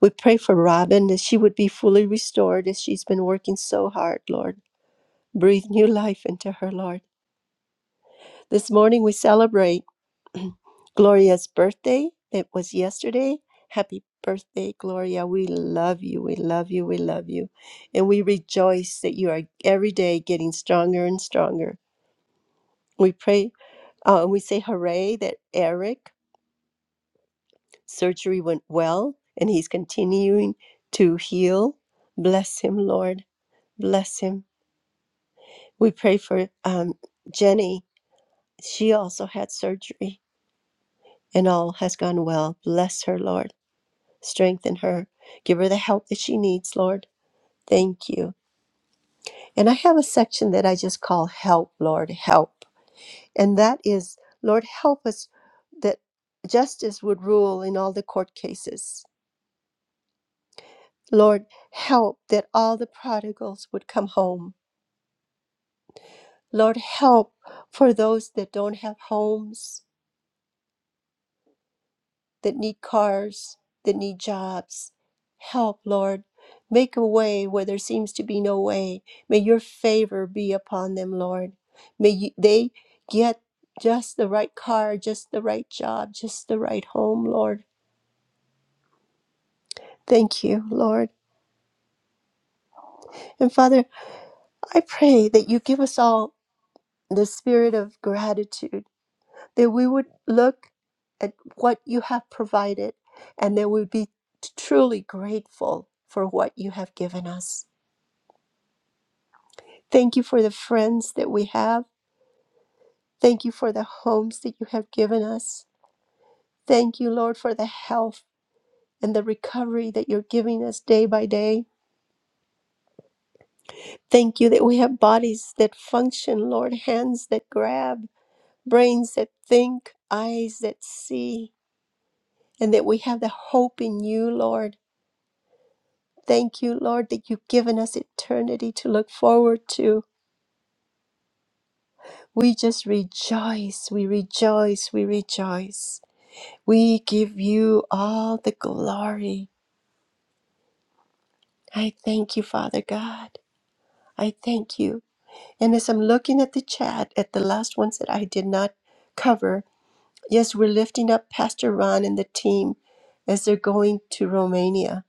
[SPEAKER 11] We pray for Robin that she would be fully restored as she's been working so hard, Lord. Breathe new life into her, Lord. This morning we celebrate Gloria's birthday. It was yesterday. Happy birthday, Gloria. We love you. We love you. We love you. And we rejoice that you are every day getting stronger and stronger. We pray, uh, we say hooray that Eric surgery went well and he's continuing to heal. Bless him, Lord. Bless him. We pray for um, Jenny. She also had surgery, and all has gone well. Bless her, Lord. Strengthen her. Give her the help that she needs, Lord. Thank you. And I have a section that I just call Help, Lord, Help. And that is, Lord, help us that justice would rule in all the court cases. Lord, help that all the prodigals would come home. Lord, help for those that don't have homes. that need cars, that need jobs. Help, Lord. Make a way where there seems to be no way. May your favor be upon them, Lord. May you, they get just the right car, just the right job, just the right home, Lord. Thank you, Lord. And Father, I pray that you give us all the spirit of gratitude, that we would look at what you have provided and that we would be truly grateful for what you have given us. Thank you for the friends that we have. Thank you for the homes that you have given us. Thank you, Lord, for the health and the recovery that you're giving us day by day. Thank you that we have bodies that function, Lord, hands that grab, brains that think, eyes that see, and that we have the hope in you, Lord. Thank you, Lord, that you've given us eternity to look forward to. We just rejoice, we rejoice, we rejoice. We give you all the glory. I thank you, Father God. I thank you. And as I'm looking at the chat, at the last ones that I did not cover, yes, we're lifting up Pastor Ron and the team as they're going to Romania.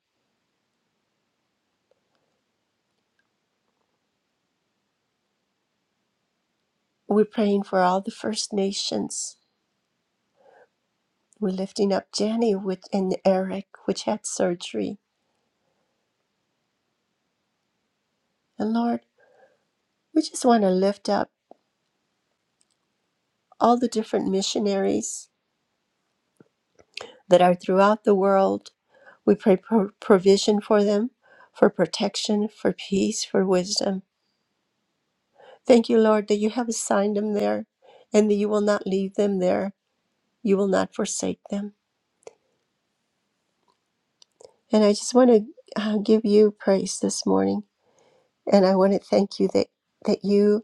[SPEAKER 11] We're praying for all the First Nations. We're lifting up Jenny which, and Eric, which had surgery. And Lord, we just want to lift up all the different missionaries that are throughout the world. We pray pro- provision for them, for protection, for peace, for wisdom. Thank you, Lord, that you have assigned them there and that you will not leave them there. You will not forsake them. And I just want to uh, give you praise this morning. And I want to thank you that, that you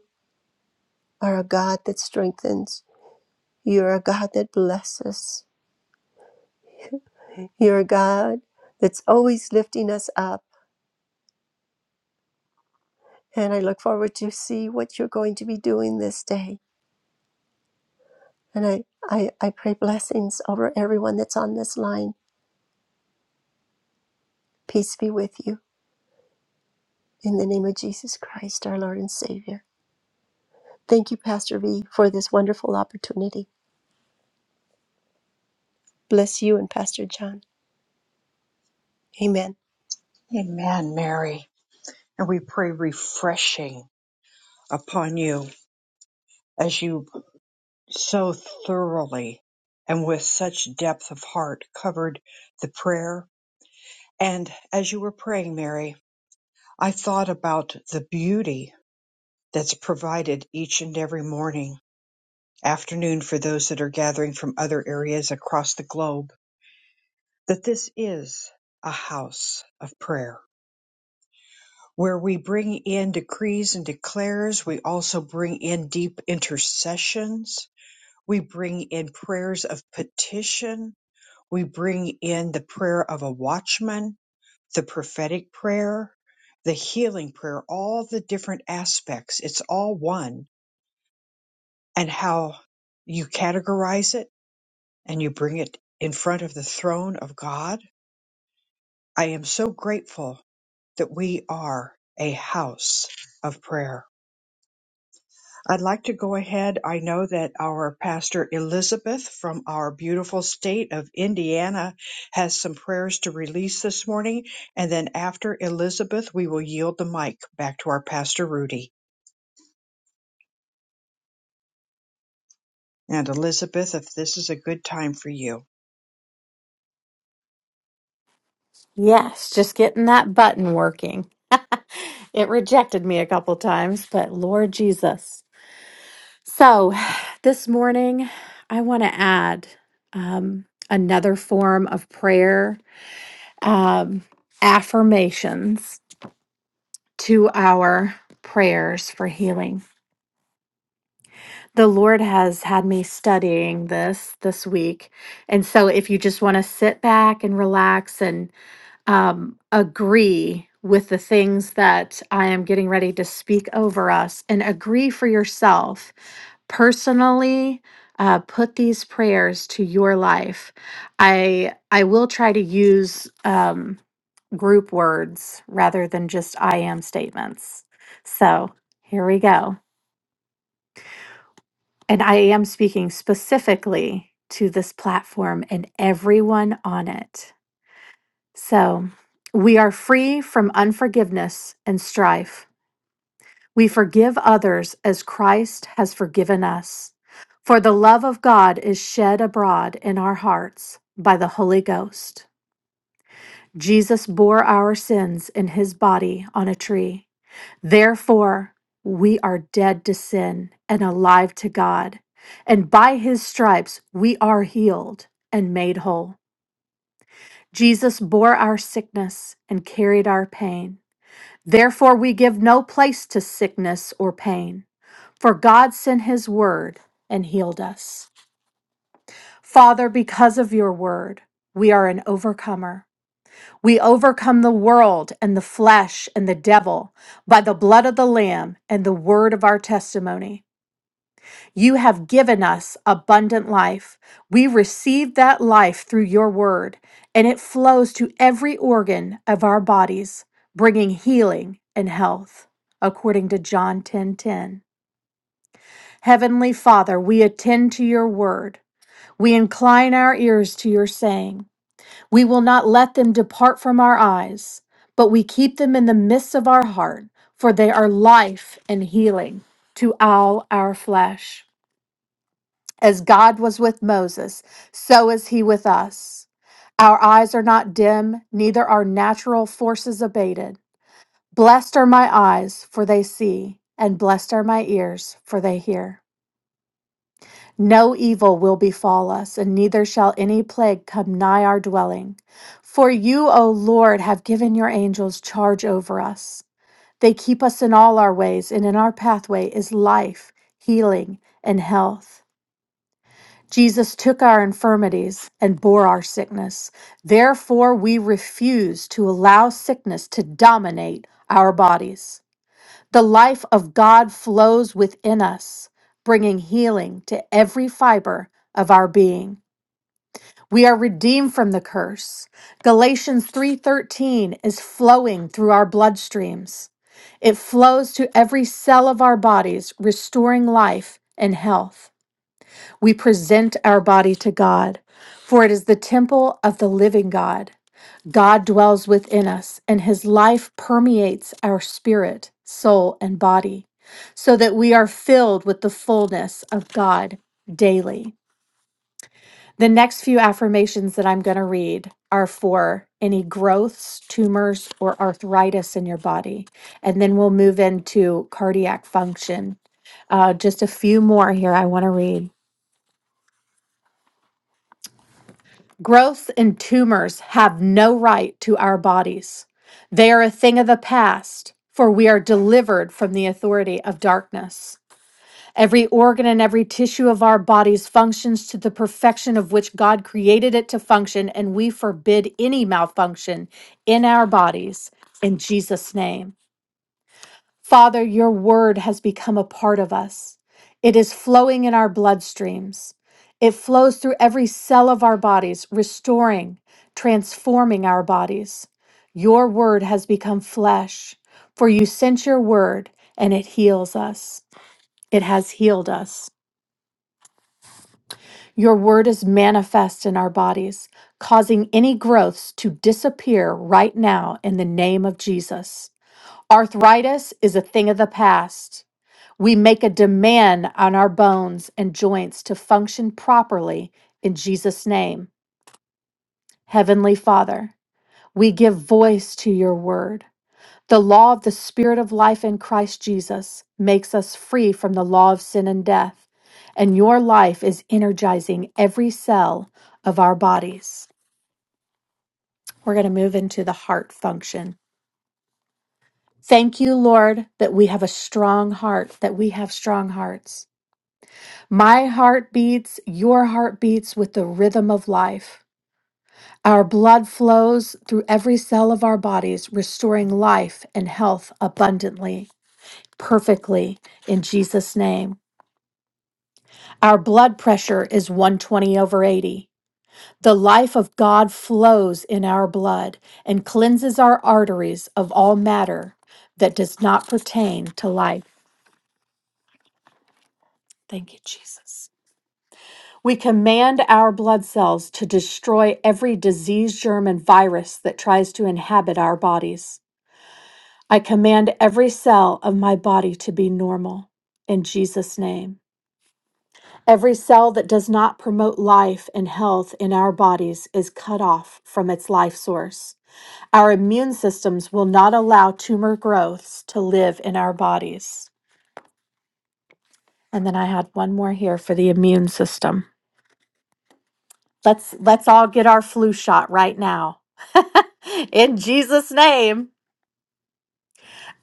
[SPEAKER 11] are a God that strengthens. You're a God that blesses. You're a God that's always lifting us up. And I look forward to see what you're going to be doing this day. And I, I, I pray blessings over everyone that's on this line. Peace be with you in the name of Jesus Christ, our Lord and Savior. Thank you, Pastor V, for this wonderful opportunity. Bless you and Pastor John. Amen.
[SPEAKER 1] Amen, Mary. And we pray refreshing upon you as you so thoroughly and with such depth of heart covered the prayer And as you were praying, Mary, I thought about the beauty that's provided each and every morning, afternoon for those that are gathering from other areas across the globe, that this is a house of prayer where we bring in decrees and declares. We also bring in deep intercessions. We bring in prayers of petition. We bring in the prayer of a watchman the prophetic prayer, the healing prayer, all the different aspects. It's all one. And how you categorize it and you bring it in front of the throne of God. I am so grateful that we are a house of prayer. I'd like to go ahead. I know that our pastor Elizabeth from our beautiful state of Indiana has some prayers to release this morning. And then after Elizabeth, we will yield the mic back to our pastor Rudy. And Elizabeth, if this is a good time for you.
[SPEAKER 12] Yes, just getting that button working. it rejected me a couple times, but Lord Jesus. So this morning, I want to add um, another form of prayer um, affirmations to our prayers for healing. The Lord has had me studying this this week. And so if you just want to sit back and relax um, agree with the things that I am getting ready to speak over us and agree for yourself personally uh, put these prayers to your life. I I will try to use um, group words rather than just I am statements. So here we go, and I am speaking specifically to this platform and everyone on it. So we are free from unforgiveness and strife. We forgive others as Christ has forgiven us. For the love of God is shed abroad in our hearts by the Holy Ghost. Jesus bore our sins in his body on a tree. Therefore, we are dead to sin and alive to God. And by his stripes, we are healed and made whole. Jesus bore our sickness and carried our pain. Therefore, we give no place to sickness or pain, for God sent his word and healed us. Father, because of your word, we are an overcomer. We overcome the world and the flesh and the devil by the blood of the Lamb and the word of our testimony. You have given us abundant life. We receive that life through your word, and it flows to every organ of our bodies, bringing healing and health, according to John 10:10. Heavenly Father, we attend to your word. We incline our ears to your saying. We will not let them depart from our eyes, but we keep them in the midst of our heart, for they are life and healing to all our flesh. As God was with Moses, so is he with us. Our eyes are not dim, neither are natural forces abated. Blessed are my eyes, for they see, and blessed are my ears, for they hear. No evil will befall us, and neither shall any plague come nigh our dwelling. For you, O Lord, have given your angels charge over us. They keep us in all our ways, and in our pathway is life, healing, and health. Jesus took our infirmities and bore our sickness. Therefore, we refuse to allow sickness to dominate our bodies. The life of God flows within us, bringing healing to every fiber of our being. We are redeemed from the curse. Galatians 3:13 is flowing through our bloodstreams. It flows to every cell of our bodies, restoring life and health we present our body to God, for it is the temple of the living God. God dwells within us, and his life permeates our spirit, soul, and body, so that we are filled with the fullness of God daily. The next few affirmations that I'm going to read are for any growths, tumors, or arthritis in your body. And then we'll move into cardiac function. Uh, just a few more here I want to read. Growth and tumors have no right to our bodies. They are a thing of the past, for we are delivered from the authority of darkness. Every organ and every tissue of our bodies functions to the perfection of which God created it to function, and we forbid any malfunction in our bodies in Jesus' name. Father, your word has become a part of us. It is flowing in our bloodstreams. It flows through every cell of our bodies, restoring, transforming our bodies. Your word has become flesh, for you sent your word and it heals us. It has healed us. Your word is manifest in our bodies, causing any growths to disappear right now in the name of Jesus. Arthritis is a thing of the past. We make a demand on our bones and joints to function properly in Jesus' name. Heavenly Father, we give voice to your word. The law of the Spirit of life in Christ Jesus makes us free from the law of sin and death, and your life is energizing every cell of our bodies. We're going to move into the heart function. Thank you, Lord, that we have a strong heart, that we have strong hearts. My heart beats, your heart beats with the rhythm of life. Our blood flows through every cell of our bodies, restoring life and health abundantly, perfectly, in Jesus' name. Our blood pressure is 120 over 80. The life of God flows in our blood and cleanses our arteries of all matter that does not pertain to life. Thank you, Jesus. We command our blood cells to destroy every disease, germ, and virus that tries to inhabit our bodies. I command every cell of my body to be normal in Jesus' name. Every cell that does not promote life and health in our bodies is cut off from its life source. Our immune systems will not allow tumor growths to live in our bodies. And then I had one more here for the immune system. Let's let's all get our flu shot right now. In Jesus' name,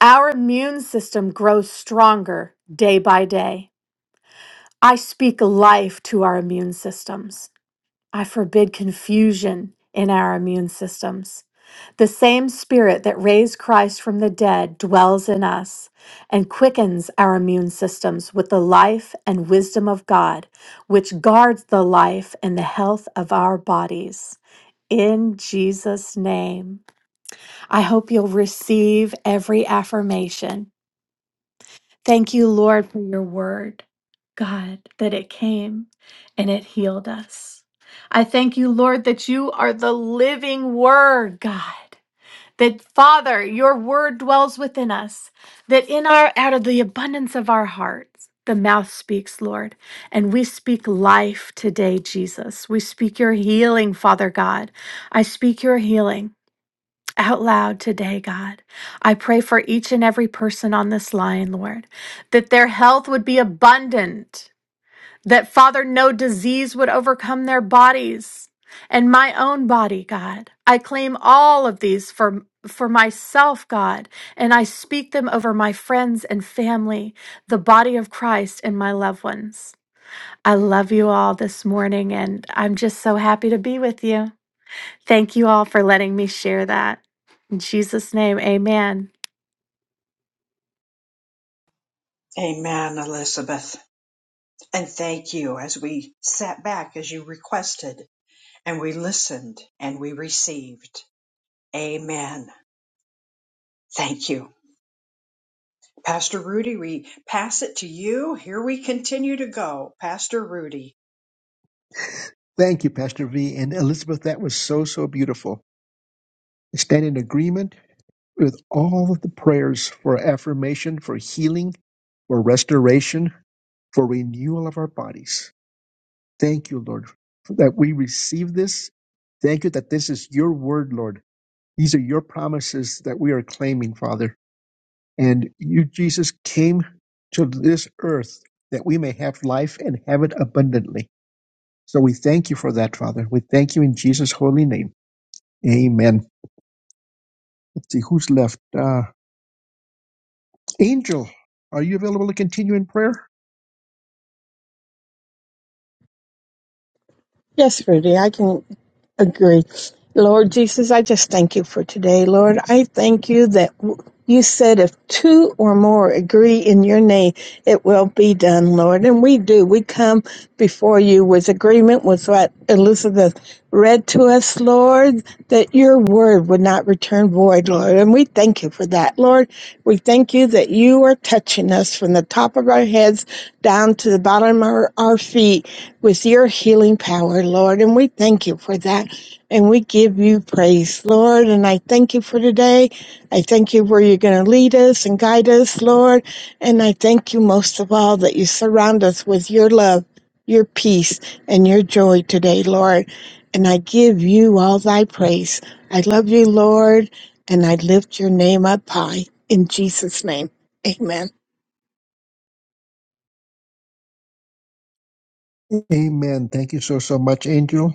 [SPEAKER 12] our immune system grows stronger day by day. I speak life to our immune systems. I forbid confusion in our immune systems. The same spirit that raised Christ from the dead dwells in us and quickens our immune systems with the life and wisdom of God, which guards the life and the health of our bodies. In Jesus' name. I hope you'll receive every affirmation. Thank you, Lord, for your word, God, that it came and it healed us. I thank you, Lord, that you are the living word, God. That Father, your word dwells within us, that in our out of the abundance of our hearts, the mouth speaks, Lord. And we speak life today, Jesus. We speak your healing, Father God. I speak your healing out loud today, God. I pray for each and every person on this line, Lord, that their health would be abundant, that, Father, no disease would overcome their bodies and my own body, God. I claim all of these for. For myself, God, and I speak them over my friends and family, the body of Christ, and my loved ones. I love you all this morning, and I'm just so happy to be with you. Thank you all for letting me share that. In Jesus' name, amen.
[SPEAKER 1] Amen, Elizabeth. And thank you as we sat back as you requested and we listened and we received. Amen. Thank you. Pastor Rudy, we pass it to you. Here we continue to go. Pastor Rudy.
[SPEAKER 2] Thank you, Pastor V. And Elizabeth, that was so, so beautiful. I stand in agreement with all of the prayers for affirmation, for healing, for restoration, for renewal of our bodies. Thank you, Lord, that we receive this. Thank you that this is your word, Lord. These are your promises that we are claiming, Father. And you, Jesus, came to this earth that we may have life and have it abundantly. So we thank you for that, Father. We thank you in Jesus' holy name. Amen. Let's see who's left. Uh, Angel, are you available to continue in prayer?
[SPEAKER 13] Yes, Rudy, I can agree. Lord Jesus, I just thank you for today. Lord, I thank you that w- you said if two or more agree in your name, it will be done, Lord. And we do. We come before you with agreement with what Elizabeth read to to us, Lord, that your word would not return void, Lord. And we thank you for that, Lord. We thank you that you are touching us from the top of our heads down to the bottom of our, our feet with your healing power, Lord. And we thank you for that. And we give you praise, Lord. And I thank you for today. I thank you where you're going to lead us and guide us, Lord. And I thank you most of all that you surround us with your love, your peace, and your joy today, Lord and I give you all thy praise. I love you, Lord, and I lift your name up high. In Jesus' name, amen.
[SPEAKER 2] Amen. Thank you so, so much, Angel.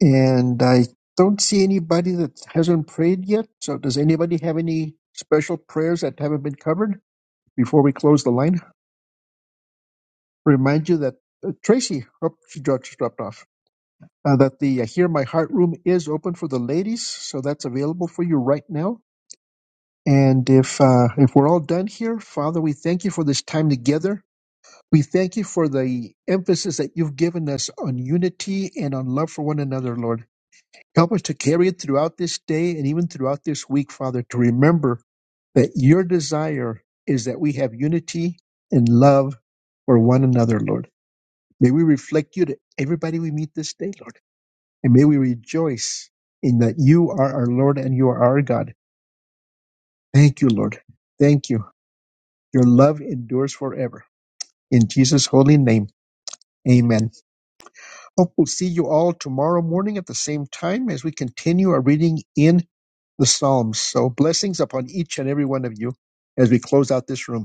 [SPEAKER 2] And I don't see anybody that hasn't prayed yet. So, does anybody have any special prayers that haven't been covered before we close the line? Remind you that uh, Tracy, oh, she dro- just dropped off, uh, that the uh, Hear My Heart room is open for the ladies. So, that's available for you right now. And if uh, if we're all done here, Father, we thank you for this time together. We thank you for the emphasis that you've given us on unity and on love for one another, Lord. Help us to carry it throughout this day and even throughout this week, Father, to remember that your desire is that we have unity and love for one another, Lord. May we reflect you to everybody we meet this day, Lord. And may we rejoice in that you are our Lord and you are our God. Thank you, Lord. Thank you. Your love endures forever. In Jesus' holy name, amen. Hope we'll see you all tomorrow morning at the same time as we continue our reading in the Psalms. So blessings upon each and every one of you as we close out this room.